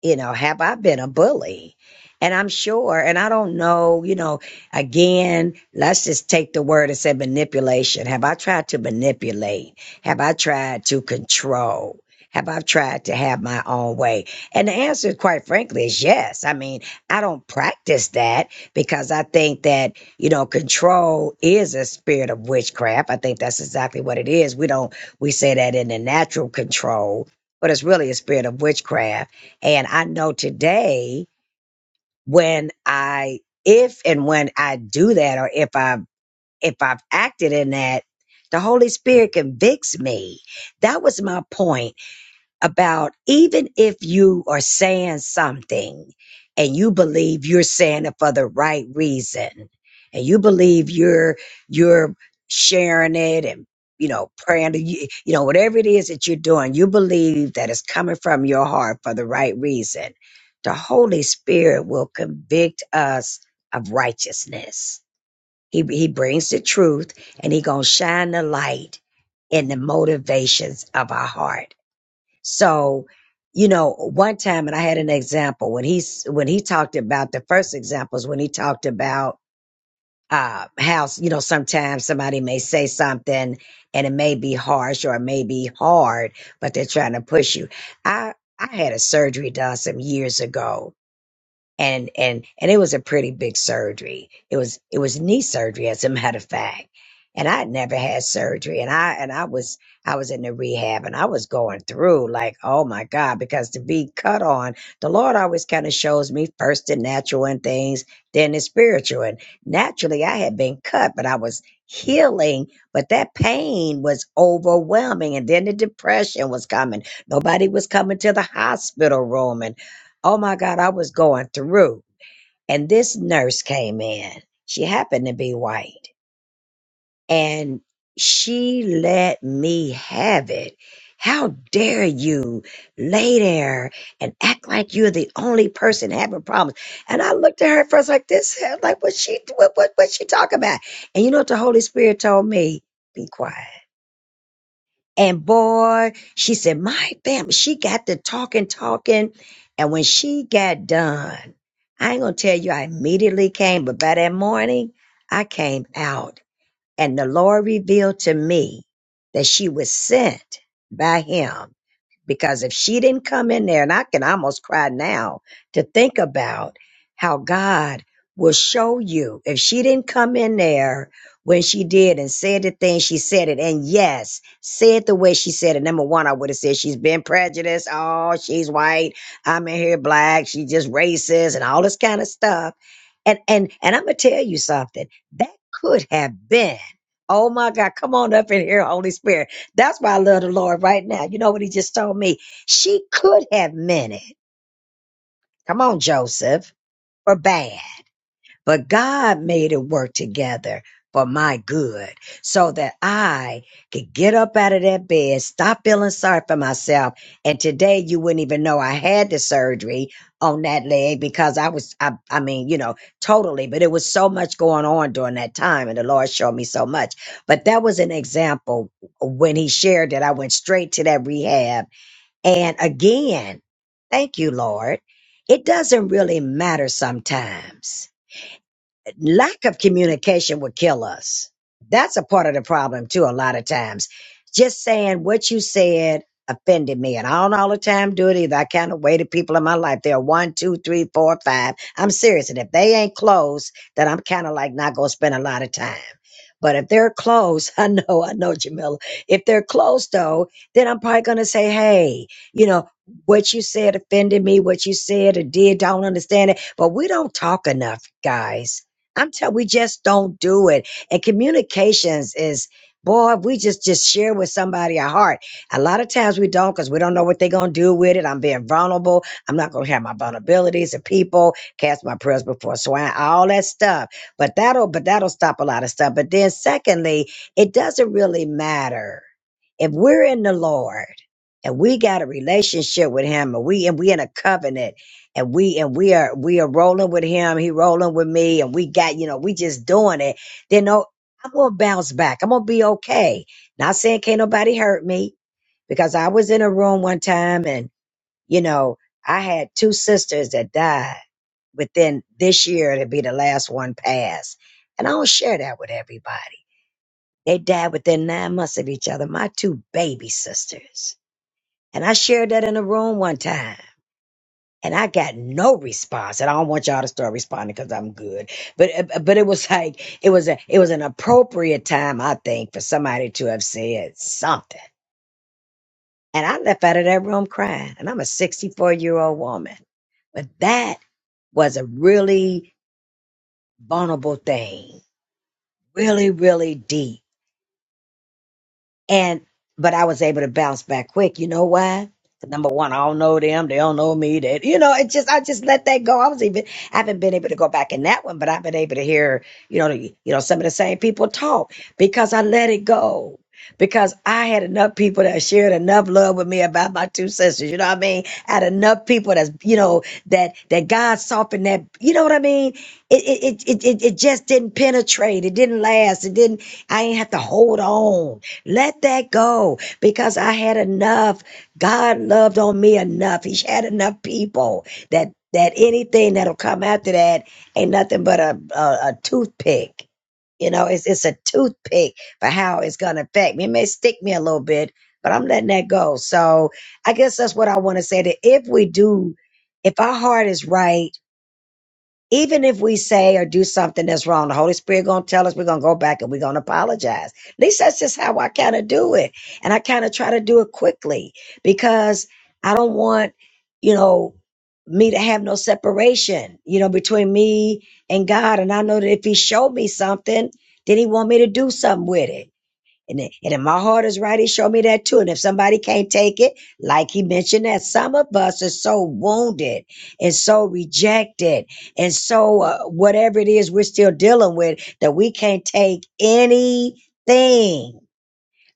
Speaker 3: you know, have I been a bully? And I'm sure, and I don't know, you know, again, let's just take the word and say manipulation. Have I tried to manipulate? Have I tried to control? Have I tried to have my own way? And the answer, quite frankly, is yes. I mean, I don't practice that because I think that, you know, control is a spirit of witchcraft. I think that's exactly what it is. We don't, we say that in the natural control, but it's really a spirit of witchcraft and I know today when I, if and when I do that, or if I've, if I've acted in that, the Holy Spirit convicts me. That was my point about even if you are saying something and you believe you're saying it for the right reason and you believe you're you're sharing it and you know praying to you you know whatever it is that you're doing you believe that it's coming from your heart for the right reason the holy spirit will convict us of righteousness he, he brings the truth and he gonna shine the light in the motivations of our heart so, you know, one time, and I had an example when he's when he talked about the first examples when he talked about uh, how you know sometimes somebody may say something and it may be harsh or it may be hard, but they're trying to push you. I I had a surgery done some years ago, and and and it was a pretty big surgery. It was it was knee surgery, as a matter of fact. And I had never had surgery, and I and I was I was in the rehab, and I was going through like, oh my god, because to be cut on, the Lord always kind of shows me first the natural and things, then the spiritual. And naturally, I had been cut, but I was healing, but that pain was overwhelming, and then the depression was coming. Nobody was coming to the hospital room, and. Oh my God, I was going through. And this nurse came in. She happened to be white and she let me have it. How dare you lay there and act like you're the only person having problems? And I looked at her first like this, like what she what what what she talking about? And you know what the Holy Spirit told me? Be quiet. And boy, she said, my family, she got to talking, talking. And when she got done, I ain't going to tell you, I immediately came, but by that morning, I came out and the Lord revealed to me that she was sent by him because if she didn't come in there, and I can almost cry now to think about how God will show you if she didn't come in there when she did and said the thing she said it, and yes, said the way she said it. Number one, I would have said she's been prejudiced. Oh, she's white. I'm in here black. She's just racist and all this kind of stuff and and and I'm gonna tell you something. That could have been. Oh my God, come on up in here, Holy Spirit. That's why I love the Lord right now. You know what he just told me? She could have meant it. Come on, Joseph. Or Bam. But God made it work together for my good so that I could get up out of that bed, stop feeling sorry for myself. And today you wouldn't even know I had the surgery on that leg because I was, I, I mean, you know, totally, but it was so much going on during that time and the Lord showed me so much. But that was an example when he shared that I went straight to that rehab. And again, thank you, Lord. It doesn't really matter sometimes lack of communication would kill us. That's a part of the problem too. A lot of times, just saying what you said offended me, and I don't all the time do it either. I kind of weighted people in my life. They're one, two, three, four, five. I'm serious, and if they ain't close, then I'm kind of like not gonna spend a lot of time. But if they're close, I know, I know, Jamila. If they're close though, then I'm probably gonna say, hey, you know, what you said offended me. What you said or did, don't understand it. But we don't talk enough, guys I'm telling we just don't do it. And communications is boy, if we just just share with somebody our heart. A lot of times we don't because we don't know what they're gonna do with it. I'm being vulnerable. I'm not gonna have my vulnerabilities to people cast my prayers before swine, all that stuff. But that'll but that'll stop a lot of stuff. But then secondly, it doesn't really matter if we're in the Lord and we got a relationship with him and we and we in a covenant and we and we are we are rolling with him he rolling with me and we got you know we just doing it then no i'm gonna bounce back i'm gonna be okay not saying can't nobody hurt me because i was in a room one time and you know i had two sisters that died within this year to be the last one passed and i don't share that with everybody they died within nine months of each other my two baby sisters and i shared that in a room one time and I got no response. And I don't want y'all to start responding because I'm good. But uh, but it was like it was a it was an appropriate time, I think, for somebody to have said something. And I left out of that room crying. And I'm a 64 year old woman, but that was a really vulnerable thing, really really deep. And but I was able to bounce back quick. You know why? 'Cause Number one, I don't know them. They don't know me. That you know, it just I just let that go. I was even I haven't been able to go back in that one, but I've been able to hear you know the- you know some of the same people talk because I let it go. Because I had enough people that shared enough love with me about my two sisters, you know what I mean? I had enough people that's you know that that God softened that, you know what I mean? It it it it, it it just didn't penetrate. It didn't last. It didn't. I ain't have to hold on let that go because I had enough. God loved on me enough. He's had enough people that that anything that'll come after that ain't nothing but a a, a toothpick. You know, it's it's a toothpick for how it's gonna affect me. It may stick me a little bit, but I'm letting that go. So I guess that's what I want to say. That if we do, if our heart is right even if we say or do something that's wrong, the Holy Spirit gonna tell us we're gonna go back and we're gonna apologize. At least that's just how I kind of do it, and I kind of try to do it quickly because I don't want, you know, me to have no separation, you know, between me and God. And I know that if He showed me something, then He want me to do something with it. And, it- and if my heart is right, he showed me that too. And if somebody can't take it, like he mentioned that some of us are so wounded and so rejected and so uh, whatever it is we're still dealing with that we can't take anything.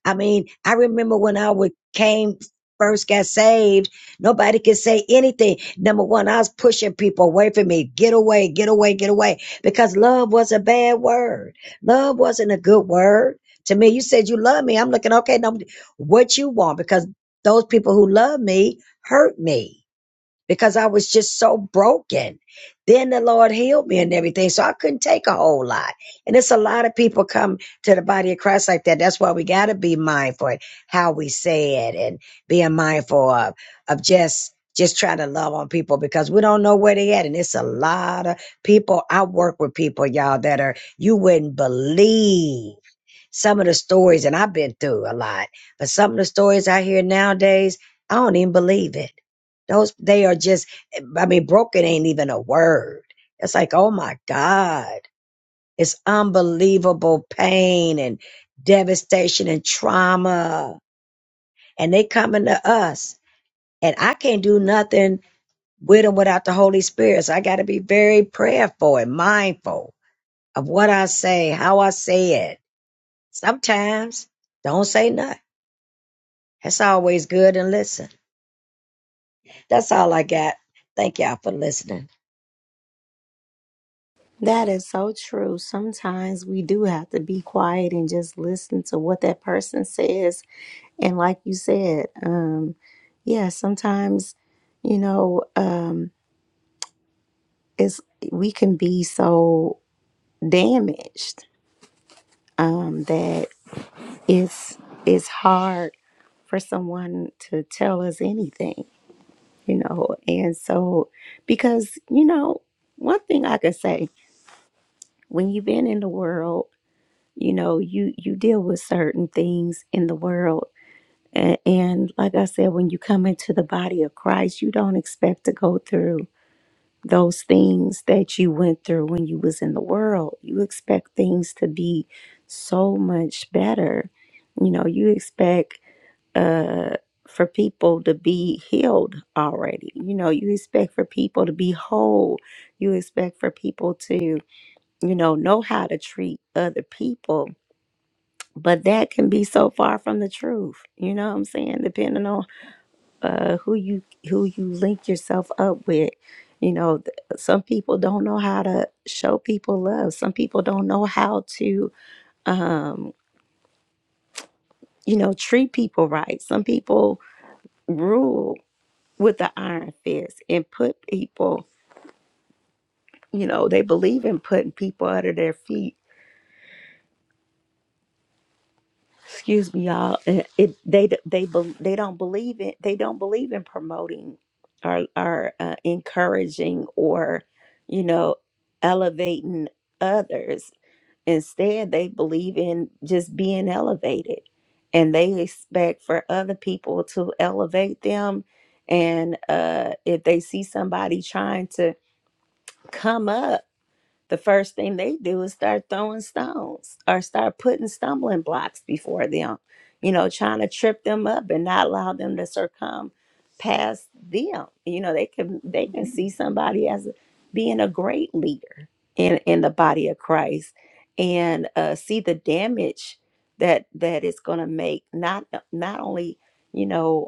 Speaker 3: I mean, I remember when I would came first got saved, nobody could say anything. Number one, I was pushing people away from me. Get away, get away, get away. Because love was a bad word. Love wasn't a good word. To me, you said you love me. I'm looking, okay, no, what you want? Because those people who love me hurt me because I was just so broken. Then the Lord healed me and everything. So I couldn't take a whole lot. And it's a lot of people come to the body of Christ like that. That's why we got to be mindful of how we say it and being mindful of, of just, just trying to love on people because we don't know where they at. And it's a lot of people. I work with people, y'all, that are, you wouldn't believe some of the stories, and I've been through a lot, but some of the stories I hear nowadays, I don't even believe it. Those they are just I mean, broken ain't even a word. It's like, oh my God. It's unbelievable pain and devastation and trauma. And they coming to us. And I can't do nothing with them without the Holy Spirit. So I gotta be very prayerful and mindful of what I say, how I say it. Sometimes don't say nothing. It's always good and listen. That's all I got. Thank y'all for listening.
Speaker 1: That is so true. Sometimes we do have to be quiet and just listen to what that person says. And like you said, um, yeah, sometimes, you know, um, it's we can be so damaged um, that it's it's hard for someone to tell us anything. you know. And so, because you know, one thing I could say when you've been in the world, you know, you you deal with certain things in the world, and, and like I said, when you come into the body of Christ, you don't expect to go through those things that you went through when you was in the world. You expect things to be so much better. You know, you expect uh, for people to be healed already. You know, you expect for people to be whole. You expect for people to, you know, know how to treat other people. But that can be so far from the truth. You know what I'm saying? Depending on uh, who you who you link yourself up with. You know, th- some people don't know how to show people love. Some people don't know how to, um, you know, treat people right. Some people rule with the iron fist and put people, you know, they believe in putting people under their feet. Excuse me, y'all. And It, they d- they bel- they don't believe it. They don't believe in promoting or or uh, encouraging or you know elevating others. Instead, they believe in just being elevated, and they expect for other people to elevate them. And uh, if they see somebody trying to come up the first thing they do is start throwing stones or start putting stumbling blocks before them, you know, trying to trip them up and not allow them to succumb past them. You know, they can they can see somebody as being a great leader in in the body of Christ and uh, see the damage that that it's going to make not not only you know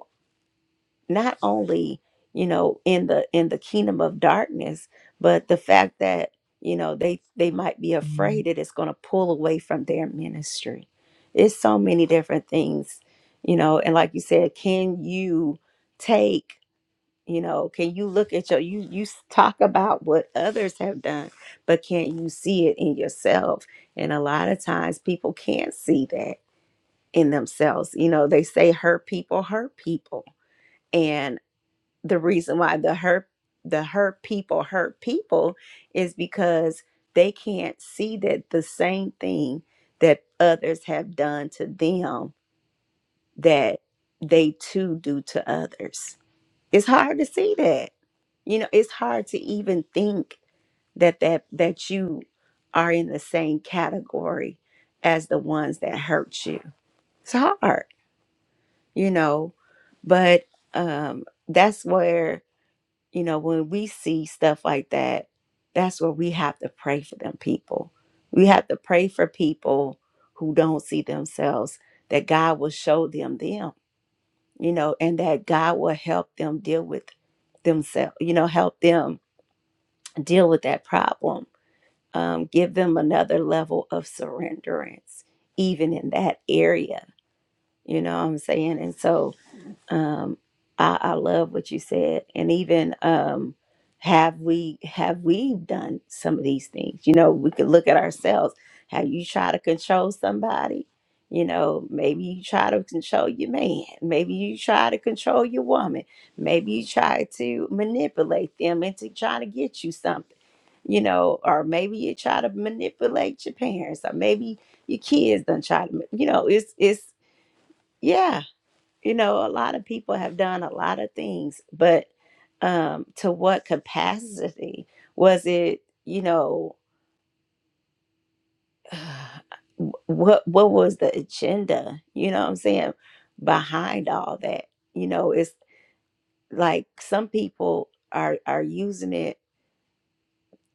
Speaker 1: not only you know in the in the kingdom of darkness but the fact that you know they they might be afraid that it's going to pull away from their ministry it's so many different things you know and like you said can you take you know can you look at your you you s- talk about what others have done but can you see it in yourself and a lot of times people can't see that in themselves you know they say hurt people hurt people the reason why the hurt the hurt people hurt people is because they can't see that the same thing that others have done to them that they too do to others it's hard to see that you know it's hard to even think that that that you are in the same category as the ones that hurt you it's hard you know but um that's where you know, when we see stuff like that, that's where we have to pray for them people. We have to pray for people who don't see themselves, that God will show them them, you know, and that God will help them deal with themselves, you know, help them deal with that problem. Um, give them another level of surrenderance, even in that area, you know what I'm saying? And so, um, I, I love what you said, and even um, have we have we done some of these things? You know, we could look at ourselves. How you try to control somebody? You know, maybe you try to control your man. Maybe you try to control your woman. Maybe you try to manipulate them into trying to get you something. You know, or maybe you try to manipulate your parents, or maybe your kids don't try to. ma- You know, it's it's yeah you know, a lot of people have done a lot of things, but um, to what capacity was it? You know, what what was the agenda? You know what I'm saying behind all that? You know, it's like some people are are using it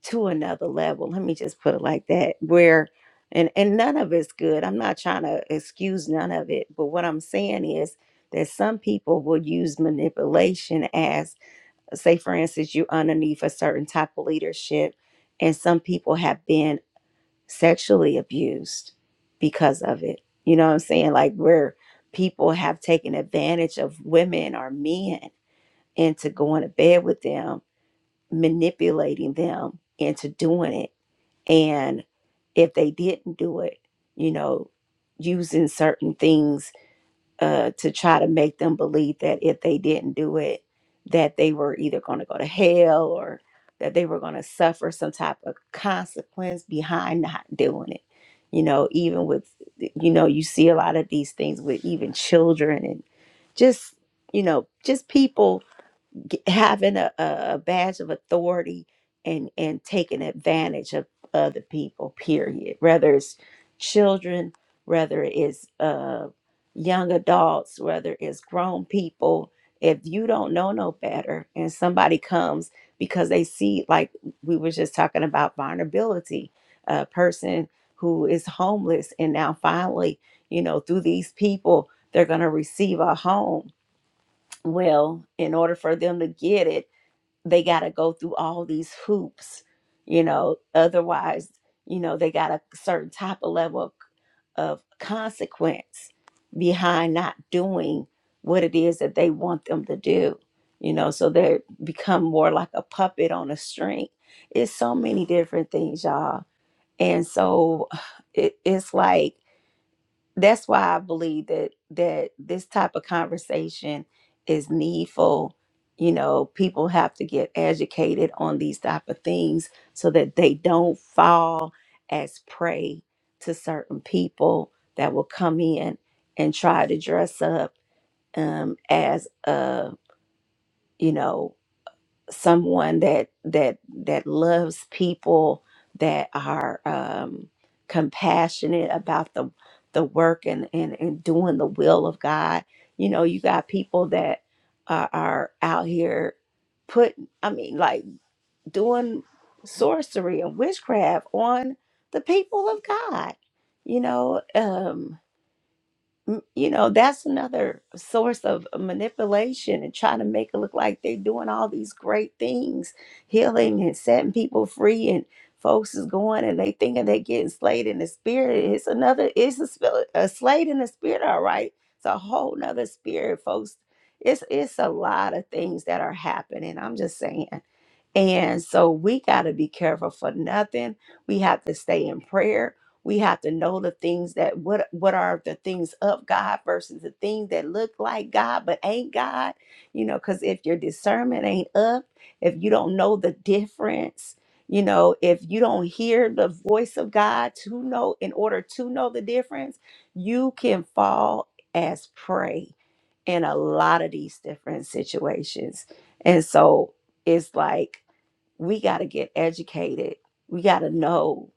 Speaker 1: to another level. Let me just put it like that. Where and and none of it's good. I'm not trying to excuse none of it, but what I'm saying is that some people will use manipulation as say for instance you underneath a certain type of leadership and some people have been sexually abused because of it you know what i'm saying like where people have taken advantage of women or men into going to bed with them manipulating them into doing it and if they didn't do it you know using certain things uh, to try to make them believe that if they didn't do it, that they were either going to go to hell or that they were going to suffer some type of consequence behind not doing it. You know, even with, you know, you see a lot of these things with even children and just, you know, just people g- having a, a a badge of authority and and taking advantage of other people period whether it's children whether it's uh young adults whether it's grown people if you don't know no better and somebody comes because they see like we were just talking about vulnerability a person who is homeless and now finally you know through these people they're going to receive a home well in order for them to get it they got to go through all these hoops, you know, otherwise, you know, they got a certain type of level of, of consequence behind not doing what it is that they want them to do, you know, so they become more like a puppet on a string. It's so many different things, y'all. And so it, it's like, that's why I believe that that this type of conversation is needful. You know, people have to get educated on these type of things so that they don't fall as prey to certain people that will come in and try to dress up um, as a you know someone that that that loves people that are um, compassionate about the the work and, and and doing the will of God. You know, you got people that are, are out here putting, I mean, like doing sorcery and witchcraft on the people of God. You know, um, m- you know that's another source of uh, manipulation and trying to make it look like they're doing all these great things healing and setting people free and folks is going and they thinking they getting slayed in the spirit it's another it's a, spill, a slayed in the spirit all right it's a whole nother spirit folks it's it's a lot of things that are happening i'm just saying and so we got to be careful for nothing. We have to stay in prayer. We have to know the things that what what are the things of God versus the things that look like God but ain't God. You know, because if your discernment ain't up, if you don't know the difference, you know, if you don't hear the voice of God to know in order to know the difference, you can fall as prey in a lot of these different situations. And so it's like we got to get educated. We got to know,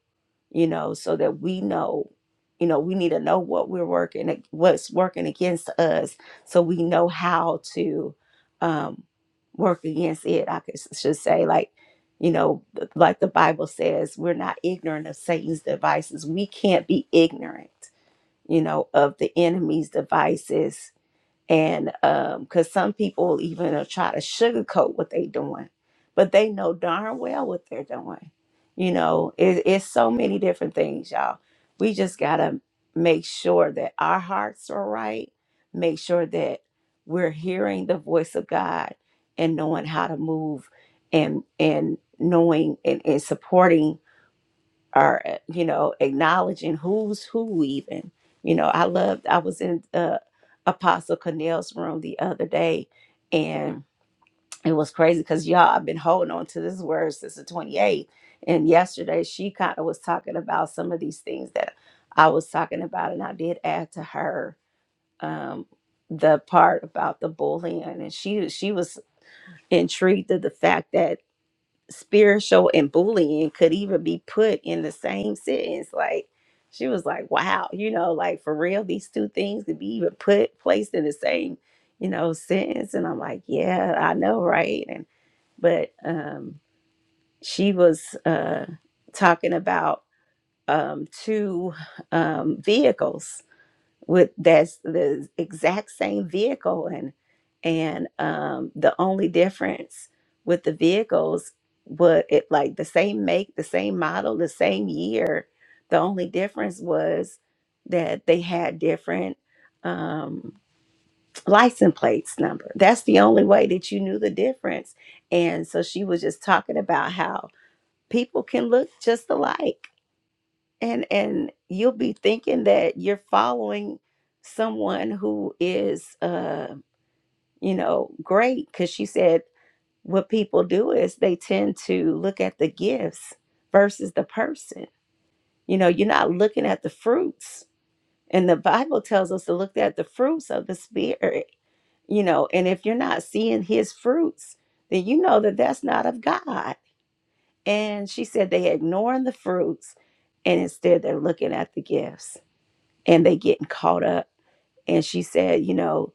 Speaker 1: you know, so that we know, you know, we need to know what we're working, what's working against us, so we know how to um, work against it. I could, should say, like, you know, th- like the Bible says, we're not ignorant of Satan's devices. We can't be ignorant, you know, of the enemy's devices and um because some people even will try to sugarcoat what they doing but they know darn well what they're doing you know it, it's so many different things y'all we just gotta make sure that our hearts are right make sure that we're hearing the voice of god and knowing how to move and and knowing and, and supporting or uh, you know acknowledging who's who even you know i loved i was in uh, apostle cornell's room the other day and it was crazy because y'all i've been holding on to this word since the 28th and yesterday she kind of was talking about some of these things that i was talking about and i did add to her um the part about the bullying and she she was intrigued at the fact that spiritual and bullying could even be put in the same sentence. Like she was like, wow, you know, like for real, these two things could be even put placed in the same, you know, sentence. And I'm like, yeah, I know, right? And but um she was uh talking about um two um vehicles with that's the exact same vehicle and and um the only difference with the vehicles was it like the same make the same model the same year the only difference was that they had different um license plates number that's the only way that you knew the difference and so she was just talking about how people can look just alike and and you'll be thinking that you're following someone who is uh you know great because she said what people do is they tend to look at the gifts versus the person you know you're not looking at the fruits and the bible tells us to look at the fruits of the spirit you know and if you're not seeing his fruits then you know that that's not of god and she said they ignoring the fruits and instead they're looking at the gifts and they getting caught up. And she said, you know,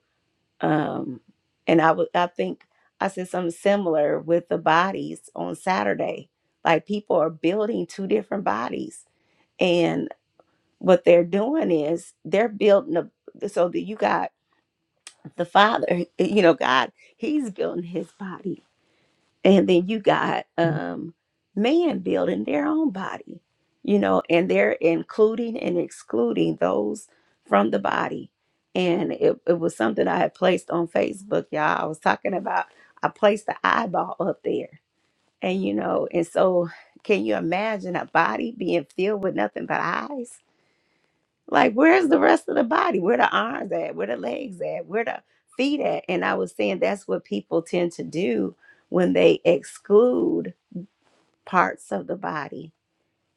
Speaker 1: um, and I would I think I said something similar with the bodies on Saturday. Like people are building two different bodies. And what they're doing is they're building a so that you got the father, you know, God, he's building his body and then you got um man building their own body you know and they're including and excluding those from the body and it, it was something i had placed on facebook y'all i was talking about i placed the eyeball up there and you know and so can you imagine a body being filled with nothing but eyes like where's the rest of the body where the arms at where the legs at where the feet at and i was saying that's what people tend to do when they exclude parts of the body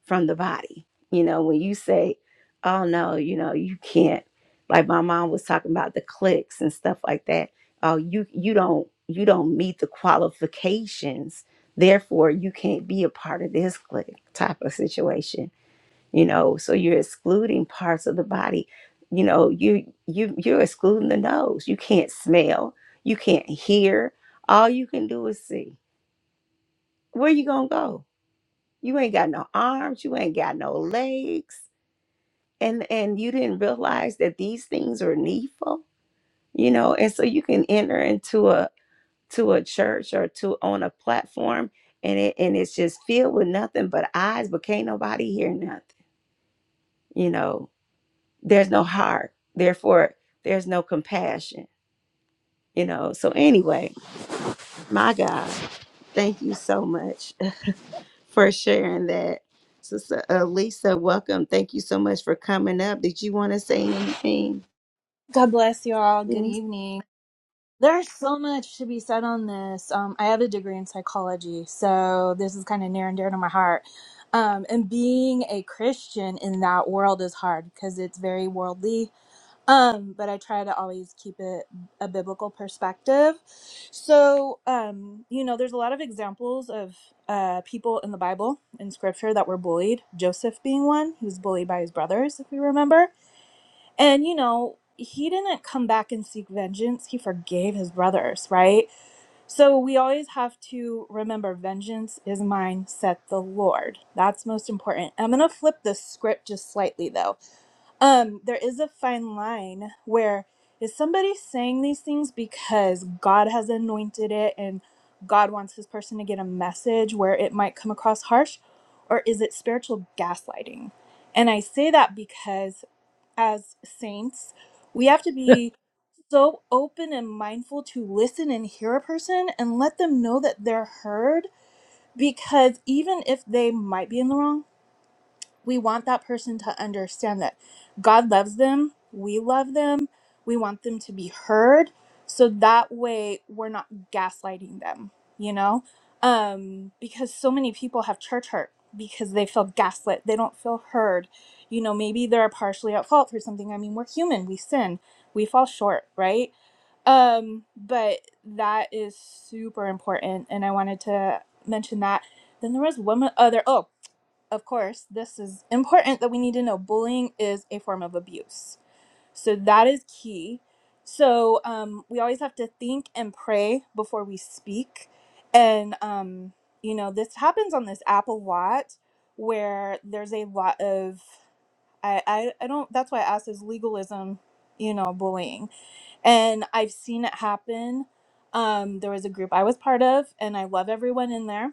Speaker 1: from the body. You know, when you say, oh no, you know, you can't, like my mom was talking about the clicks and stuff like that. Oh, you you don't you don't meet the qualifications, therefore you can't be a part of this clique type of situation. You know, so you're excluding parts of the body. You know, you you you're excluding the nose. You can't smell, you can't hear. All you can do is see. Where you gonna go? You ain't got no arms, you ain't got no legs. And and you didn't realize that these things are needful, you know, and so you can enter into a to a church or to on a platform and it and it's just filled with nothing but eyes, but can't nobody hear nothing. You know, there's no heart, therefore there's no compassion, you know. So anyway, my God, thank you so much. for sharing that. Sister uh, Lisa, welcome. Thank you so much for coming up. Did you want to say anything?
Speaker 10: God bless you all. Good evening. There's so much to be said on this. Um, I have a degree in psychology, so this is kind of near and dear to my heart. Um, and being a Christian in that world is hard because it's very worldly. Um, but I try to always keep it a biblical perspective. So, um, you know, there's a lot of examples of uh, people in the Bible, in scripture, that were bullied. Joseph being one, he was bullied by his brothers, if you remember and you know, he didn't come back and seek vengeance. He forgave his brothers, right? So we always have to remember vengeance is mine, said the Lord. That's most important. I'm gonna flip the script just slightly though. Um, there is a fine line where is somebody saying these things because God has anointed it and God wants his person to get a message where it might come across harsh, or is it spiritual gaslighting? And I say that because as saints, we have to be so open and mindful to listen and hear a person and let them know that they're heard because even if they might be in the wrong we want that person to understand that God loves them, we love them, we want them to be heard. So that way we're not gaslighting them, you know? Um, because so many people have church hurt because they feel gaslit, they don't feel heard. You know, maybe they're partially at fault for something. I mean, we're human, we sin, we fall short, right? Um, but that is super important, and I wanted to mention that. Then there was one other. Oh, of course, this is important that we need to know bullying is a form of abuse. So that is key. So um, we always have to think and pray before we speak. And, um, you know, this happens on this app a lot where there's a lot of, I, I, I don't, that's why I asked is legalism, you know, bullying. And I've seen it happen. Um, there was a group I was part of, and I love everyone in there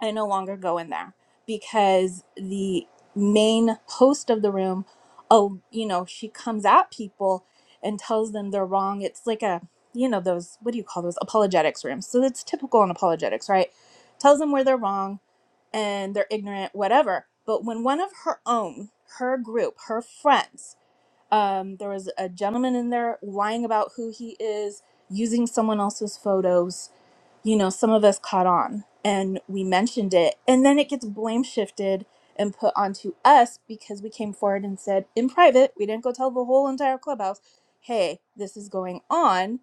Speaker 10: I no longer go in there because the main host of the room, oh, you know, she comes at people and tells them they're wrong. It's like a, you know, those, what do you call those? Apologetics rooms. So it's typical in apologetics, right? Tells them where they're wrong and they're ignorant, whatever. But when one of her own, her group, her friends, um, there was a gentleman in there lying about who he is, using someone else's photos, you know, some of us caught on and we mentioned it. And then it gets blame shifted and put onto us because we came forward and said in private, we didn't go tell the whole entire clubhouse, hey, this is going on,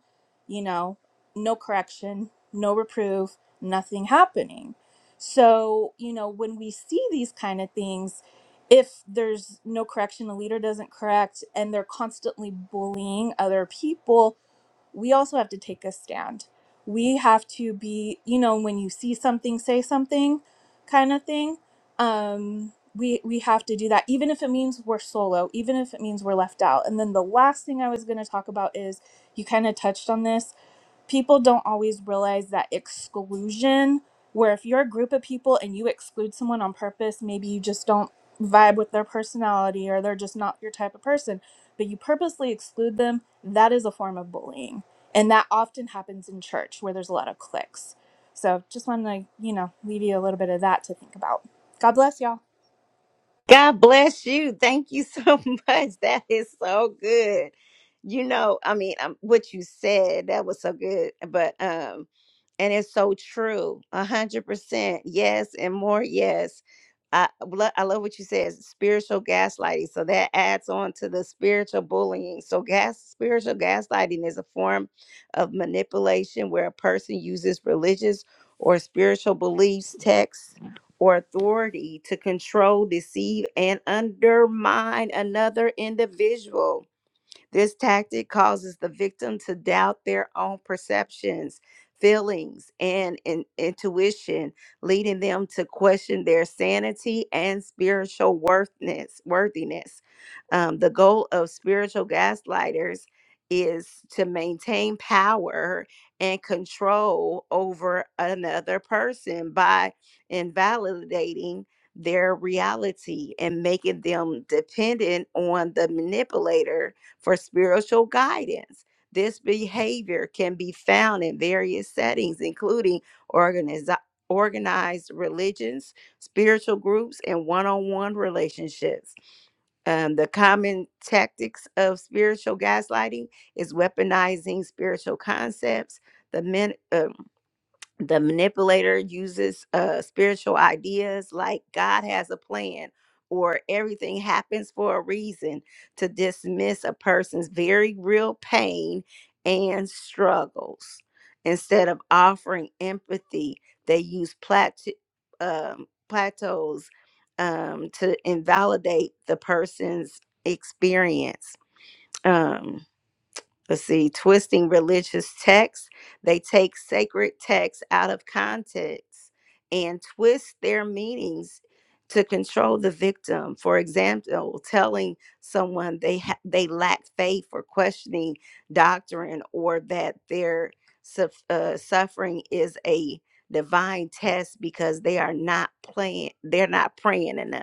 Speaker 10: you know, no correction, no reproof, nothing happening. So, you know, when we see these kind of things, if there's no correction, the leader doesn't correct, and they're constantly bullying other people, we also have to take a stand. We have to be, you know, when you see something, say something kind of thing. Um, we, we have to do that, even if it means we're solo, even if it means we're left out. And then the last thing I was going to talk about is you kind of touched on this people don't always realize that exclusion where if you're a group of people and you exclude someone on purpose maybe you just don't vibe with their personality or they're just not your type of person but you purposely exclude them that is a form of bullying and that often happens in church where there's a lot of cliques so just want to you know leave you a little bit of that to think about god bless y'all
Speaker 1: God bless you. Thank you so much. That is so good. You know, I mean, um, what you said, that was so good. But, um, and it's so true. A hundred percent. Yes. And more. Yes. I, lo- I love what you said, spiritual gaslighting. So that adds on to the spiritual bullying. So gas, spiritual gaslighting is a form of manipulation where a person uses religious or spiritual beliefs, texts, or authority to control, deceive, and undermine another individual. This tactic causes the victim to doubt their own perceptions, feelings, and in- intuition, leading them to question their sanity and spiritual worthness, worthiness. Um, the goal of spiritual gaslighters is to maintain power and control over another person by invalidating their reality and making them dependent on the manipulator for spiritual guidance. This behavior can be found in various settings, including organiz- organized religions, spiritual groups, and one on one relationships. Um, the common tactics of spiritual gaslighting is weaponizing spiritual concepts, the min- uh, the manipulator uses uh spiritual ideas like god has a plan or everything happens for a reason to dismiss a person's very real pain and struggles instead of offering empathy they use plat- um, plateaus um, to invalidate the person's experience um, let's see, twisting religious texts. They take sacred texts out of context and twist their meanings to control the victim. For example, telling someone they ha- they lack faith or questioning doctrine or that their suf- uh, suffering is a divine test because they are not playing they're not praying enough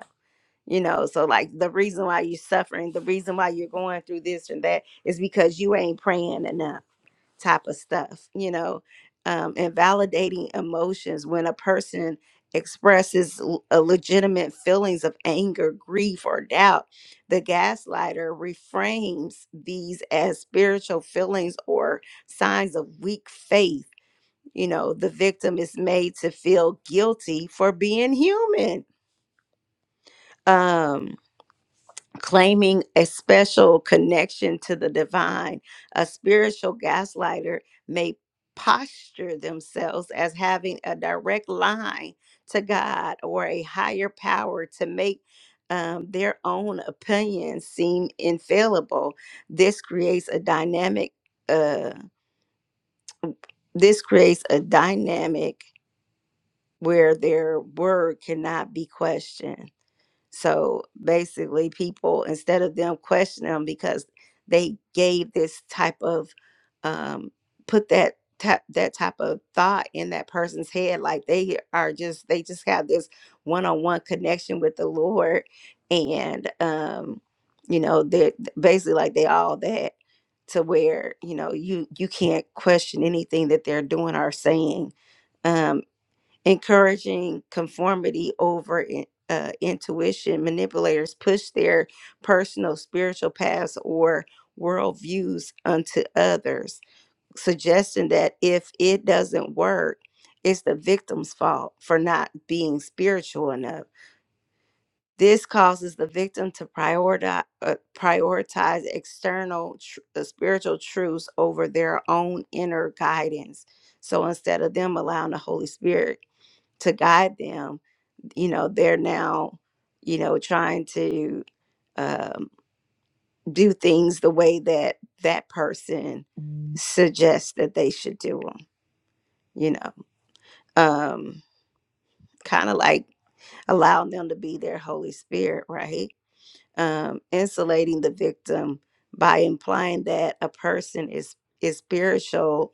Speaker 1: you know so like the reason why you're suffering the reason why you're going through this and that is because you ain't praying enough type of stuff you know um and validating emotions when a person expresses l- a legitimate feelings of anger grief or doubt the gaslighter reframes these as spiritual feelings or signs of weak faith you know the victim is made to feel guilty for being human um claiming a special connection to the divine, a spiritual gaslighter may posture themselves as having a direct line to God or a higher power to make um, their own opinions seem infallible. This creates a dynamic. Uh, this creates a dynamic where their word cannot be questioned. So basically, people, instead of them questioning them because they gave this type of, um, put that type, that type of thought in that person's head, like they are just, they just have this one on one connection with the Lord. And, um, you know, they're basically like they all that to where, you know, you, you can't question anything that they're doing or saying um, encouraging conformity over in- uh, intuition. Manipulators push their personal spiritual paths or worldviews onto others, suggesting that if it doesn't work, it's the victim's fault for not being spiritual enough. This causes the victim to prioritize, uh, prioritize external tr- uh, spiritual truths over their own inner guidance. So instead of them allowing the Holy Spirit to guide them, you know they're now you know trying to um, do things the way that that person Mm. suggests that they should do them you know um kind of like allowing them to be their holy spirit right um insulating the victim by implying that a person is is spiritual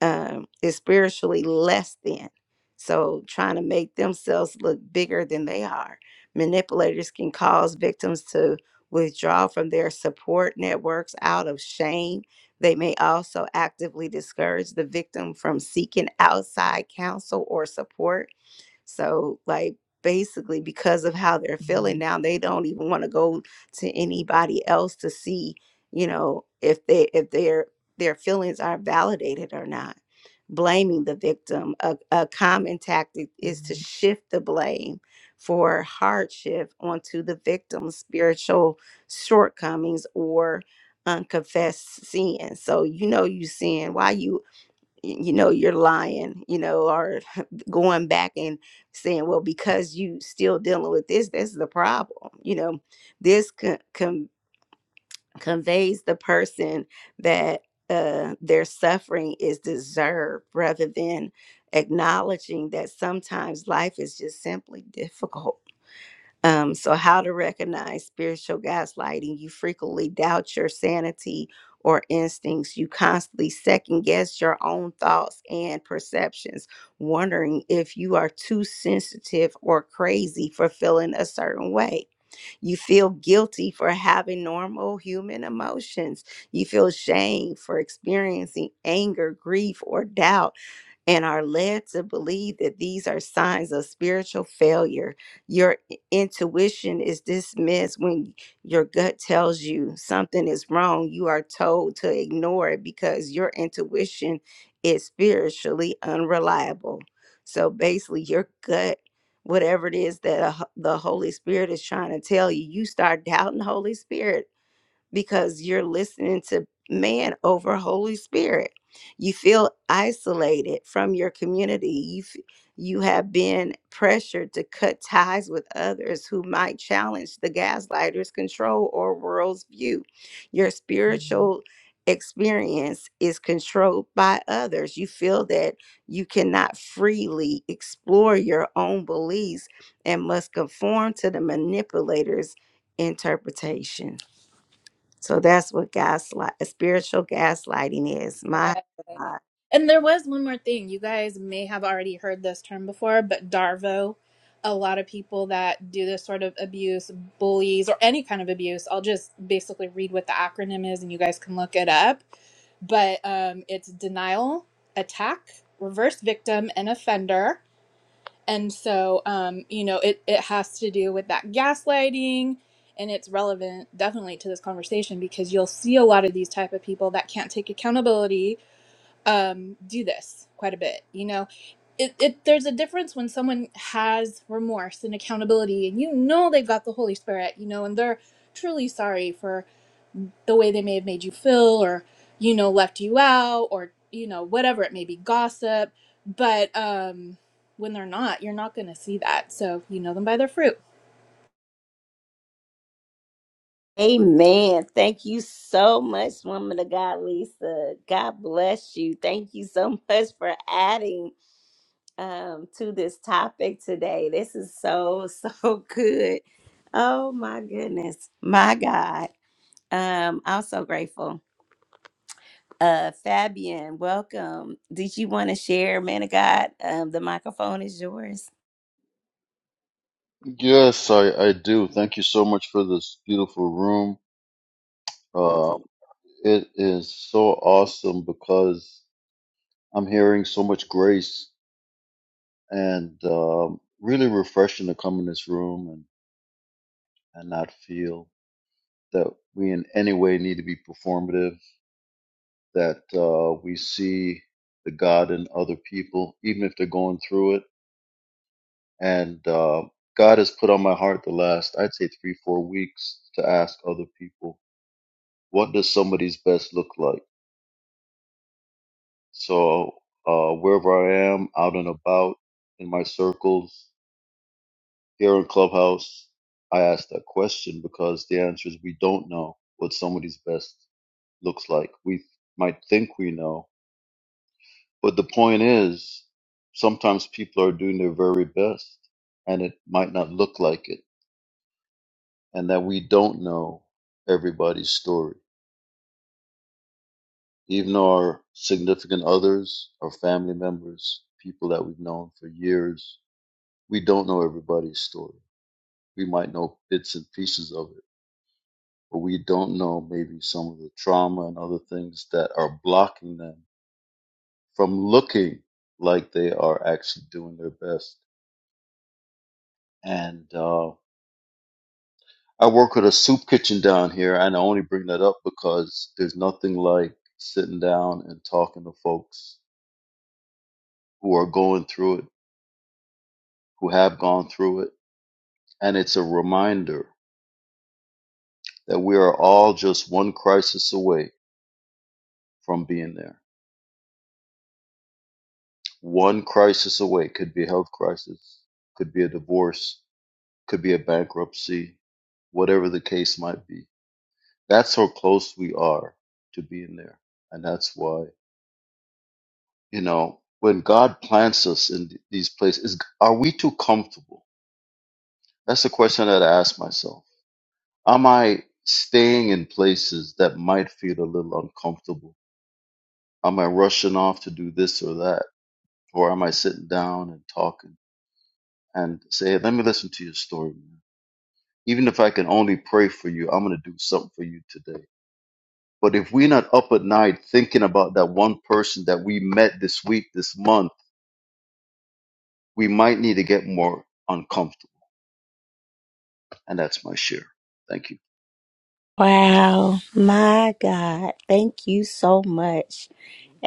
Speaker 1: um, is spiritually less than. So, trying to make themselves look bigger than they are. Manipulators can cause victims to withdraw from their support networks out of shame. They may also actively discourage the victim from seeking outside counsel or support so, like, basically, because of how they're feeling now, they don't even want to go to anybody else to see, you know, if they if their their feelings are validated or not. Blaming the victim, a, a common tactic is to Mhm. shift the blame for hardship onto the victim's spiritual shortcomings or unconfessed sin. So you know you sin. Why you you know you're lying you know or going back and saying well because you still dealing with this this is the problem you know this con- con- conveys the person that uh, their suffering is deserved rather than acknowledging that sometimes life is just simply difficult um, so, how to recognize spiritual gaslighting. You frequently doubt your sanity or instincts. You constantly second guess your own thoughts and perceptions, wondering if you are too sensitive or crazy for feeling a certain way. You feel guilty for having normal human emotions. You feel shame for experiencing anger, grief, or doubt and are led to believe that these are signs of spiritual failure. Your i- intuition is dismissed when your gut tells you something is wrong. You are told to ignore it because your intuition is spiritually unreliable. So basically, your gut, whatever it is that a h- the Holy Spirit is trying to tell you, you start doubting the Holy Spirit because you're listening to man over Holy Spirit. You feel isolated from your community. You f- you have been pressured to cut ties with others who might challenge the gaslighter's control or world's view. Your Mhm. spiritual experience is controlled by others. You feel that you cannot freely explore your own beliefs and must conform to the manipulator's interpretations. So that's what gaslight, spiritual gaslighting is. My God.
Speaker 10: And there was one more thing. You guys may have already heard this term before, but Darvo, a lot of people that do this sort of abuse, bullies, or any kind of abuse, I'll just basically read what the acronym is and you guys can look it up. But um, it's denial, attack, reverse victim, and offender. And so, um, you know, it, it has to do with that gaslighting and it's relevant definitely to this conversation because you'll see a lot of these type of people that can't take accountability um, do this quite a bit. You know, it, it there's a difference when someone has remorse and accountability, and you know they've got the Holy Spirit. You know, and they're truly sorry for the way they may have made you feel, or you know, left you out, or you know, whatever it may be, gossip. But um, when they're not, you're not going to see that. So you know them by their fruit.
Speaker 1: Amen. Thank you so much, woman of God, Lisa. God bless you. Thank you so much for adding um, to this topic today. This is so, so good. Oh, my goodness. My God. Um, I'm so grateful. Uh, Fabian, welcome. Did you want to share, man of God? Um, the microphone is yours.
Speaker 11: Yes, I, I do. Thank you so much for this beautiful room. Uh, it is so awesome because I'm hearing so much grace and um, really refreshing to come in this room and, and not feel that we in any way need to be performative, that uh, we see the God in other people, even if they're going through it. And uh, God has put on my heart the last, I'd say, three, four weeks to ask other people, what does somebody's best look like? So uh, wherever I am, out and about, in my circles, here in Clubhouse, I ask that question because the answer is we don't know what somebody's best looks like. We might think we know, but the point is sometimes people are doing their very best and it might not look like it, and that we don't know everybody's story, even our significant others, our family members, people that we've known for years we don't know everybody's story. We might know bits and pieces of it, but we don't know maybe some of the trauma and other things that are blocking them from looking like they are actually doing their best. And uh, I work with a soup kitchen down here, and I only bring that up because there's nothing like sitting down and talking to folks who are going through it, who have gone through it. And it's a reminder that we are all just one crisis away from being there one crisis away. Could be a health crisis, could be a divorce, could be a bankruptcy, whatever the case might be. That's how close we are to being there. And that's why, you know, when God plants us in th- these places, is, are we too comfortable? That's the question that I ask myself. Am I staying in places that might feel a little uncomfortable? Am I rushing off to do this or that? Or am I sitting down and talking and say, "Hey, let me listen to your story? Even if I can only pray for you, I'm going to do something for you today. But if we're not up at night thinking about that one person that we met this week, this month, we might need to get more uncomfortable. And that's my share. Thank you.
Speaker 1: Wow, my God. Thank you so much.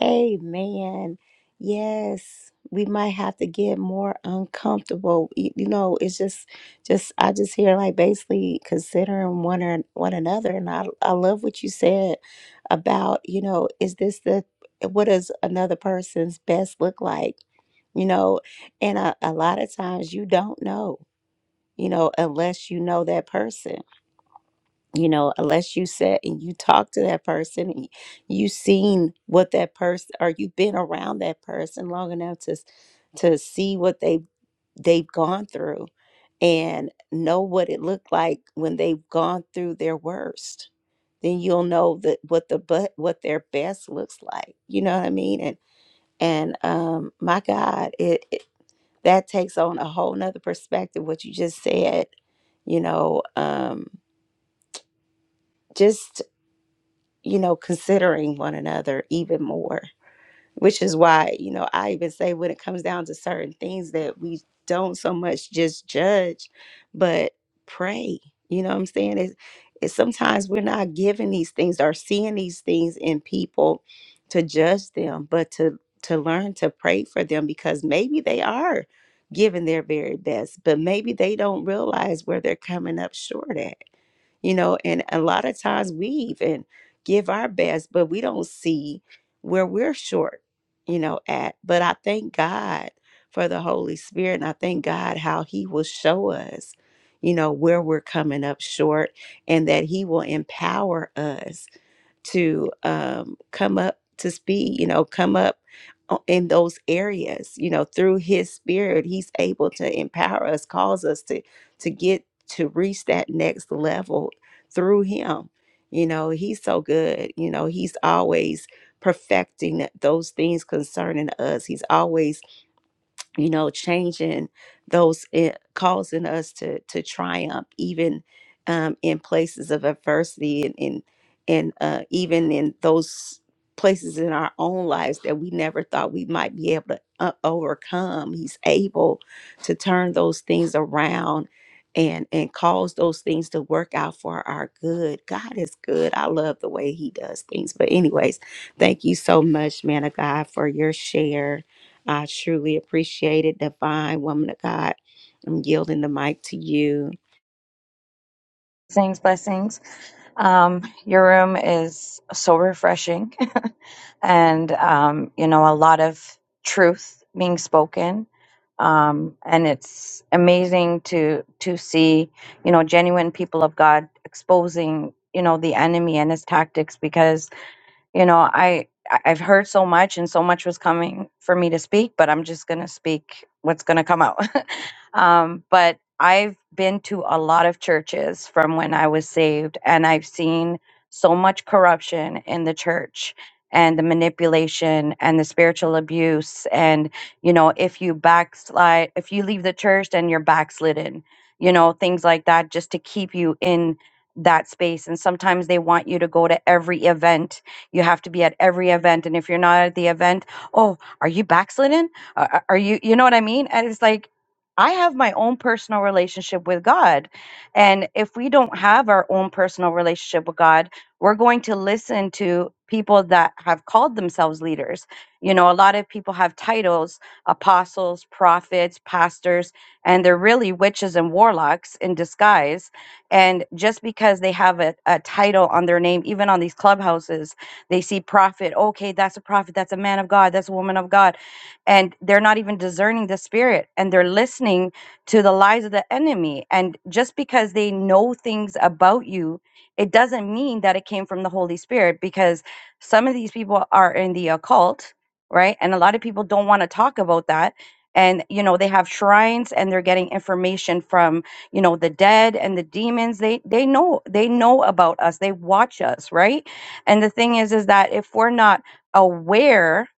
Speaker 1: Amen. Yes, we might have to get more uncomfortable. Y- You know, it's just just I just hear like basically considering one or one another and I I love what you said about, you know, is this the what does another person's best look like? you know and a, a lot of times you don't know you know unless you know that person you know unless you said and you talk to that person and you seen what that person or you've been around that person long enough to s- to see what they've they've gone through and know what it looked like when they've gone through their worst then you'll know that what the but what their best looks like you know what i mean and and um my god it, it that takes on a whole nother perspective what you just said you know um just you know, considering one another even more which is why you know i even say when it comes down to certain things that we don't so much just judge but pray you know what i'm saying it's, it's sometimes we're not given these things or seeing these things in people to judge them but to to learn to pray for them because maybe they are giving their very best but maybe they don't realize where they're coming up short at you know and a lot of times we even give our best but we don't see where we're short you know, at. But I thank God for the Holy Spirit and I thank God how He will show us, you know, where we're coming up short and that He will empower us to um, come up to speed, you know, come up o- in those areas, you know, through his spirit, he's able to empower us, cause us to to get to reach that next level through him. You know, he's so good. You know, he's always perfecting those things concerning us. He's always you know changing those it, causing us to to triumph even um, in places of adversity and and, and uh, even in those places in our own lives that we never thought we might be able to uh, overcome he's able to turn those things around and and cause those things to work out for our good god is good i love the way he does things but anyways thank you so much man of god for your share I truly appreciate it, divine woman of God. I'm yielding the mic to you.
Speaker 12: Blessings, blessings. Um, your room is so refreshing, and um, you know a lot of truth being spoken. Um, and it's amazing to to see you know genuine people of God exposing you know the enemy and his tactics because you know I I- I've heard so much and so much was coming for me to speak, but I'm just gonna speak what's gonna come out. Um, but I've been to a lot of churches from when I was saved, and I've seen so much corruption in the church and the manipulation and the spiritual abuse. And, you know, if you backslide, if you leave the church, then you're backslidden, you know, things like that, just to keep you in that space. And sometimes they want you to go to every event. You have to be at every event. And if you're not at the event, oh, are you backslidden? Are, are you, you know what I mean? And it's like, I have my own personal relationship with God. And if we don't have our own personal relationship with God, we're going to listen to people that have called themselves leaders. You know, a lot of people have titles apostles, prophets, pastors, and they're really witches and warlocks in disguise. And just because they have a, a title on their name, even on these clubhouses, they see prophet, okay, that's a prophet, that's a man of God, that's a woman of God and they're not even discerning the spirit and they're listening to the lies of the enemy and just because they know things about you it doesn't mean that it came from the holy spirit because some of these people are in the occult right and a lot of people don't want to talk about that and you know they have shrines and they're getting information from you know the dead and the demons they they know they know about us they watch us right and the thing is is that if we're not aware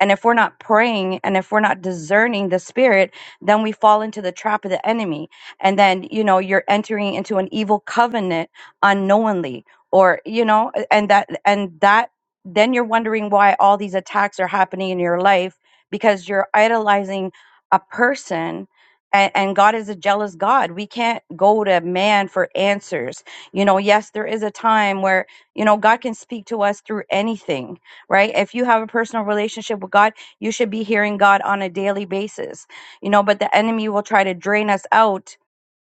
Speaker 12: and if we're not praying and if we're not discerning the spirit, then we fall into the trap of the enemy. And then, you know, you're entering into an evil covenant unknowingly or, you know, and that, and that, then you're wondering why all these attacks are happening in your life because you're idolizing a person and, and God is a jealous God. We can't go to man for answers. You know, yes, there is a time where, you know, God can speak to us through anything right? If you have a personal relationship with God, you should be hearing God on a daily basis, you know, but the enemy will try to drain us out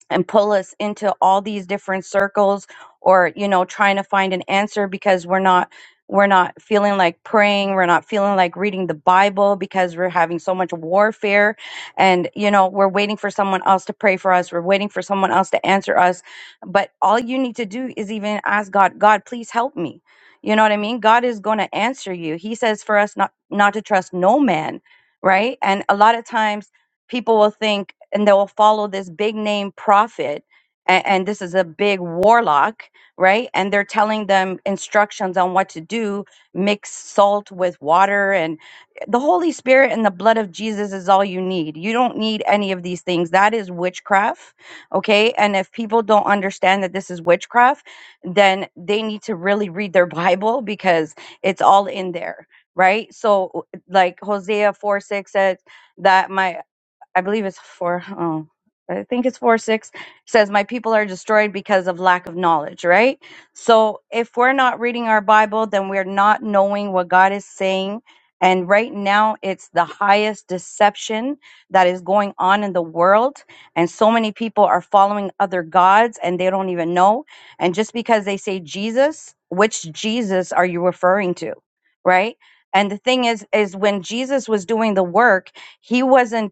Speaker 12: and pull us into all these different circles or you know trying to find an answer because we're not we're not feeling like praying we're not feeling like reading the bible because we're having so much warfare and you know we're waiting for someone else to pray for us we're waiting for someone else to answer us but all you need to do is even ask god god please help me you know what i mean god is going to answer you he says for us not not to trust no man right and a lot of times people will think and they will follow this big name prophet and, and this is a big warlock right and they're telling them instructions on what to do mix salt with water and the holy spirit and the blood of jesus is all you need you don't need any of these things that is witchcraft okay and if people don't understand that this is witchcraft then they need to really read their bible because it's all in there right so like hosea 4 6 says that my I believe it's four. Oh, I think it's four six. It Says, "My people are destroyed because of lack of knowledge." Right. So if we're not reading our Bible, then we're not knowing what God is saying. And right now, it's the highest deception that is going on in the world. And so many people are following other gods and they don't even know. And just because they say Jesus, which Jesus are you referring to? Right. And the thing is, is when Jesus was doing the work, he wasn't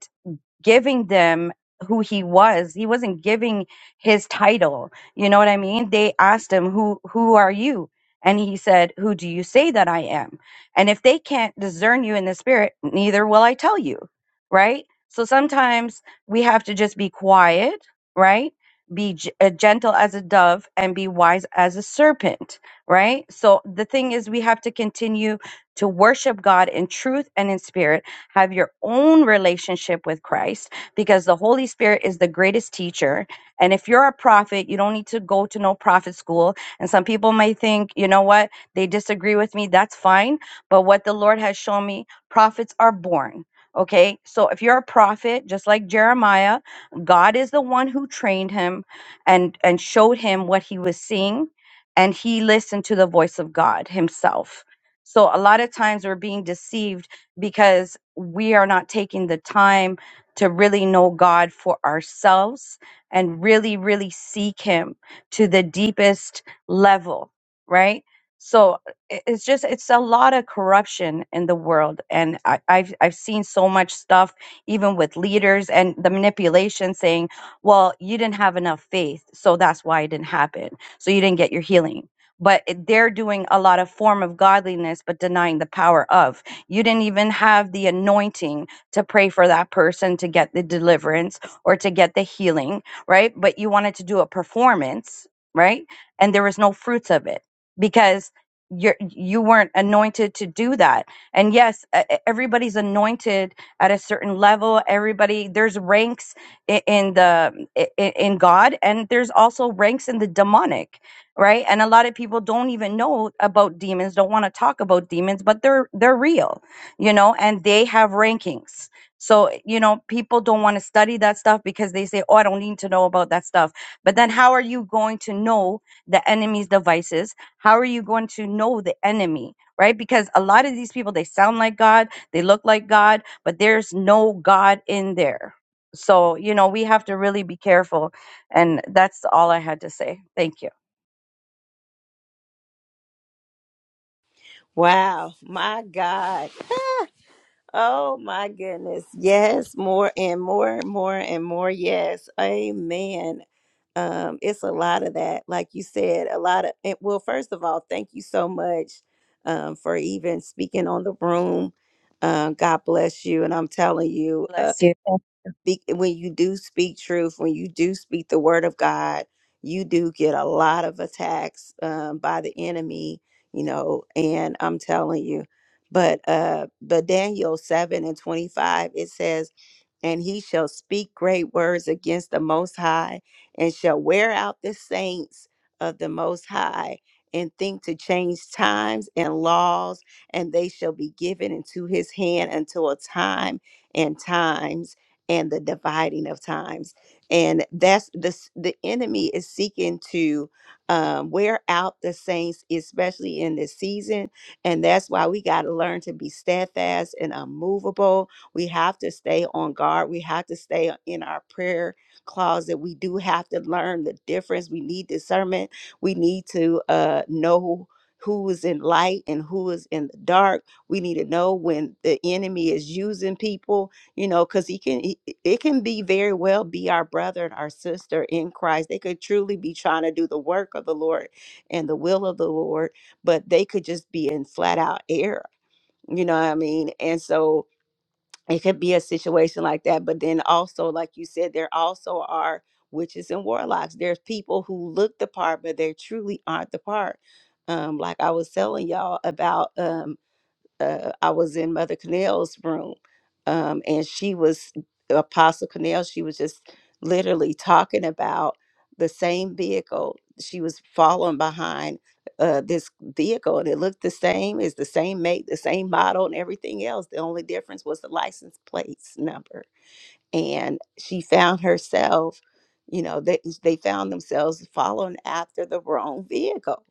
Speaker 12: giving them who he was. He wasn't giving his title. You know what I mean? They asked him, "Who who are you?" And he said, "Who do you say that I am?" And if they can't discern you in the spirit, neither will I tell you, right? So sometimes we have to just be quiet, right? Be g- uh, gentle as a dove and be wise as a serpent, right? So the thing is, we have to continue to worship God in truth and in spirit have your own relationship with Christ because the Holy Spirit is the greatest teacher. And if you're a prophet, you don't need to go to no prophet school. And some people might think, you know what, they disagree with me. That's fine. But what the Lord has shown me, prophets are born. Okay, so if you're a prophet, just like Jeremiah, God is the one who trained him and and showed him what he was seeing, and he listened to the voice of God himself. So a lot of times we're being deceived because we are not taking the time to really know God for ourselves and really, really seek Him to the deepest level, right? So i- it's just it's a lot of corruption in the world, and I, I've I've seen so much stuff, even with leaders and the manipulation saying, "Well, you didn't have enough faith, so that's why it didn't happen. So you didn't get your healing." But it- they're doing a lot of form of godliness, but denying the power of. You didn't even have the anointing to pray for that person to get the deliverance or to get the healing, right? But you wanted to do a performance, right? And there was no fruits of it because you're, you weren't anointed to do that. And yes, e- e- everybody's anointed at a certain level. Everybody, there's ranks i- in the i- i- in God, and there's also ranks in the demonic right and a lot of people don't even know about demons don't want to talk about demons but they're they're real you know and they have rankings so you know people don't want to study that stuff because they say oh i don't need to know about that stuff but then how are you going to know the enemy's devices how are you going to know the enemy right because a lot of these people they sound like god they look like god but there's no god in there so you know we have to really be careful and that's all i had to say thank you
Speaker 1: Wow, my God. Oh my goodness. Yes, more and more, more and more. Yes. Amen. Um, it's a lot of that. Like you said, a lot of it. Well, first of all, thank you so much um, for even speaking on the room. Um, God bless you. And I'm telling you. uh,
Speaker 12: Bless you.
Speaker 1: Be, when you do speak truth, when you do speak the word of God, you do get a lot of attacks um, by the enemy, you know. And I'm telling you, but uh, but Daniel seven and twenty five it says and he shall speak great words against the Most High, and shall wear out the saints of the Most High, and think to change times and laws, and they shall be given into his hand until a time and times and the dividing of times. And that's the s- the enemy is seeking to um, wear out the saints, especially in this season, and that's why we got to learn to be steadfast and unmovable we have to stay on guard. We have to stay in our prayer closet. We do have to learn the difference. We need discernment. We need to uh, know who is in light and who is in the dark. We need to know when the enemy is using people, you know, because he can, he, it can be very well be our brother and our sister in Christ. They could truly be trying to do the work of the Lord and the will of the Lord, but they could just be in flat out error. You know what I mean? And so, it could be a situation like that but then also like you said there also are witches and warlocks there's people who look the part but they truly aren't the part um like i was telling y'all about um, uh, I was in Mother Connell's room, um, and she was Apostle Connell. She was just literally talking about the same vehicle. She was following behind uh, this vehicle, and it looked the same. It's the same make, the same model, and everything else. The only difference was the license plates number and she found herself you know they, they found themselves following after the wrong vehicle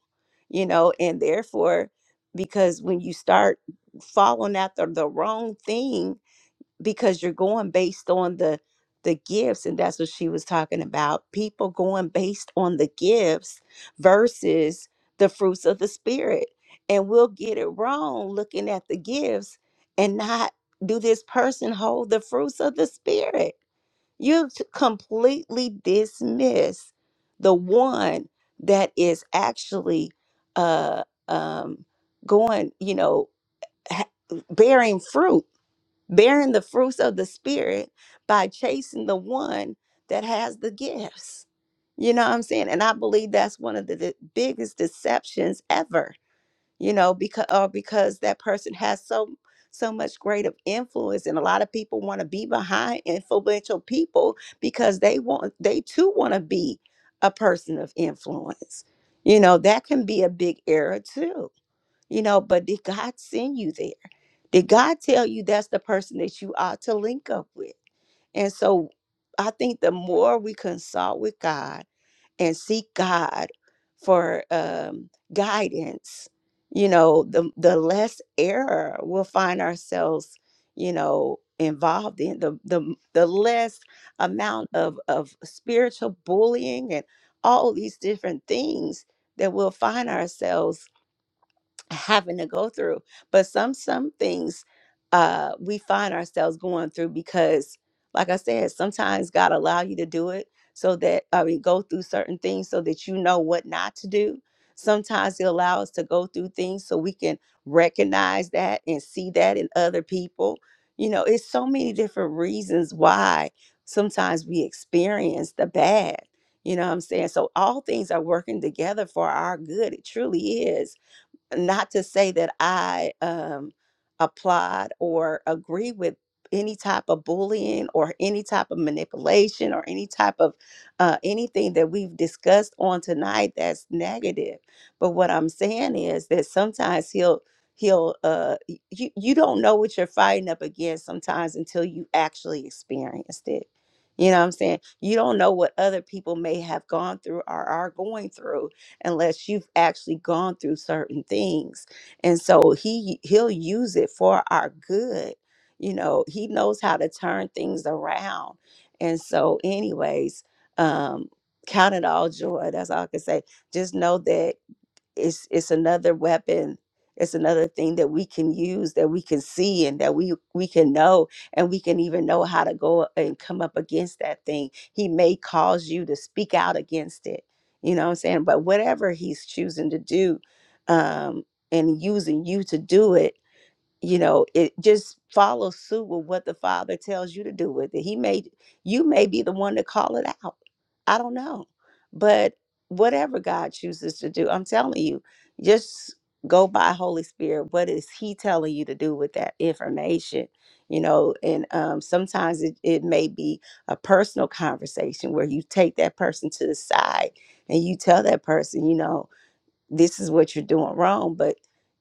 Speaker 1: you know and therefore because when you start following after the wrong thing because you're going based on the the gifts and that's what she was talking about people going based on the gifts versus the fruits of the spirit and we'll get it wrong looking at the gifts and not do this person hold the fruits of the spirit you t- completely dismiss the one that is actually uh, um, going, you know, ha- bearing fruit, bearing the fruits of the Spirit by chasing the one that has the gifts. You know what I'm saying? And I believe that's one of the, the biggest deceptions ever you know because or because that person has so so much great of influence and a lot of people want to be behind influential people because they want they too want to be a person of influence you know that can be a big error too you know but did god send you there did god tell you that's the person that you ought to link up with and so i think the more we consult with god and seek God for um, guidance, you know, the, the less error we'll find ourselves, you know, involved in, the, the, the less amount of, of spiritual bullying and all these different things that we'll find ourselves having to go through. But some some things uh we find ourselves going through because like I said, sometimes God allow you to do it so that I mean go through certain things so that you know what not to do. Sometimes he allows us to go through things so we can recognize that and see that in other people. You know, it's so many different reasons why sometimes we experience the bad. You know what I'm saying? So all things are working together for our good. It truly is not to say that I um, applaud or agree with any type of bullying or any type of manipulation or any type of uh, anything that we've discussed on tonight that's negative. But what I'm saying is that sometimes he'll he'll uh y- you you don't know what you're fighting up against sometimes until you actually experienced it. You know what I'm saying? You don't know what other people may have gone through or are going through unless you've actually gone through certain things. And so he he'll use it for our good. You know, he knows how to turn things around. And so anyways, um count it all joy. That's all I can say. Just know that it's it's another weapon it's another thing that we can use that we can see and that we we can know and we can even know how to go and come up against that thing he may cause you to speak out against it you know what i'm saying but whatever he's choosing to do um and using you to do it you know it just follows suit with what the father tells you to do with it he may you may be the one to call it out i don't know but whatever god chooses to do i'm telling you just go by holy spirit what is he telling you to do with that information you know and um, sometimes it, it may be a personal conversation where you take that person to the side and you tell that person you know this is what you're doing wrong but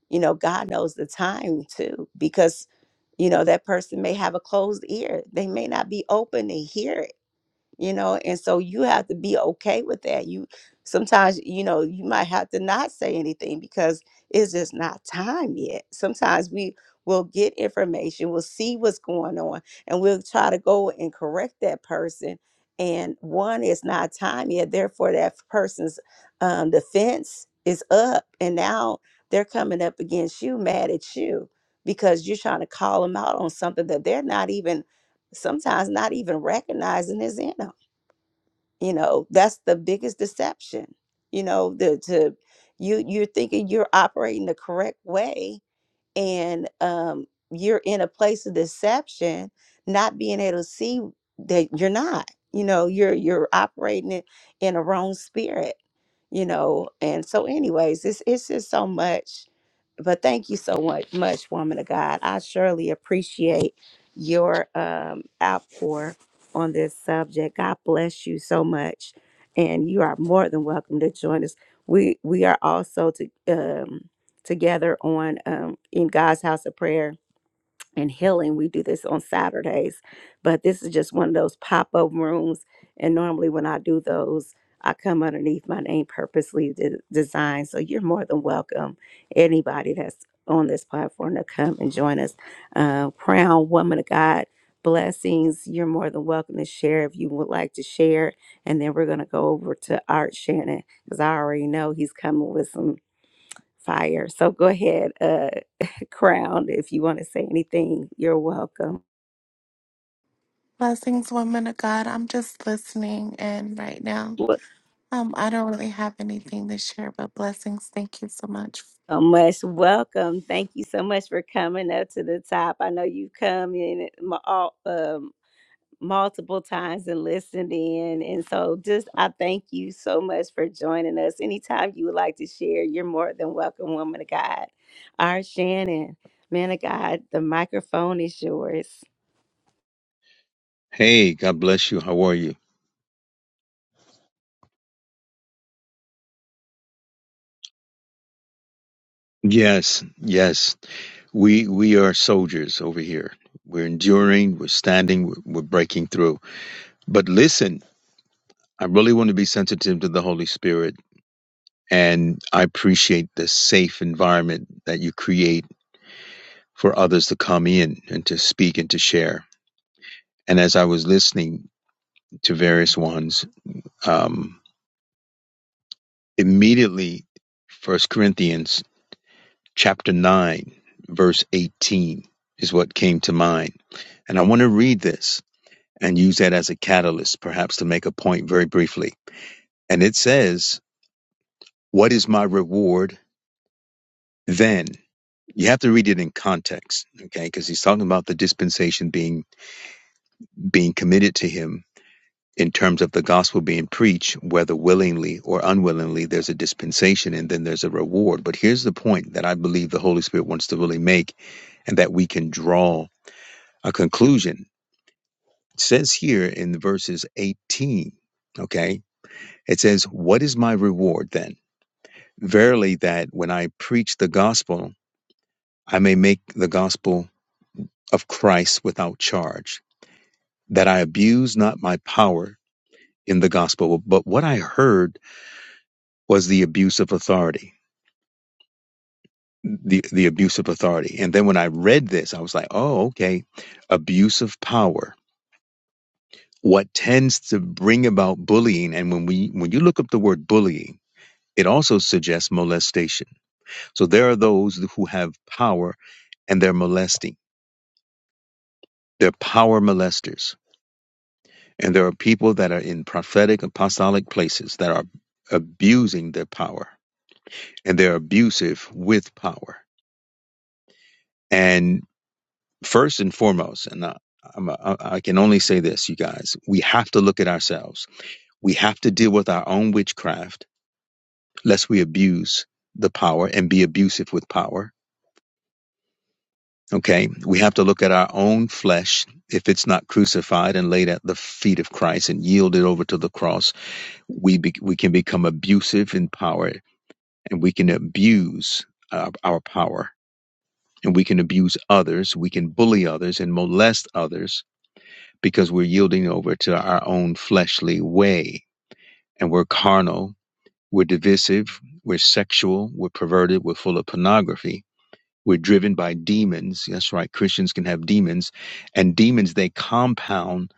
Speaker 1: you know god knows the time too because you know that person may have a closed ear they may not be open to hear you know and so you have to be okay with that you sometimes you know you might have to not say anything because it's just not time yet sometimes we will get information we'll see what's going on and we'll try to go and correct that person and one it's not time yet therefore that person's um, defense is up and now they're coming up against you mad at you because you're trying to call them out on something that they're not even sometimes not even recognizing is in them you know that's the biggest deception you know the to you you're thinking you're operating the correct way and um you're in a place of deception not being able to see that you're not you know you're you're operating it in a wrong spirit you know and so anyways it's it's just so much but thank you so much, much, woman of God. I surely appreciate your um, outpour on this subject. God bless you so much, and you are more than welcome to join us. We we are also to, um, together on um, in God's house of prayer and healing. We do this on Saturdays, but this is just one of those pop up rooms. And normally, when I do those, I come underneath my name purposely de- designed. So you're more than welcome, anybody that's on this platform, to come and join us. Uh, Crown Woman of God blessings. You're more than welcome to share if you would like to share. And then we're going to go over to Art Shannon because I already know he's coming with some. Fire. So go ahead, uh, Crown, if you want to say anything, you're welcome.
Speaker 13: Blessings, woman of God. I'm just listening, and right now,
Speaker 1: Wel-
Speaker 13: um, I don't really have anything to share, but blessings. Thank you so much.
Speaker 1: So much welcome. Thank you so much for coming up to the top. I know you've come in mu- all, um, multiple times and listened in. And so just I thank you so much for joining us. Anytime you would like to share, you're more than welcome, woman of God. Our Shannon, man of God, the microphone is yours.
Speaker 14: Hey, God bless you. How are you? Yes, yes. We we are soldiers over here. We're enduring, we're standing, we're, we're breaking through. But listen, I really want to be sensitive to the Holy Spirit and I appreciate the safe environment that you create for others to come in and to speak and to share. And as I was listening to various ones, um, immediately First Corinthians chapter 9 verse 18 is what came to mind And I want to read this and use that as a catalyst, perhaps to make a point very briefly. And it says, What is my reward then? You have to read it in context, okay? Because he's talking about the dispensation being being committed to him in terms of the gospel being preached, whether willingly or unwillingly, there's a dispensation and then there's a reward. But here's the point that I believe the Holy Spirit wants to really make and that we can draw a conclusion. It says here in verses 18, okay? It says, What is my reward then? Verily, that when I preach the gospel, I may make the gospel of Christ without charge, that I abuse not my power in the gospel. But what I heard was the abuse of authority. The, the abuse of authority. And then when I read this, I was like, oh, okay, abuse of power. What tends to bring about bullying, and when we when you look up the word bullying, it also suggests molestation So there are those who have power and they're molesting. They're power molesters. And there are people that are in prophetic, apostolic places that are abusing their power and they're abusive with power. And first and foremost, and I, I'm a, I I can only say this, you guys, we have to look at ourselves. We have to deal with our own witchcraft, lest we abuse the power and be abusive with power Okay, we have to look at our own flesh. If it's not crucified and laid at the feet of Christ and yielded over to the cross, we be, we can become abusive in power, and we can abuse uh, our power, and we can abuse others. We can bully others and molest others because we're yielding over to our own fleshly way, and we're carnal, we're divisive, we're sexual, we're perverted, we're full of pornography We're driven by demons. That's right. Christians can have demons, and demons, they compound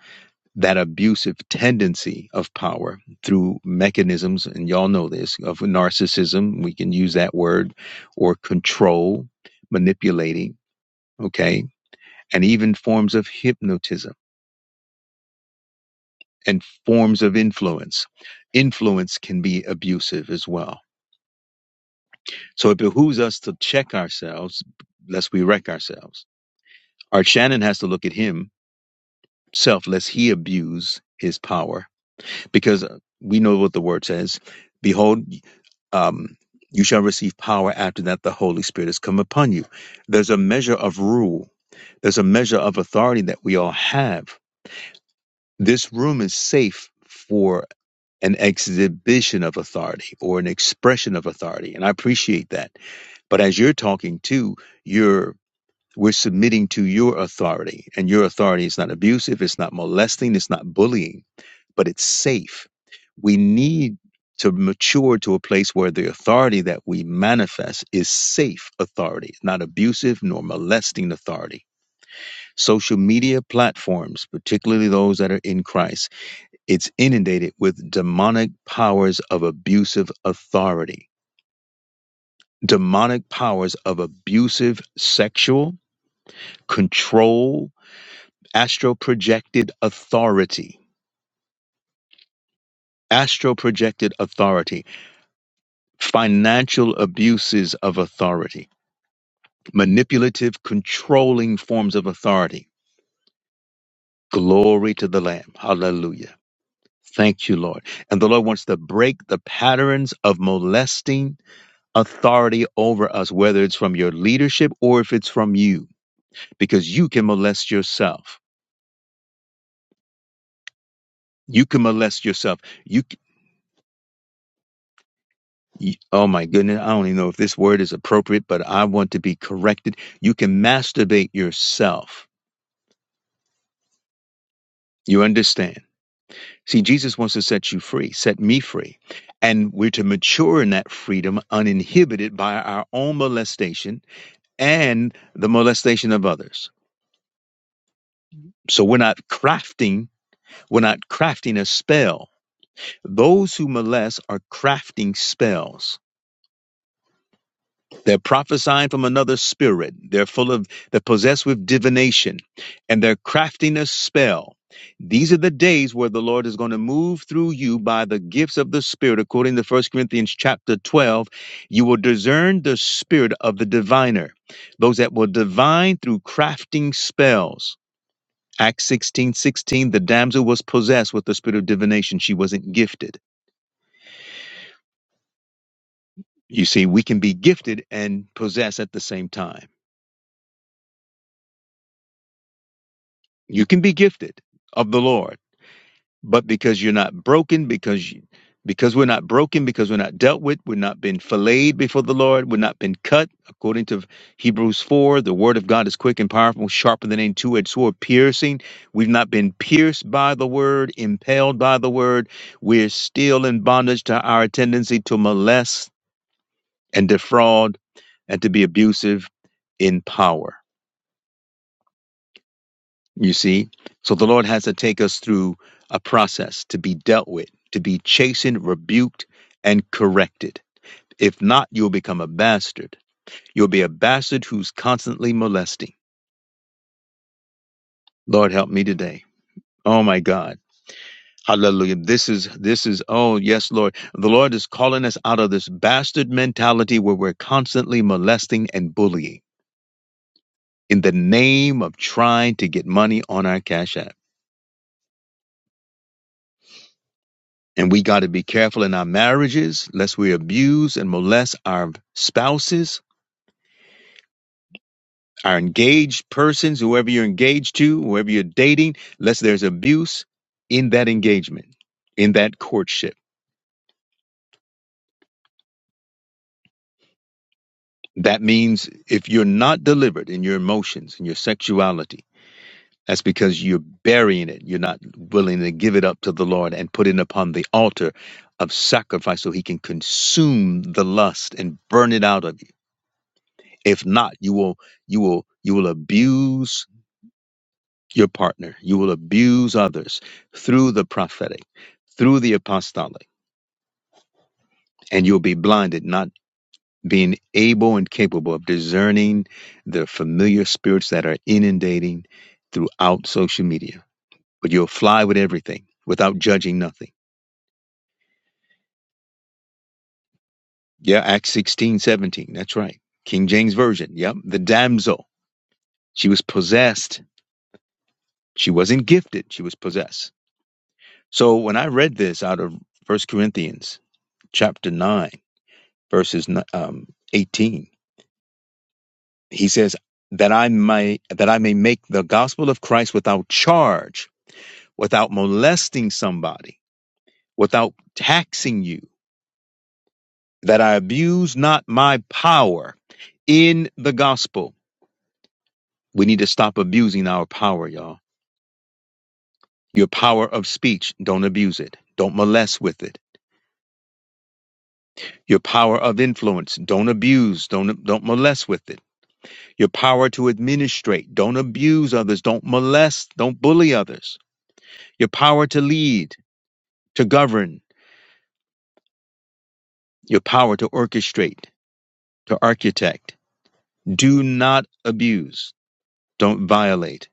Speaker 14: that abusive tendency of power through mechanisms, and y'all know this, of narcissism. We can use that word, or control, manipulating, okay, and even forms of hypnotism and forms of influence. Influence can be abusive as well. So it behooves us to check ourselves lest we wreck ourselves. Our Shannon has to look at him selfless, he abused his power because uh, we know what the word says. Behold, um, you shall receive power after that the Holy Spirit has come upon you. There's a measure of rule, there's a measure of authority that we all have. This room is safe for an exhibition of authority or an expression of authority, and I appreciate that. But as you're talking to, you're we're submitting to your authority, and your authority is not abusive, it's not molesting, it's not bullying but it's safe. We need to mature to a place where the authority that we manifest is safe authority, not abusive nor molesting authority. Social media platforms, particularly those that are in Christ, it's inundated with demonic powers of abusive authority, demonic powers of abusive sexual control, astral projected authority. Astral projected authority financial abuses of authority, manipulative, controlling forms of authority. Glory to the Lamb. Hallelujah. Thank you, Lord. And the Lord wants to break the patterns of molesting authority over us, whether it's from your leadership or if it's from you, because you can molest yourself. You can molest yourself. You, c- you oh my goodness, I don't even know if this word is appropriate, but I want to be corrected. You can masturbate yourself. You understand? See, Jesus wants to set you free, set me free. And we're to mature in that freedom uninhibited by our own molestation and the molestation of others. So we're not crafting, we're not crafting a spell. Those who molest are crafting spells They're prophesying from another spirit. They're full of, they're possessed with divination and their craftiness, spell. These are the days where the Lord is going to move through you by the gifts of the Spirit. According to First Corinthians chapter 12, you will discern the spirit of the diviner, those that will divine through crafting spells. Acts 16 16, the damsel was possessed with the spirit of divination. She wasn't gifted. You see, we can be gifted and possessed at the same time. You can be gifted of the Lord, but because you're not broken, because you, because we're not broken, because we're not dealt with, we're not been filleted before the Lord, we're not been cut. According to Hebrews 4, the word of God is quick and powerful, sharper than any two-edged sword, piercing. We've not been pierced by the word, impaled by the word. We're still in bondage to our tendency to molest and defraud and to be abusive in power You see? So the Lord has to take us through a process to be dealt with, to be chastened, rebuked, and corrected. If not, you'll become a bastard. You'll be a bastard who's constantly molesting. Lord help me today. Oh my God. Hallelujah. This is this is oh yes, Lord. The Lord is calling us out of this bastard mentality where we're constantly molesting and bullying in the name of trying to get money on our cash app. And we got to be careful in our marriages lest we abuse and molest our spouses, our engaged persons, whoever you're engaged to, whoever you're dating, lest there's abuse in that engagement, in that courtship. That means if you're not delivered in your emotions and your sexuality, that's because you're burying it. You're not willing to give it up to the Lord and put it upon the altar of sacrifice so he can consume the lust and burn it out of you If not, you will you will you will abuse your partner. You will abuse others through the prophetic, through the apostolic, and you'll be blinded, not being able and capable of discerning the familiar spirits that are inundating throughout social media. But you'll fly with everything without judging nothing. Yeah, Acts 16 17. That's right. King James Version. Yep. The damsel. She was possessed. She wasn't gifted. She was possessed So when I read this out of First Corinthians chapter nine, verses um, eighteen, he says that I may that I may make the gospel of Christ without charge, without molesting somebody, without taxing you, that I abuse not my power in the gospel. We need to stop abusing our power, y'all. Your power of speech, don't abuse it. Don't molest with it. Your power of influence, don't abuse, don't don't molest with it Your power to administrate. Don't abuse others. Don't molest. Don't bully others. Your power to lead, to govern. Your power to orchestrate, to architect. Do not abuse. Don't violate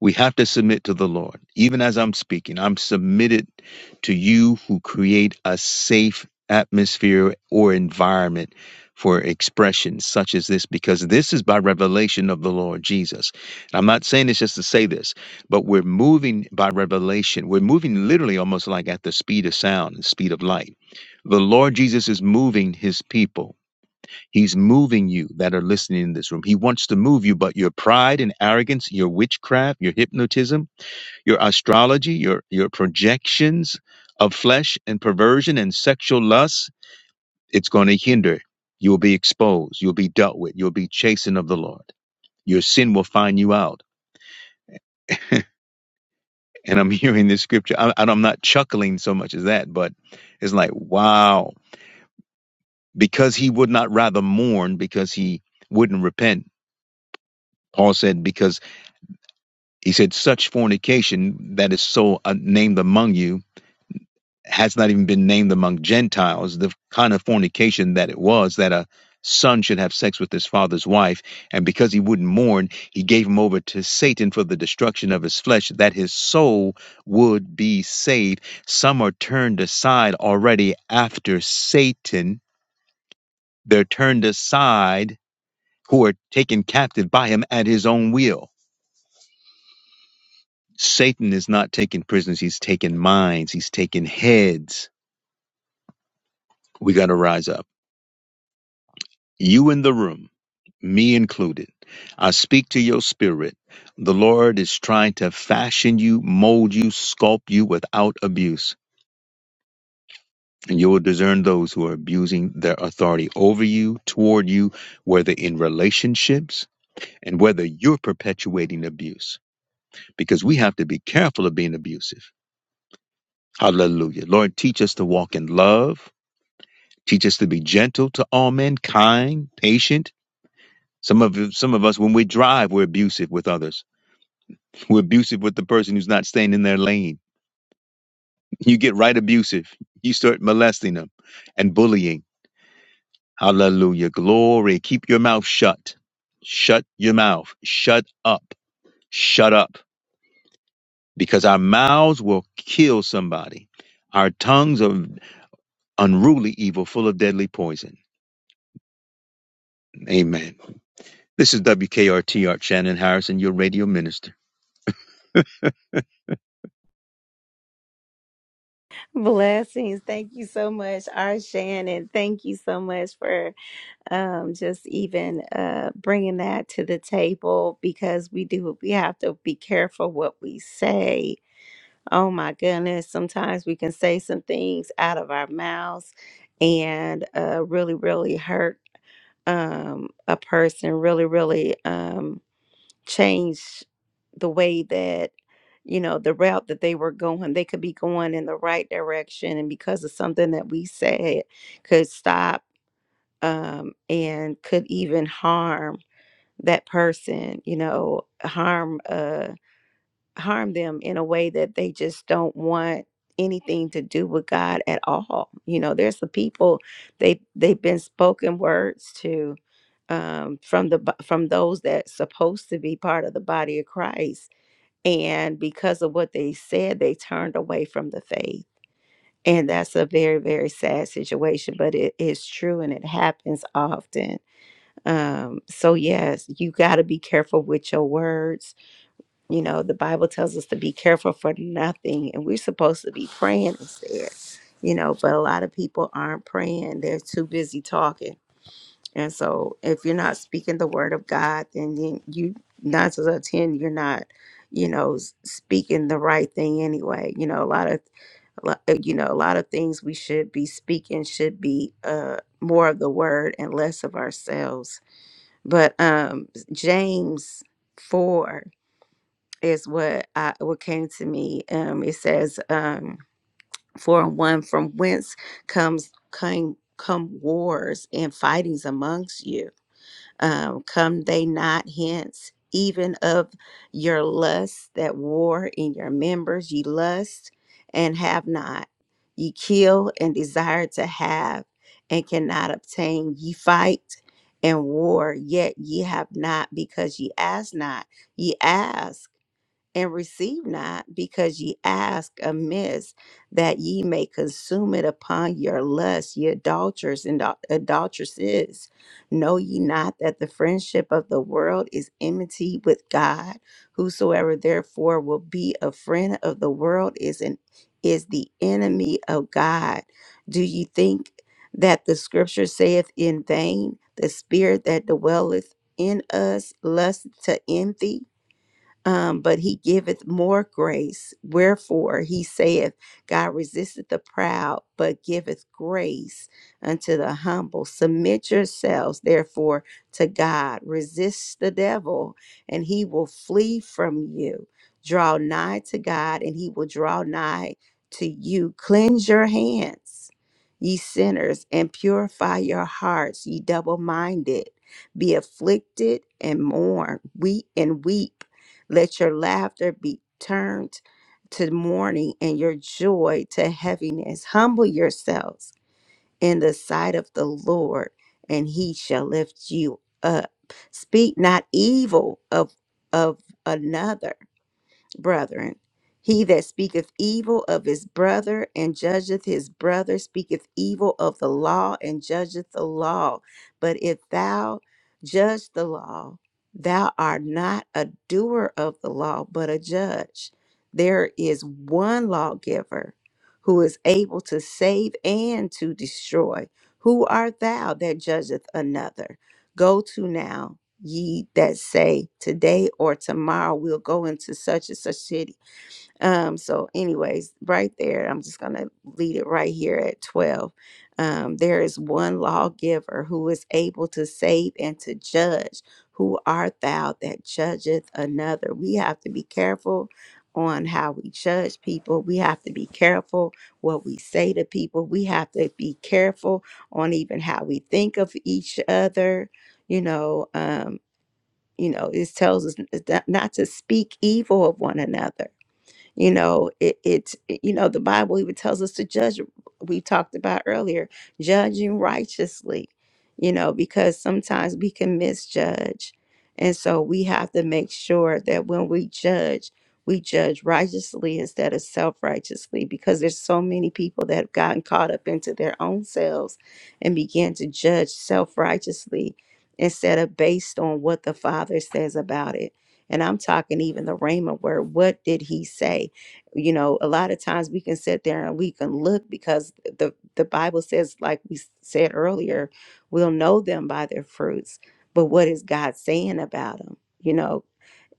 Speaker 14: We have to submit to the Lord. Even as I'm speaking, I'm submitted to you who create a safe atmosphere or environment for expression such as this, because this is by revelation of the Lord Jesus. And I'm not saying this just to say this, but we're moving by revelation. We're moving literally almost like at the speed of sound the speed of light. The Lord Jesus is moving his people. He's moving you that are listening in this room. He wants to move you, but your pride and arrogance, your witchcraft, your hypnotism, your astrology, your your projections of flesh and perversion and sexual lust, it's going to hinder. You'll be exposed. You'll be dealt with. You'll be chastened of the Lord. Your sin will find you out. And I'm hearing this scripture. I, I'm not chuckling so much as that, but it's like, wow, because he would not rather mourn because he wouldn't repent. Paul said, because he said, such fornication that is so uh, named among you has not even been named among Gentiles, the kind of fornication that it was, that a son should have sex with his father's wife. And because he wouldn't mourn, he gave him over to Satan for the destruction of his flesh, that his soul would be saved. Some are turned aside already after Satan. They're turned aside who are taken captive by him at his own will. Satan is not taking prisoners, he's taking minds, he's taking heads. We got to rise up. you in the room, me included. I speak to your spirit. The Lord is trying to fashion you, mold you, sculpt you without abuse. And you will discern those who are abusing their authority over you, toward you, whether in relationships and whether you're perpetuating abuse. Because we have to be careful of being abusive. Hallelujah. Lord, teach us to walk in love. Teach us to be gentle to all men, kind, patient. Some of some of us, when we drive, we're abusive with others We're abusive with the person who's not staying in their lane. You get right abusive. You start molesting them and bullying. Hallelujah. Glory. Keep your mouth shut. Shut your mouth. Shut up. Shut up. Because our mouths will kill somebody. Our tongues are unruly evil, full of deadly poison. Amen. This is WKRT Art Shannon Harrison, your radio minister.
Speaker 1: Blessings. Thank you so much, our Shannon. Thank you so much for um, just even uh, bringing that to the table because we do, we have to be careful what we say. Oh my goodness. Sometimes we can say some things out of our mouths and uh, really, really hurt um, a person, really, really. Um, change the way that you know the route that they were going they could be going in the right direction and because of something that we said could stop um, and could even harm that person you know harm uh harm them in a way that they just don't want anything to do with god at all you know there's the people they they've been spoken words to um, from the bo- from those that supposed to be part of the body of christ and because of what they said, they turned away from the faith. And that's a very, very sad situation, but it is true and it happens often. Um, so, yes, you got to be careful with your words. You know, the Bible tells us to be careful for nothing, and we're supposed to be praying instead, you know, but a lot of people aren't praying. They're too busy talking and so if you're not speaking the word of God, then you, you nine to out ten, you're not, you know, s- speaking the right thing anyway. You know, a lot of, a lot- uh, you know, a lot of things we should be speaking should be uh, more of the word and less of ourselves. But um, James four is what I, what came to me. Um, it says um, four and one from whence comes came come wars and fightings amongst you um, come they not hence, even of your lust that war in your members, ye lust and have not. Ye kill and desire to have and cannot obtain. Ye fight and war, yet ye have not because ye ask not. Ye ask and receive not because ye ask amiss that ye may consume it upon your lust, ye adulterers and adul- adulteresses. Know ye not that the friendship of the world is enmity with God? Whosoever therefore will be a friend of the world is an is the enemy of God. Do ye think that the scripture saith in vain, the spirit that dwelleth in us lust to envy? um, but he giveth more grace. Wherefore he saith, God resisteth the proud, but giveth grace unto the humble. Submit yourselves, therefore, to God. Resist the devil, and he will flee from you. Draw nigh to God, and he will draw nigh to you. Cleanse your hands, ye sinners, and purify your hearts, ye double minded. Be afflicted and mourn, weep and weep let your laughter be turned to mourning and your joy to heaviness. Humble yourselves in the sight of the Lord, and he shall lift you up. Speak not evil of of another brethren. He that speaketh evil of his brother and judgeth his brother speaketh evil of the law and judgeth the law. But if thou judge the law, thou art not a doer of the law, but a judge. There is one lawgiver who is able to save and to destroy. Who art thou that judgeth another? Go to now ye that say today or tomorrow we'll go into such and such city. Um, so, anyways, right there, I'm just gonna lead it right here at 12. Um, there is one lawgiver who is able to save and to judge. Who art thou that judgeth another? We have to be careful on how we judge people. We have to be careful what we say to people. We have to be careful on even how we think of each other you know Um. You know, it tells us not to speak evil of one another you know it, it's you know the bible even tells us to judge we talked about earlier judging righteously you know because sometimes we can misjudge and so we have to make sure that when we judge we judge righteously instead of self-righteously because there's so many people that have gotten caught up into their own selves and began to judge self-righteously instead of based on what the father says about it and I'm talking even the Rhema word. What did he say? You know, a lot of times we can sit there and we can look because the, the Bible says, like we s- said earlier, we'll know them by their fruits. But what is God saying about them? You know,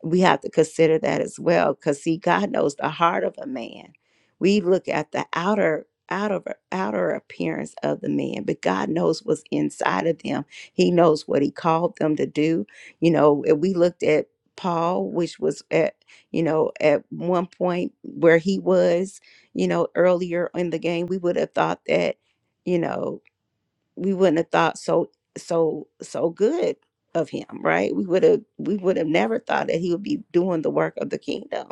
Speaker 1: we have to consider that as well because see god knows the heart of a man we look at the outer outer outer appearance of the man but god knows what's inside of them he knows what he called them to do you know if we looked at paul which was at you know at one point where he was you know earlier in the game we would have thought that you know we wouldn't have thought so so so good of him right we would have we would have never thought that he would be doing the work of the kingdom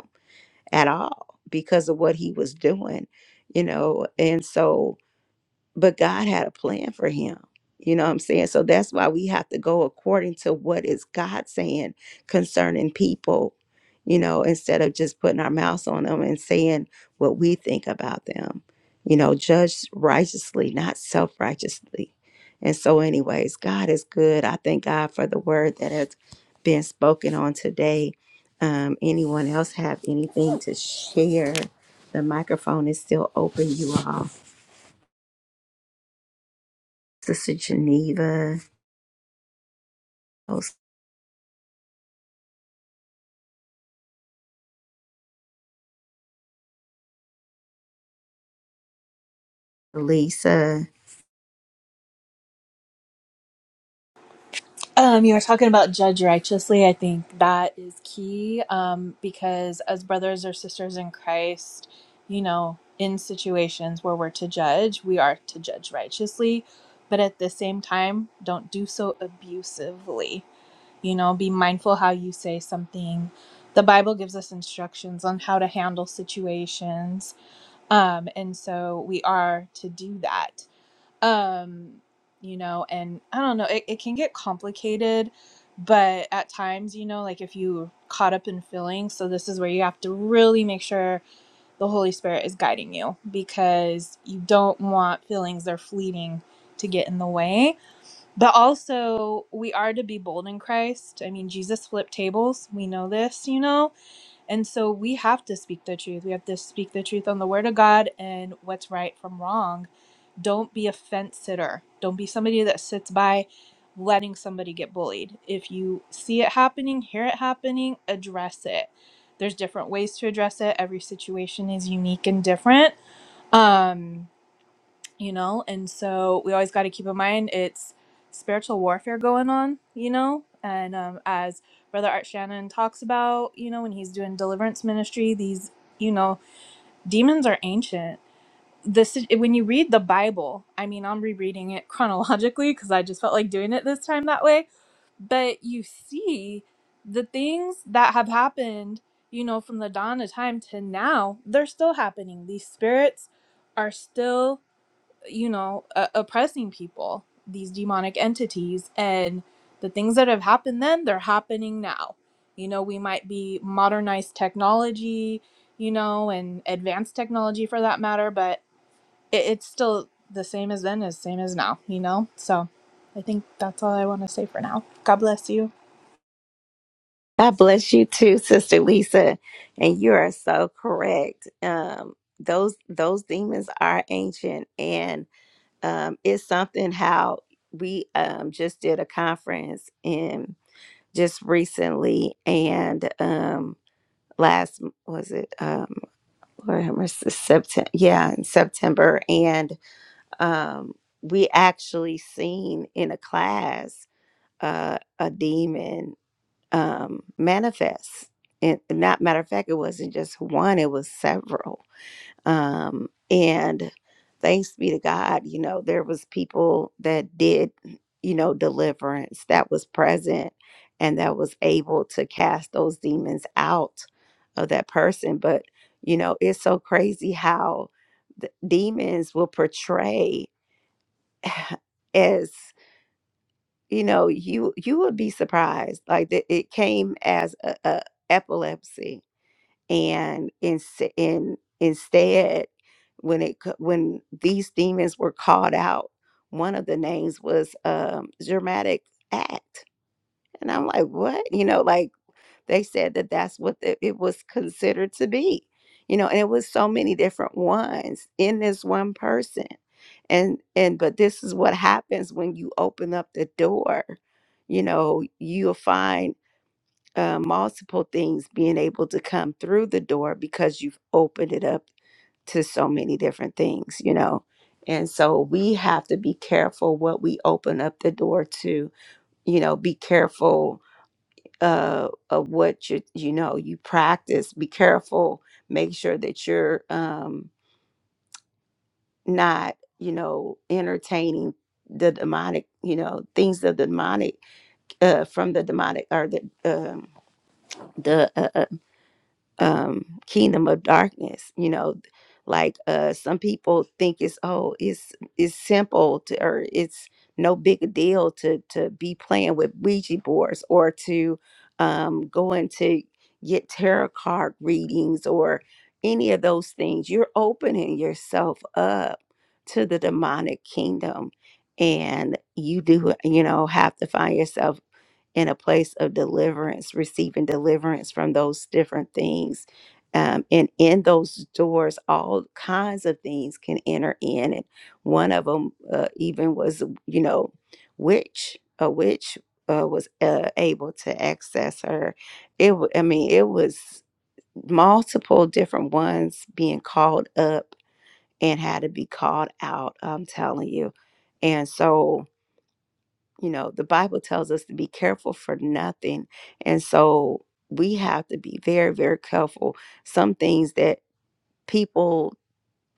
Speaker 1: at all because of what he was doing you know and so but God had a plan for him. You know what I'm saying? So that's why we have to go according to what is God saying concerning people, you know, instead of just putting our mouths on them and saying what we think about them. You know, judge righteously, not self righteously. And so, anyways, God is good. I thank God for the word that has been spoken on today. Um, anyone else have anything to share? The microphone is still open, you all. Sister Geneva, oh, Sister Lisa.
Speaker 10: Um, you were talking about judge righteously. I think that is key um, because, as brothers or sisters in Christ, you know, in situations where we're to judge, we are to judge righteously, but at the same time, don't do so abusively. You know, be mindful how you say something. The Bible gives us instructions on how to handle situations. Um, and so we are to do that um you know and i don't know it, it can get complicated but at times you know like if you caught up in feelings so this is where you have to really make sure the holy spirit is guiding you because you don't want feelings they're fleeting to get in the way but also we are to be bold in christ i mean jesus flipped tables we know this you know and so we have to speak the truth we have to speak the truth on the word of god and what's right from wrong don't be a fence sitter. Don't be somebody that sits by letting somebody get bullied. If you see it happening, hear it happening, address it. There's different ways to address it. Every situation is unique and different. Um, you know, and so we always got to keep in mind it's spiritual warfare going on, you know, and um, as Brother Art Shannon talks about, you know, when he's doing deliverance ministry, these, you know, demons are ancient this when you read the bible i mean i'm rereading it chronologically because i just felt like doing it this time that way but you see the things that have happened you know from the dawn of time to now they're still happening these spirits are still you know uh, oppressing people these demonic entities and the things that have happened then they're happening now you know we might be modernized technology you know and advanced technology for that matter but it, it's still the same as then as same as now you know so i think that's all i want to say for now god bless you
Speaker 1: God bless you too, Sister Lisa. And you are so correct. Um, those those demons are ancient, and um, it's something how we um, just did a conference in just recently, and um, last was it um, September? Yeah, in September, and um, we actually seen in a class. uh, a demon um, manifest. And not matter of fact, it wasn't just one; it was several. Um, and thanks be to God, you know, there was people that did, you know, deliverance that was present and that was able to cast those demons out of that person. But you know, it's so crazy how the demons will portray as you know you you would be surprised like that it came as a, a epilepsy and in, in instead when it co- when these demons were called out one of the names was um dramatic act and i'm like what you know like they said that that's what the, it was considered to be you know and it was so many different ones in this one person and and but this is what happens when you open up the door you know you'll find uh, multiple things being able to come through the door because you've opened it up to so many different things you know and so we have to be careful what we open up the door to you know be careful uh, of what you you know you practice. Be careful. Make sure that you're um, not you know entertaining the demonic you know things of the demonic uh, from the demonic or the um, the uh, um kingdom of darkness you know like uh some people think it's oh it's it's simple to or it's no big a deal to to be playing with ouija boards or to um go into get tarot card readings or any of those things you're opening yourself up to the demonic kingdom and you do you know have to find yourself in a place of deliverance, receiving deliverance from those different things. Um, and in those doors, all kinds of things can enter in. And one of them uh, even was, you know, witch, a witch uh, was uh, able to access her. It, wa- I mean, it was multiple different ones being called up and had to be called out. I'm telling you. And so, you know the bible tells us to be careful for nothing and so we have to be very very careful some things that people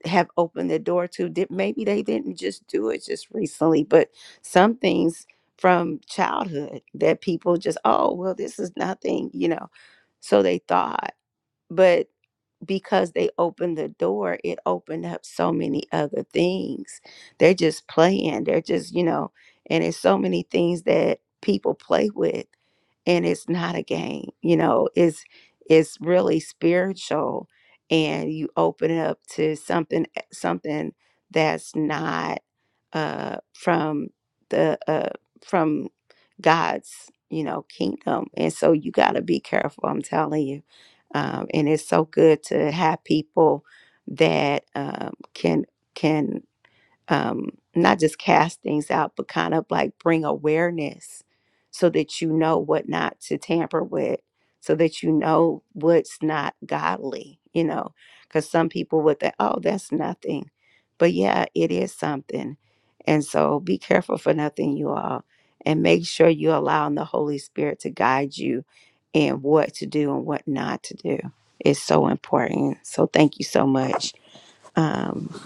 Speaker 1: have opened the door to did maybe they didn't just do it just recently but some things from childhood that people just oh well this is nothing you know so they thought but because they opened the door, it opened up so many other things. They're just playing. They're just, you know, and it's so many things that people play with and it's not a game. You know, it's it's really spiritual and you open it up to something eh, something that's not uh from the uh from God's, you know, kingdom. And so you got to be careful, I'm telling you um, and it's so good to have people that um, can can um, not just cast things out, but kind of like bring awareness so that you know what not to tamper with, so that you know what's not godly, you know, because some people would think, oh, that's nothing. But yeah, it is something. And so be careful for nothing, you all, and make sure you're allowing the Holy Spirit to guide you in what to do and what not to do. It's so important. So thank you so much. Um,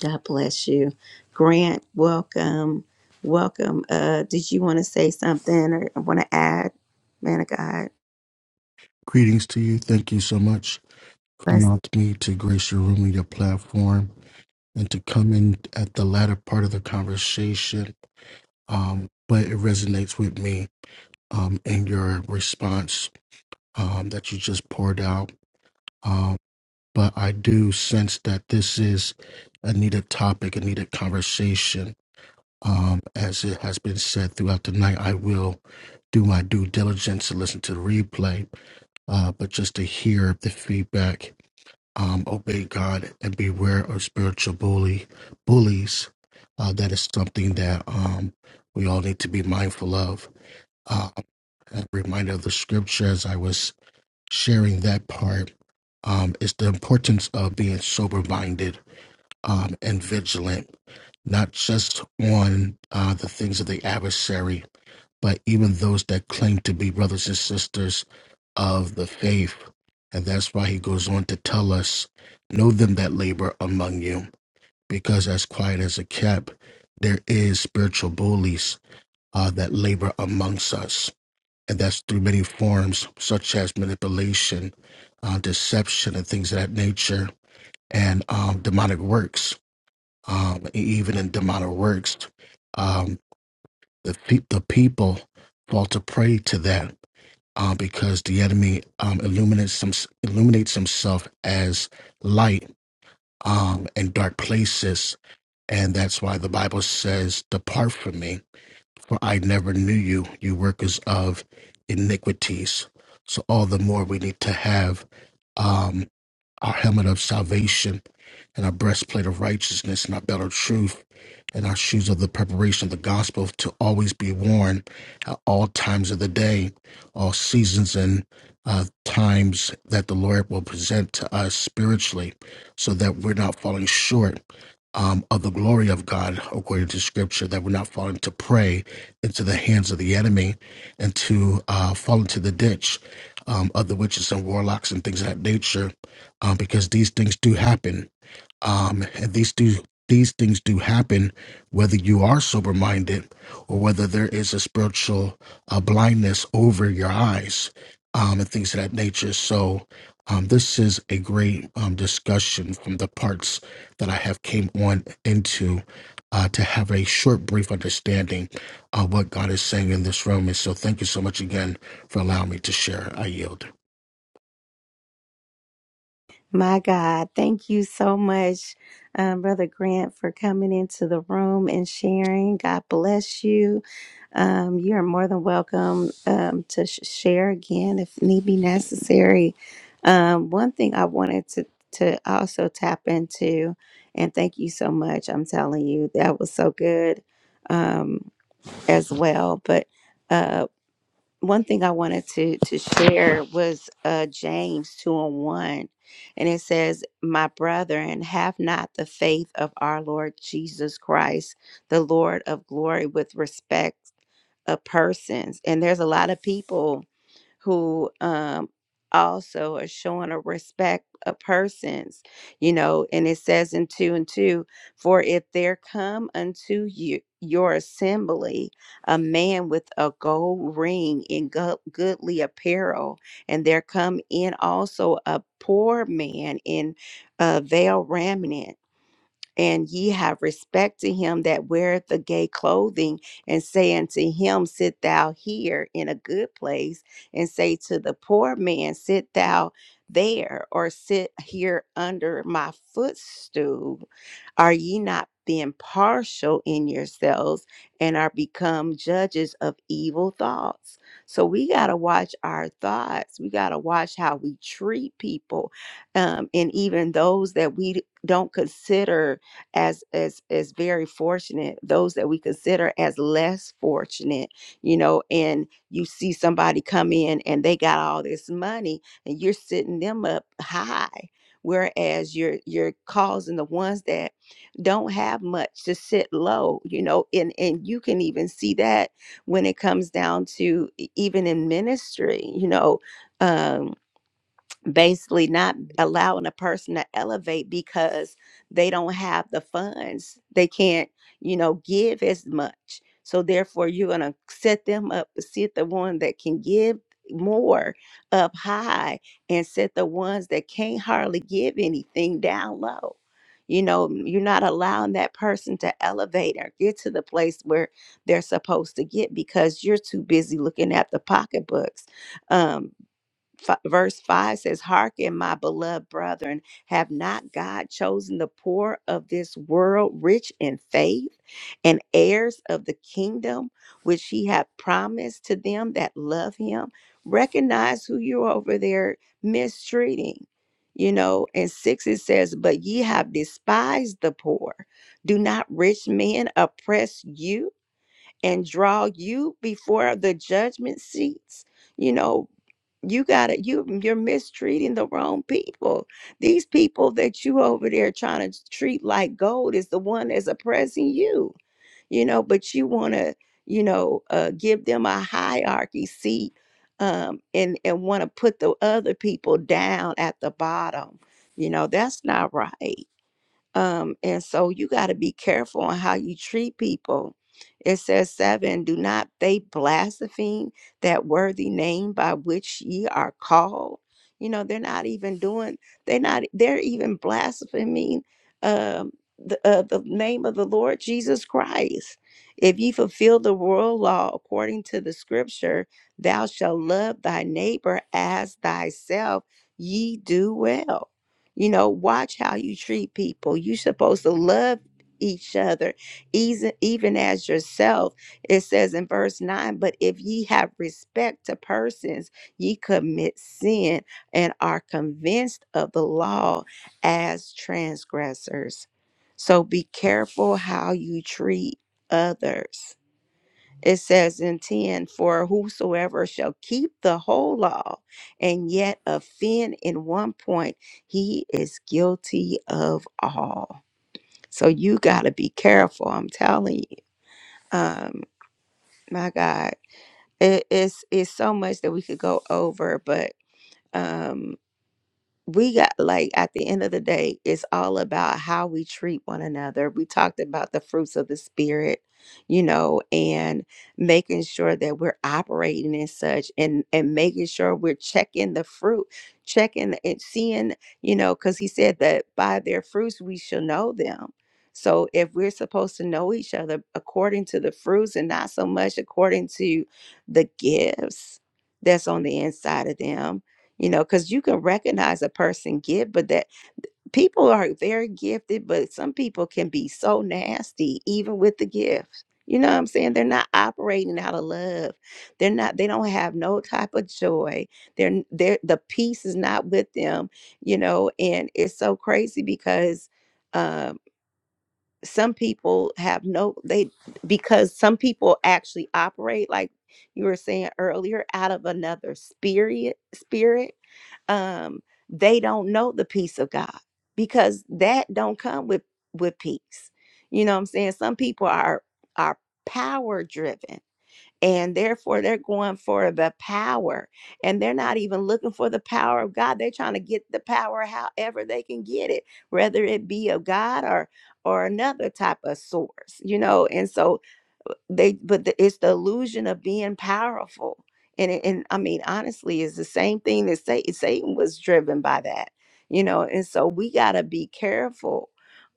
Speaker 1: God bless you. Grant, welcome. Welcome. Uh, did you want to say something or want to add, man of God?
Speaker 15: Greetings to you. Thank you so much for
Speaker 1: Blessings.
Speaker 15: allowing me to grace your room and your platform and to come in at the latter part of the conversation. Um, but it resonates with me um, in your response um, that you just poured out. Um, but I do sense that this is a needed topic, a needed conversation. Um, as it has been said throughout the night, I will do my due diligence to listen to the replay uh, but just to hear the feedback um, obey God and beware of spiritual bully bullies. Uh, that is something that um, we all need to be mindful of. Uh, a reminder of the scripture as I was sharing that part um, is the importance of being sober minded um, and vigilant, not just on uh, the things of the adversary, but even those that claim to be brothers and sisters of the faith. And that's why he goes on to tell us, know them that labor among you, because as quiet as a cat, there is spiritual bullies uh, that labor amongst us. And that's through many forms, such as manipulation, uh, deception, and things of that nature, and um, demonic works. Um, e- even in demonic works, um, the, pe- the people fall to prey to that uh, because the enemy um, illuminates, some, illuminates himself as light um, in dark places. And that's why the Bible says, Depart from me, for I never knew you, you workers of iniquities. So, all the more we need to have. um, our helmet of salvation, and our breastplate of righteousness, and our belt of truth, and our shoes of the preparation of the gospel to always be worn at all times of the day, all seasons and uh, times that the Lord will present to us spiritually, so that we're not falling short. Um, of the glory of God, according to Scripture, that we're not falling to prey into the hands of the enemy and to uh, fall into the ditch um, of the witches and warlocks and things of that nature uh, because these things do happen. Um, and these do these things do happen, whether you are sober minded or whether there is a spiritual uh, blindness over your eyes um, and things of that nature. So um, this is a great um, discussion from the parts that I have came on into. Uh, to have a short, brief understanding of what God is saying in this room. And so, thank you so much again for allowing me to share. I yield.
Speaker 1: My God, thank you so much, um, Brother Grant, for coming into the room and sharing. God bless you. Um, you're more than welcome um, to sh- share again if need be necessary. Um, one thing I wanted to to also tap into, and thank you so much. I'm telling you, that was so good um, as well. But uh, one thing I wanted to to share was uh James 2 and 1. And it says, My brethren, have not the faith of our Lord Jesus Christ, the Lord of glory, with respect of persons. And there's a lot of people who um, also are showing a respect of persons, you know, and it says in two and two, for if there come unto you your assembly a man with a gold ring in go- goodly apparel, and there come in also a poor man in a veil raiment, and ye have respect to him that weareth the gay clothing, and say unto him, Sit thou here in a good place, and say to the poor man, Sit thou there, or sit here under my footstool. Are ye not being partial in yourselves and are become judges of evil thoughts? So we got to watch our thoughts. We got to watch how we treat people um, and even those that we don't consider as as as very fortunate those that we consider as less fortunate you know and you see somebody come in and they got all this money and you're sitting them up high whereas you're you're causing the ones that don't have much to sit low you know and and you can even see that when it comes down to e- even in ministry you know um basically not allowing a person to elevate because they don't have the funds. They can't, you know, give as much. So therefore you're gonna set them up, set the one that can give more up high and set the ones that can't hardly give anything down low. You know, mm, you're not allowing that person to elevate or get to the place where they're supposed to get because you're too busy looking at the pocketbooks. Um, F- verse 5 says, Hearken, my beloved brethren, have not God chosen the poor of this world rich in faith and heirs of the kingdom which he hath promised to them that love him? Recognize who you're over there mistreating. You know, and six it says, But ye have despised the poor. Do not rich men oppress you and draw you before the judgment seats? You know, you gotta you you're mistreating the wrong people these people that you over there trying to treat like gold is the one that's oppressing you you know but you want to you know uh give them a hierarchy seat um and and want to put the other people down at the bottom you know that's not right um, and so you got to be careful on how you treat people. It says seven, do not they blaspheme that worthy name by which ye are called. You know, they're not even doing, they're not, they're even blaspheming um, the, uh, the name of the Lord Jesus Christ. If ye fulfill the world law according to the scripture, thou shalt love thy neighbor as thyself, ye do well you know, watch how you treat people. You're supposed to love each other, eas- even as yourself. It says in verse 9, but if ye have respect to persons, ye commit sin and are convinced of the law as transgressors. So be careful how you treat others it says in 10 for whosoever shall keep the whole law and yet offend in one point he is guilty of all so you got to be careful i'm telling you um my god it is it's it's so much that we could go over but um, we got like at the end of the day, it's all about how we treat one another. We talked about the fruits of the spirit, you know, and making sure that we're operating in such and and making sure we're checking the fruit, checking and seeing, you know, because he said that by their fruits we shall know them. So if we're supposed to know each other according to the fruits and not so much according to the gifts that's on the inside of them you know because you can recognize a person gift but that people are very gifted but some people can be so nasty even with the gifts you know what i'm saying they're not operating out of love they're not they don't have no type of joy they're they're the peace is not with them you know and it's so crazy because Um, some people have no they because some people actually operate like you were saying earlier out of another spirit spirit um they don't know the peace of god because that don't come with with peace you know what i'm saying some people are are power driven and therefore they're going for the power and they're not even looking for the power of god they're trying to get the power however they can get it whether it be of god or or another type of source you know and so uh, they but the, it's the illusion of being powerful and it, and i mean honestly it's the same thing that satan, satan was driven by that you know and so we got to be careful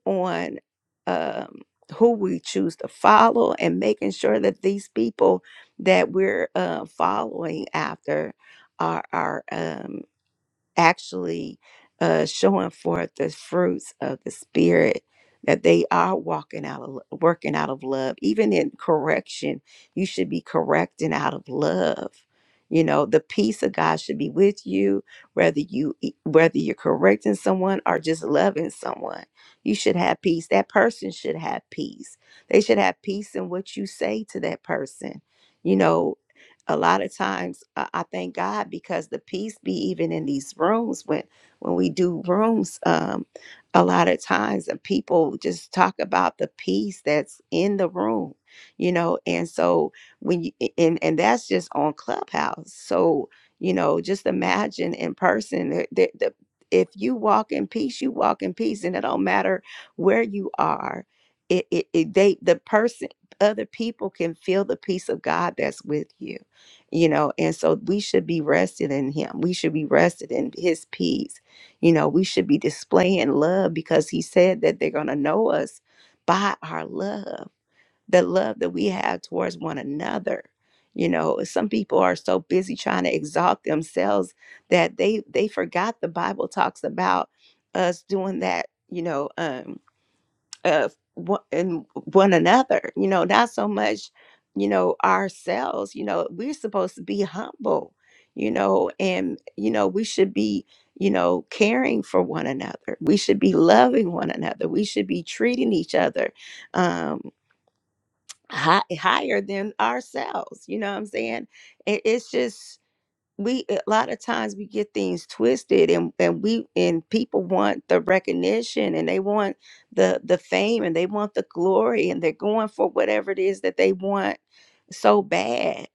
Speaker 1: on um who we choose to follow and making sure that these people that we're uh, following after are our um, actually uh, showing forth the fruits of the spirit that they are walking out of lo- working out of love even in correction you should be correcting out of love you know the peace of god should be with you whether you e- whether you're correcting someone or just loving someone you should have peace that person should have peace they should have peace in what you say to that person you know a lot of times uh, I thank God because the peace be even in these rooms when when we do rooms um a lot of times and people just talk about the peace that's in the room you know and so when you and and that's just on clubhouse so you know just imagine in person the, the, the if you walk in peace you walk in peace and it don't matter where you are it, it, it they the person other people can feel the peace of God that's with you you know and so we should be rested in him we should be rested in his peace you know we should be displaying love because he said that they're going to know us by our love the love that we have towards one another you know some people are so busy trying to exalt themselves that they they forgot the bible talks about us doing that you know um uh, one- in one another you know not so much you know ourselves you know we're supposed to be humble you know and you know we should be you know caring for one another we should be loving one another we should be treating each other um hi- higher than ourselves you know what i'm saying it, it's just we a lot of times we get things twisted and and we and people want the recognition and they want the the fame and they want the glory and they're going for whatever it is that they want so bad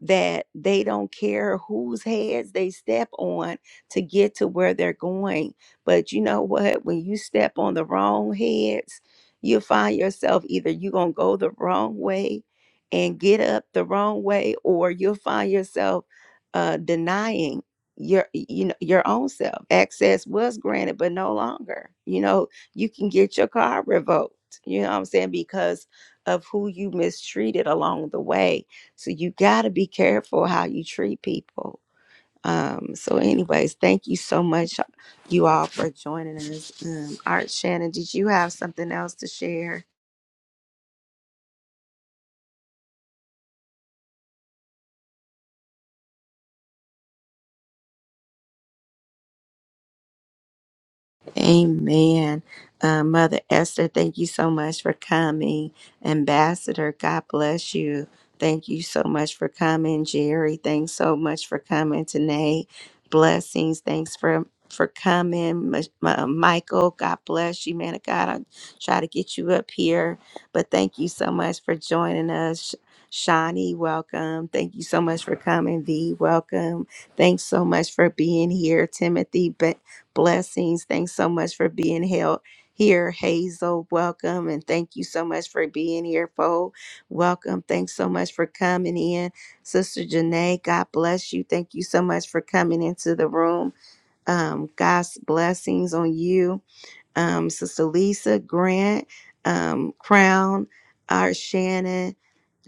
Speaker 1: that they don't care whose heads they step on to get to where they're going but you know what when you step on the wrong heads you'll find yourself either you're going to go the wrong way and get up the wrong way or you'll find yourself uh, denying your you know your own self access was granted but no longer you know you can get your car revoked you know what i'm saying because of who you mistreated along the way so you got to be careful how you treat people um so anyways thank you so much you all for joining us um art shannon did you have something else to share Amen. Uh, Mother Esther, thank you so much for coming. Ambassador, God bless you. Thank you so much for coming. Jerry, thanks so much for coming tonight. Blessings. Thanks for for coming. Mi- uh, Michael, God bless you, man of God. I'll try to get you up here, but thank you so much for joining us. Shawnee, welcome. Thank you so much for coming. V, welcome. Thanks so much for being here. Timothy, Blessings. Thanks so much for being held here, Hazel. Welcome. And thank you so much for being here, Fo. Welcome. Thanks so much for coming in. Sister Janae, God bless you. Thank you so much for coming into the room. Um, God's blessings on you um, Sister Lisa Grant, um, Crown, Art Shannon,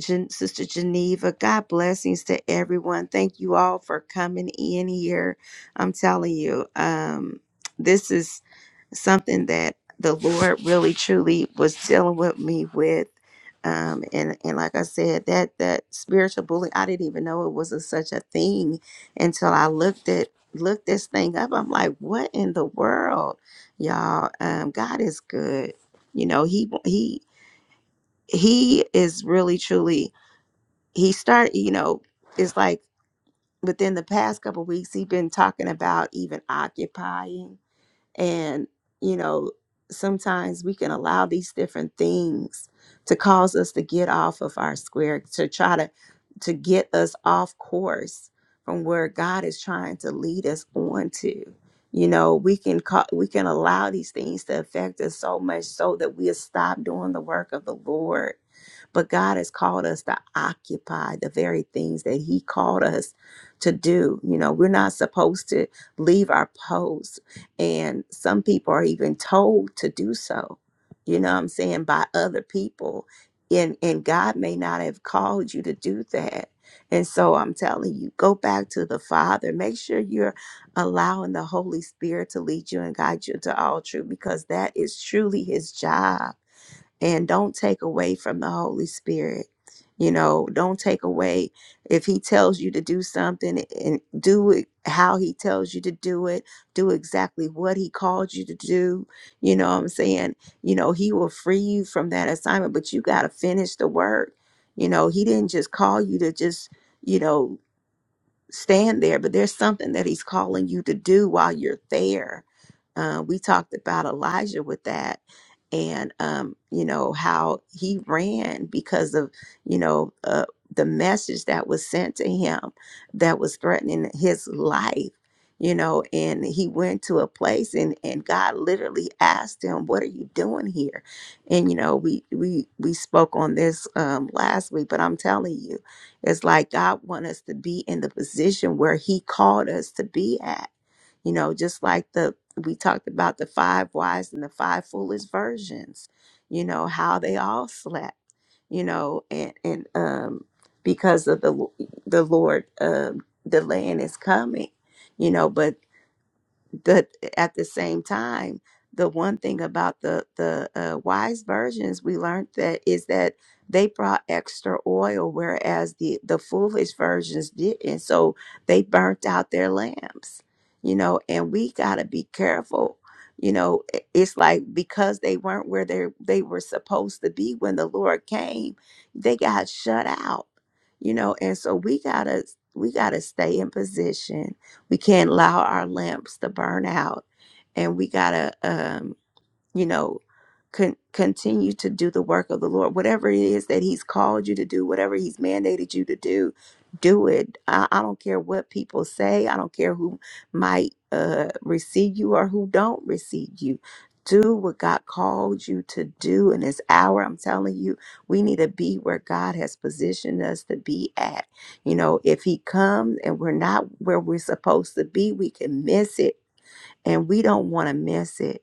Speaker 1: Gen- Sister Geneva. God blessings to everyone. Thank you all for coming in here. I'm telling you, um, this is something that the Lord really truly was dealing with me with. Um, and and like I said, that that spiritual bullying, I didn't even know it was a, such a thing until I looked at looked this thing up. I'm like, what in the world? y'all um god is good you know he he he is really truly he start you know it's like within the past couple weeks he's been talking about even occupying and, you know, sometimes we can allow these different things to cause us to get off of our square, to try to to get us off course from where God is trying to lead us on to. You know, we can call, we can allow these things to affect us so much so that we'll stop doing the work of the Lord. But God has called us to occupy the very things that He called us to do. You know, we're not supposed to leave our posts and some people are even told to do so, you know what I'm saying, by other people. And, and God may not have called you to do that. And so I'm telling you, go back to the Father. Make sure you're allowing the Holy Spirit to lead you and guide you to all truth because that is truly His job and don't take away from the holy spirit you know don't take away if he tells you to do something and do it how he tells you to do it do exactly what he called you to do you know what i'm saying you know he will free you from that assignment but you got to finish the work you know he didn't just call you to just you know stand there but there's something that he's calling you to do while you're there uh, we talked about Elijah with that, and um, you know how he ran because of you know uh, the message that was sent to him that was threatening his life. You know, and he went to a place, and and God literally asked him, "What are you doing here?" And you know, we we we spoke on this um, last week, but I'm telling you, it's like God want us to be in the position where He called us to be at. You know, just like the we talked about the five wise and the five foolish versions you know how they all slept you know and and um because of the the lord um delaying is coming you know but but at the same time the one thing about the the uh, wise versions we learned that is that they brought extra oil whereas the the foolish versions didn't so they burnt out their lamps you know and we got to be careful you know i- it's like because they weren't where they they were supposed to be when the lord came they got shut out you know and so we got to we got to stay in position we can't allow our lamps to burn out. And we got to, you know con- continue to do the work of the lord whatever it is that he's called you to do whatever he's mandated you to do do it i, I don't care what people say i don't care who might uh, receive you or who don't receive you do what God called you to do in this hour. I'm telling you, we need to be where God has positioned us to be at. You know, if He comes and we're not where we're supposed to be, we can miss it and we don't want to miss it.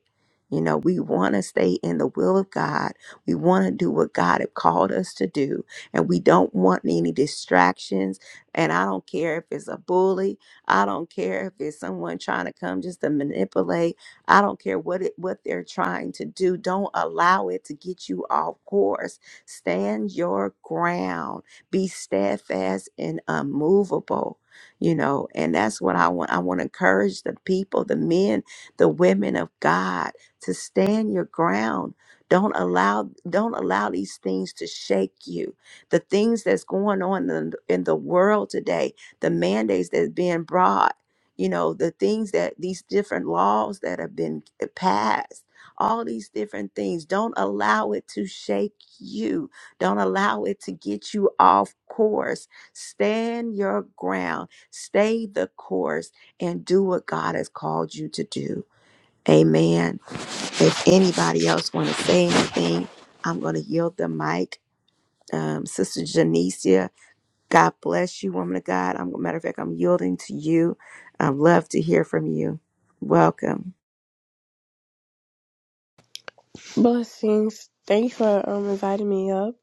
Speaker 1: You know, we want to stay in the will of God. We want to do what God have called us to do, and we don't want any distractions. And I don't care if it's a bully. I don't care if it's someone trying to come just to manipulate. I don't care what it, what they're trying to do. Don't allow it to get you off course. Stand your ground. Be steadfast and unmovable you know and that's what i want i want to encourage the people the men the women of god to stand your ground don't allow don't allow these things to shake you the things that's going on in, in the world today the mandates that's being brought you know the things that these different laws that have been uh, passed all these different things don't allow it to shake you don't allow it to get you off course stand your ground Stay the course and do what God has called you to do. Amen. If anybody else want to say anything, I'm going to yield the mic. Um, Sister Janicia, God bless you, woman of God. I'm matter of fact, I'm yielding to you. I'd love to hear from you. Welcome.
Speaker 16: Blessings. Thanks for um inviting me up.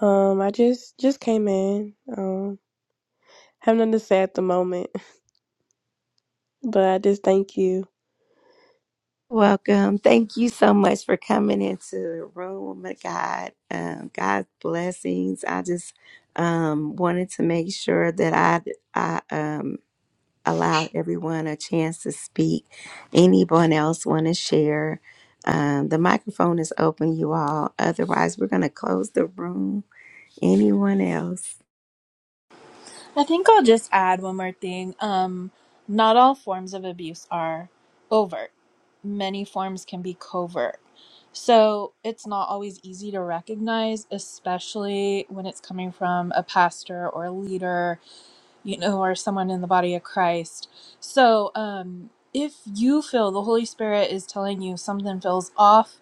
Speaker 16: Um, I just just came in. Um, have nothing to say at the moment, but I just thank you.
Speaker 1: Welcome. Thank you so much for coming into the room, woman of God. Um, God's blessings. I just um, wanted to make sure that I, I um, allow everyone a chance to speak. Anyone else want to share? Um, the microphone is open, you all. Otherwise, we're going to close the room. Anyone else?
Speaker 10: i think i'll just add one more thing um not all forms of abuse are overt many forms can be covert so it's not always easy to recognize especially when it's coming from a pastor or a leader you know, or someone in the body of Christ. So, um, if you feel the Holy Spirit is telling you something feels off,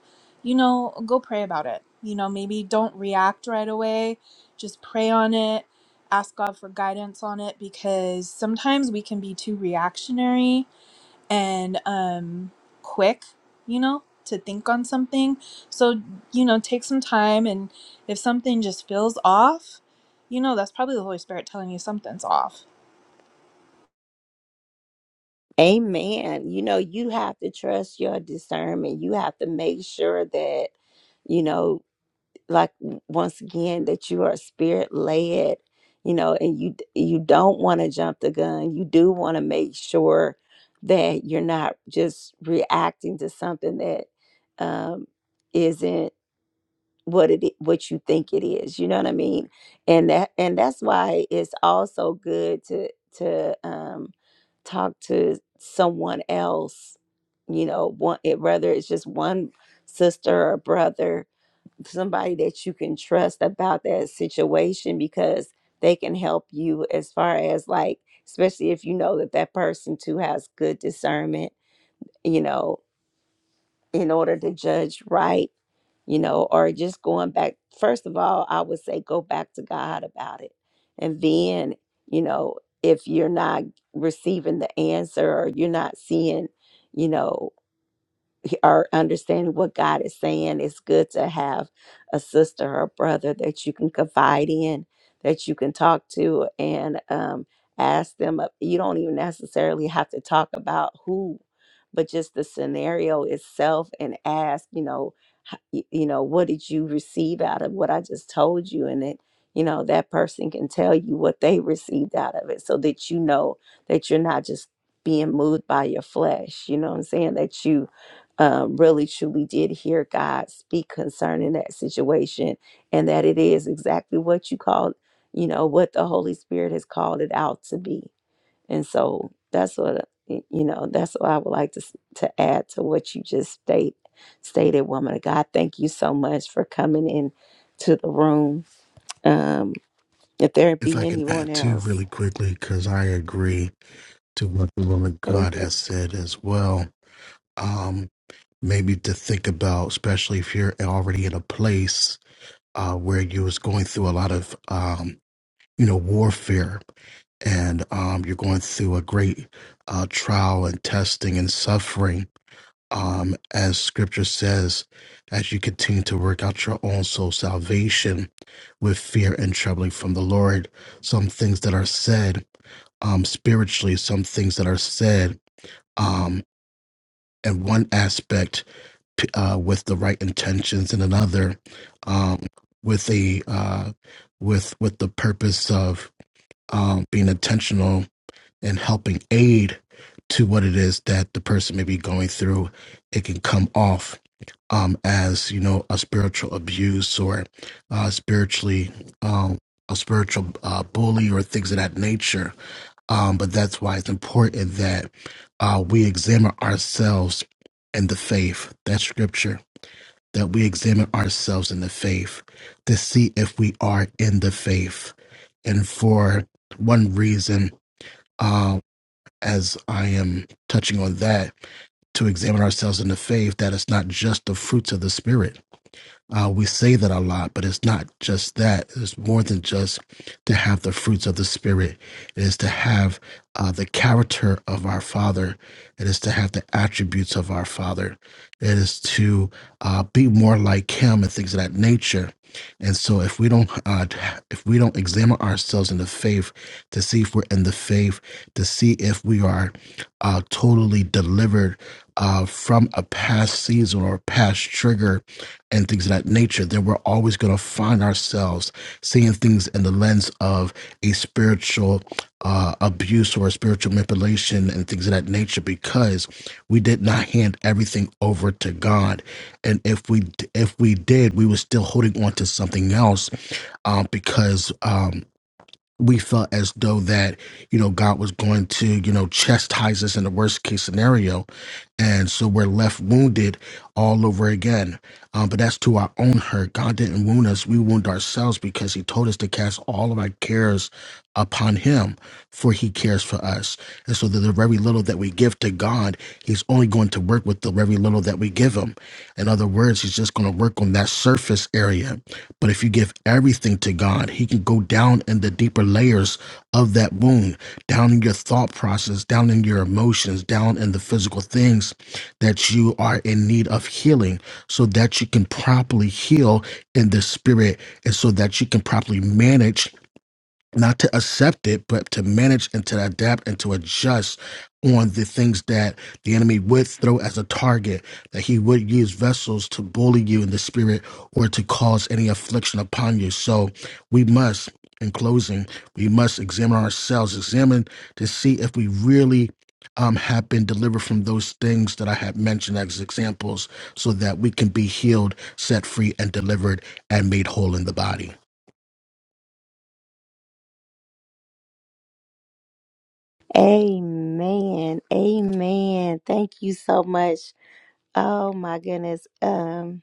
Speaker 10: you know, go pray about it. You know, maybe don't react right away, just pray on it, ask God for guidance on it, because sometimes we can be too reactionary and um, quick, you know, to think on something. So, you know, take some time, and if something just feels off, you know, that's probably the Holy Spirit telling you something's off
Speaker 1: Amen. You know, you have to trust your discernment. You have to make sure that, you know, like once again that you are spirit led you know and you you don't want to jump the gun you do want to make sure that you're not just reacting to something that um isn't what it i- what you think it is you know what i mean and that and that's why it's also good to to um talk to someone else you know one it, whether it's just one sister or brother somebody that you can trust about that situation because they can help you as far as like especially if you know that that person too has good discernment you know in order to judge right you know or just going back first of all i would say go back to god about it and then you know if you're not receiving the answer or you're not seeing you know are understanding what God is saying, it's good to have a sister or a brother that you can confide in, that you can talk to, and um, ask them. uh, You don't even necessarily have to talk about who, but just the scenario itself, and ask, you know, h- y- you know, what did you receive out of what I just told you, and it. You know, that person can tell you what they received out of it so that you know that you're not just being moved by your flesh. You know what I'm saying? That you um, really truly did hear God speak concerning that situation, and that it is exactly what you called, you know, what the Holy Spirit has called it out to be. And so that's what you know. That's what I would like to s- to add to what you just state stated, woman of God. Thank you so much for coming in to the room. Um, if there
Speaker 15: If I
Speaker 1: be
Speaker 15: can
Speaker 1: anyone
Speaker 15: add too
Speaker 1: else.
Speaker 15: really quickly, because I agree to what the woman God
Speaker 1: Mhm.
Speaker 15: has said as well. Um, maybe to think about, especially if you're already in a place uh, where you was going through a lot of, um, you know, warfare, and um, you're going through a great uh, trial and testing and suffering. Um, as Scripture says, as you continue to work out your own soul salvation with fear and trembling from the Lord, some things that are said um, spiritually some things that are said um, in one aspect p- uh, with the right intentions and another um, with a uh, with with the purpose of um, being intentional and helping aid to what it is that the person may be going through it can come off um, as you know a spiritual abuse or uh, spiritually um, a spiritual uh, bully or things of that nature um, but that's why it's important that uh, we examine ourselves in the faith, that scripture, that we examine ourselves in the faith to see if we are in the faith. And for one reason, uh, as I am touching on that, to examine ourselves in the faith, that it's not just the fruits of the Spirit uh, we say that a lot, but it's not just that. It's more than just to have the fruits of the Spirit. It is to have uh, the character of our Father. It is to have the attributes of our Father. It is to uh, be more like Him and things of that nature. And so, if we don't, uh, if we don't examine ourselves in the faith to see if we're in the faith, to see if we are uh, totally delivered uh, from a past season or a past trigger and things of that nature, that we're always going to find ourselves seeing things in the lens of a spiritual uh, abuse or a spiritual manipulation and things of that nature because we did not hand everything over to God. And if we if we did, we were still holding on to something else uh, because. um, we felt as though that you know god was going to you know chastise us in the worst case scenario and so we're left wounded all over again um, but that's to our own hurt god didn't wound us we wound ourselves because he told us to cast all of our cares upon him for he cares for us and so the, the very little that we give to god he's only going to work with the very little that we give him in other words he's just going to work on that surface area but if you give everything to God, He can go down in the deeper layers of that wound, down in your thought process, down in your emotions, down in the physical things that you are in need of healing so that you can properly heal in the spirit and so that you can properly manage not to accept it, but to manage and to adapt and to adjust on the things that the enemy would throw as a target, that he would use vessels to bully you in the spirit or to cause any affliction upon you. So we must, in closing, we must examine ourselves, examine to see if we really um have been delivered from those things that I have mentioned as examples so that we can be healed, set free and delivered and made whole in the body.
Speaker 1: Amen. Amen. Thank you so much. Oh my goodness. Um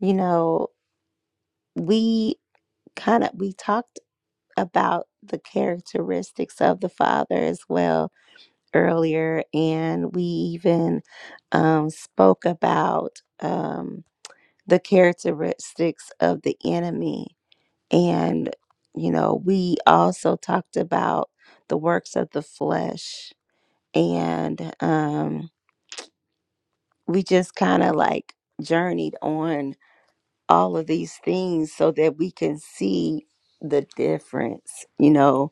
Speaker 1: You know, we kind of we talked about the characteristics of the father as well earlier, and we even um, spoke about um, the characteristics of the enemy, and you know, we also talked about the works of the flesh, and um, we just kind of like journeyed on all of these things so that we can see the difference you know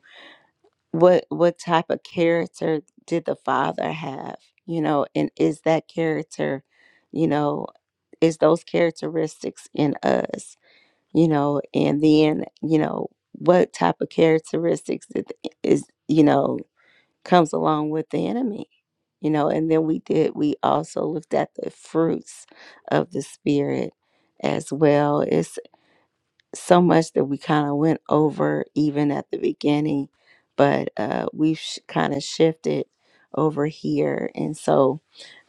Speaker 1: what what type of character did the father have you know and is that character you know is those characteristics in us you know and then you know what type of characteristics that is you know comes along with the enemy you know and then we did we also looked at the fruits of the spirit as well It's so much that we kind of went over even at the beginning, but uh, we've sh- kind of shifted over here. And so,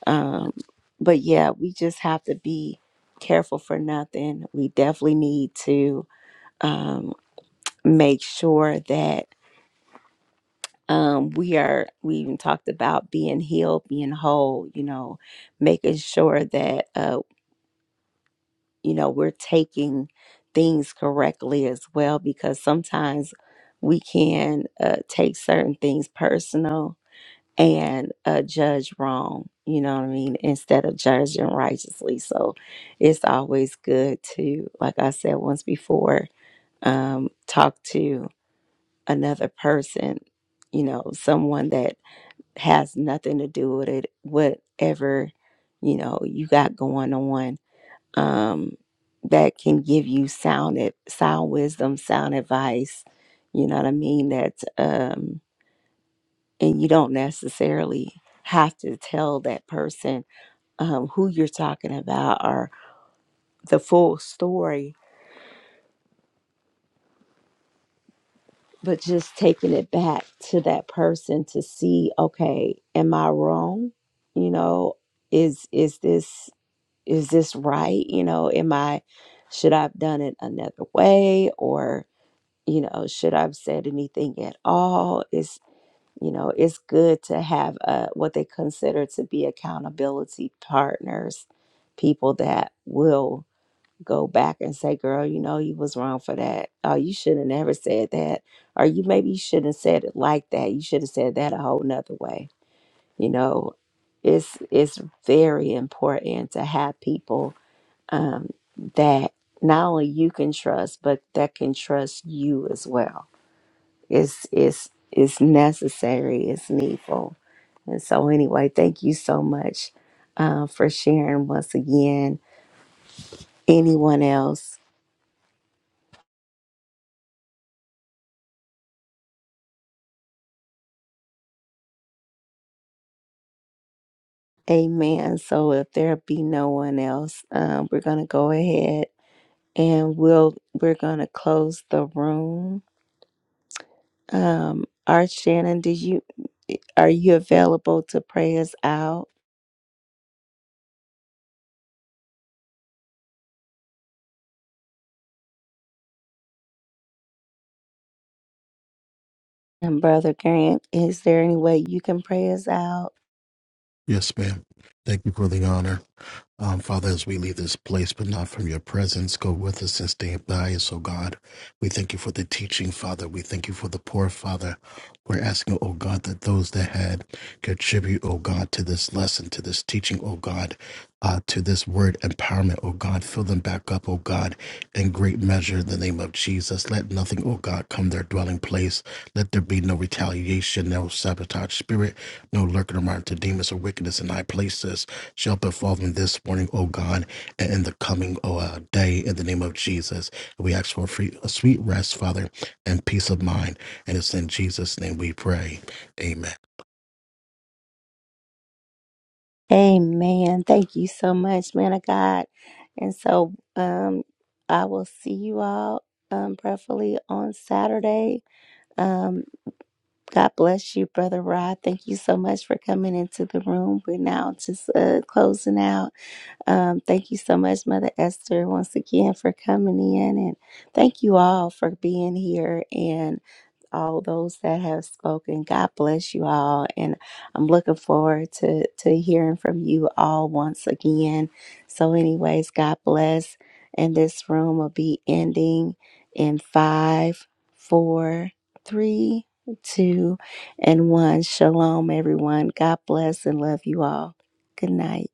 Speaker 1: um, but yeah, we just have to be careful for nothing. We definitely need to um, make sure that um, we are, we even talked about being healed, being whole, you know, making sure that uh, you know, we're taking things correctly as well because sometimes we can uh, take certain things personal and uh, judge wrong, you know what I mean, instead of judging righteously. So it's always good to, like I said once before, um, talk to another person, you know, someone that has nothing to do with it, whatever, you know, you got going on um, that can give you sound ad- sound wisdom, sound advice. You know what I mean? That um, and you don't necessarily have to tell that person um, who you're talking about or the full story, but just taking it back to that person to see, okay, am I wrong? You know, is is this is this right? You know, am I should I have done it another way or you know, should I have said anything at all? It's, you know, it's good to have uh what they consider to be accountability partners, people that will go back and say, girl, you know, you was wrong for that. Oh, you should have never said that. Or you maybe you shouldn't have said it like that. You should have said that a whole nother way. You know, it's it's very important to have people um, that not only you can trust, but that can trust you as well is is is necessary Is needful and so anyway thank you so much uh, for sharing once again anyone else amen so if there be no one else um, we're gonna go ahead and we'll we're gonna close the room um art shannon did you are you available to pray us out and brother grant is there any way you can pray us out
Speaker 15: Yes, ma'am. Thank you for the honor. Um, Father, as we leave this place, but not from your presence, go with us and stay by us, O God. We thank you for the teaching, Father. We thank you for the poor, Father. We're asking, O God, that those that had contribute, O God, to this lesson, to this teaching, O God, uh, to this word empowerment, O God, fill them back up, O God, in great measure in the name of Jesus. Let nothing, O God, come their dwelling place. Let there be no retaliation, no sabotage spirit, no lurking around to demons or wickedness in high places shall befall them this morning, O God, and in the coming O, uh, day, in the name of Jesus. We ask for free, a sweet rest, Father, and peace of mind. And it's in Jesus' name we pray. Amen.
Speaker 1: Amen. Thank you so much, man of God. And so um I will see you all um prayerfully on Saturday. Um God bless you, Brother Rod. Thank you so much for coming into the room. We're now just uh closing out. Um thank you so much, Mother Esther, once again for coming in and thank you all for being here all those that have spoken. God bless you all. And I'm looking forward to, to hearing from you all once again. So, anyways, God bless. And this room will be ending in five, four, three, two, and one. Shalom, everyone. God bless and love you all. Good night.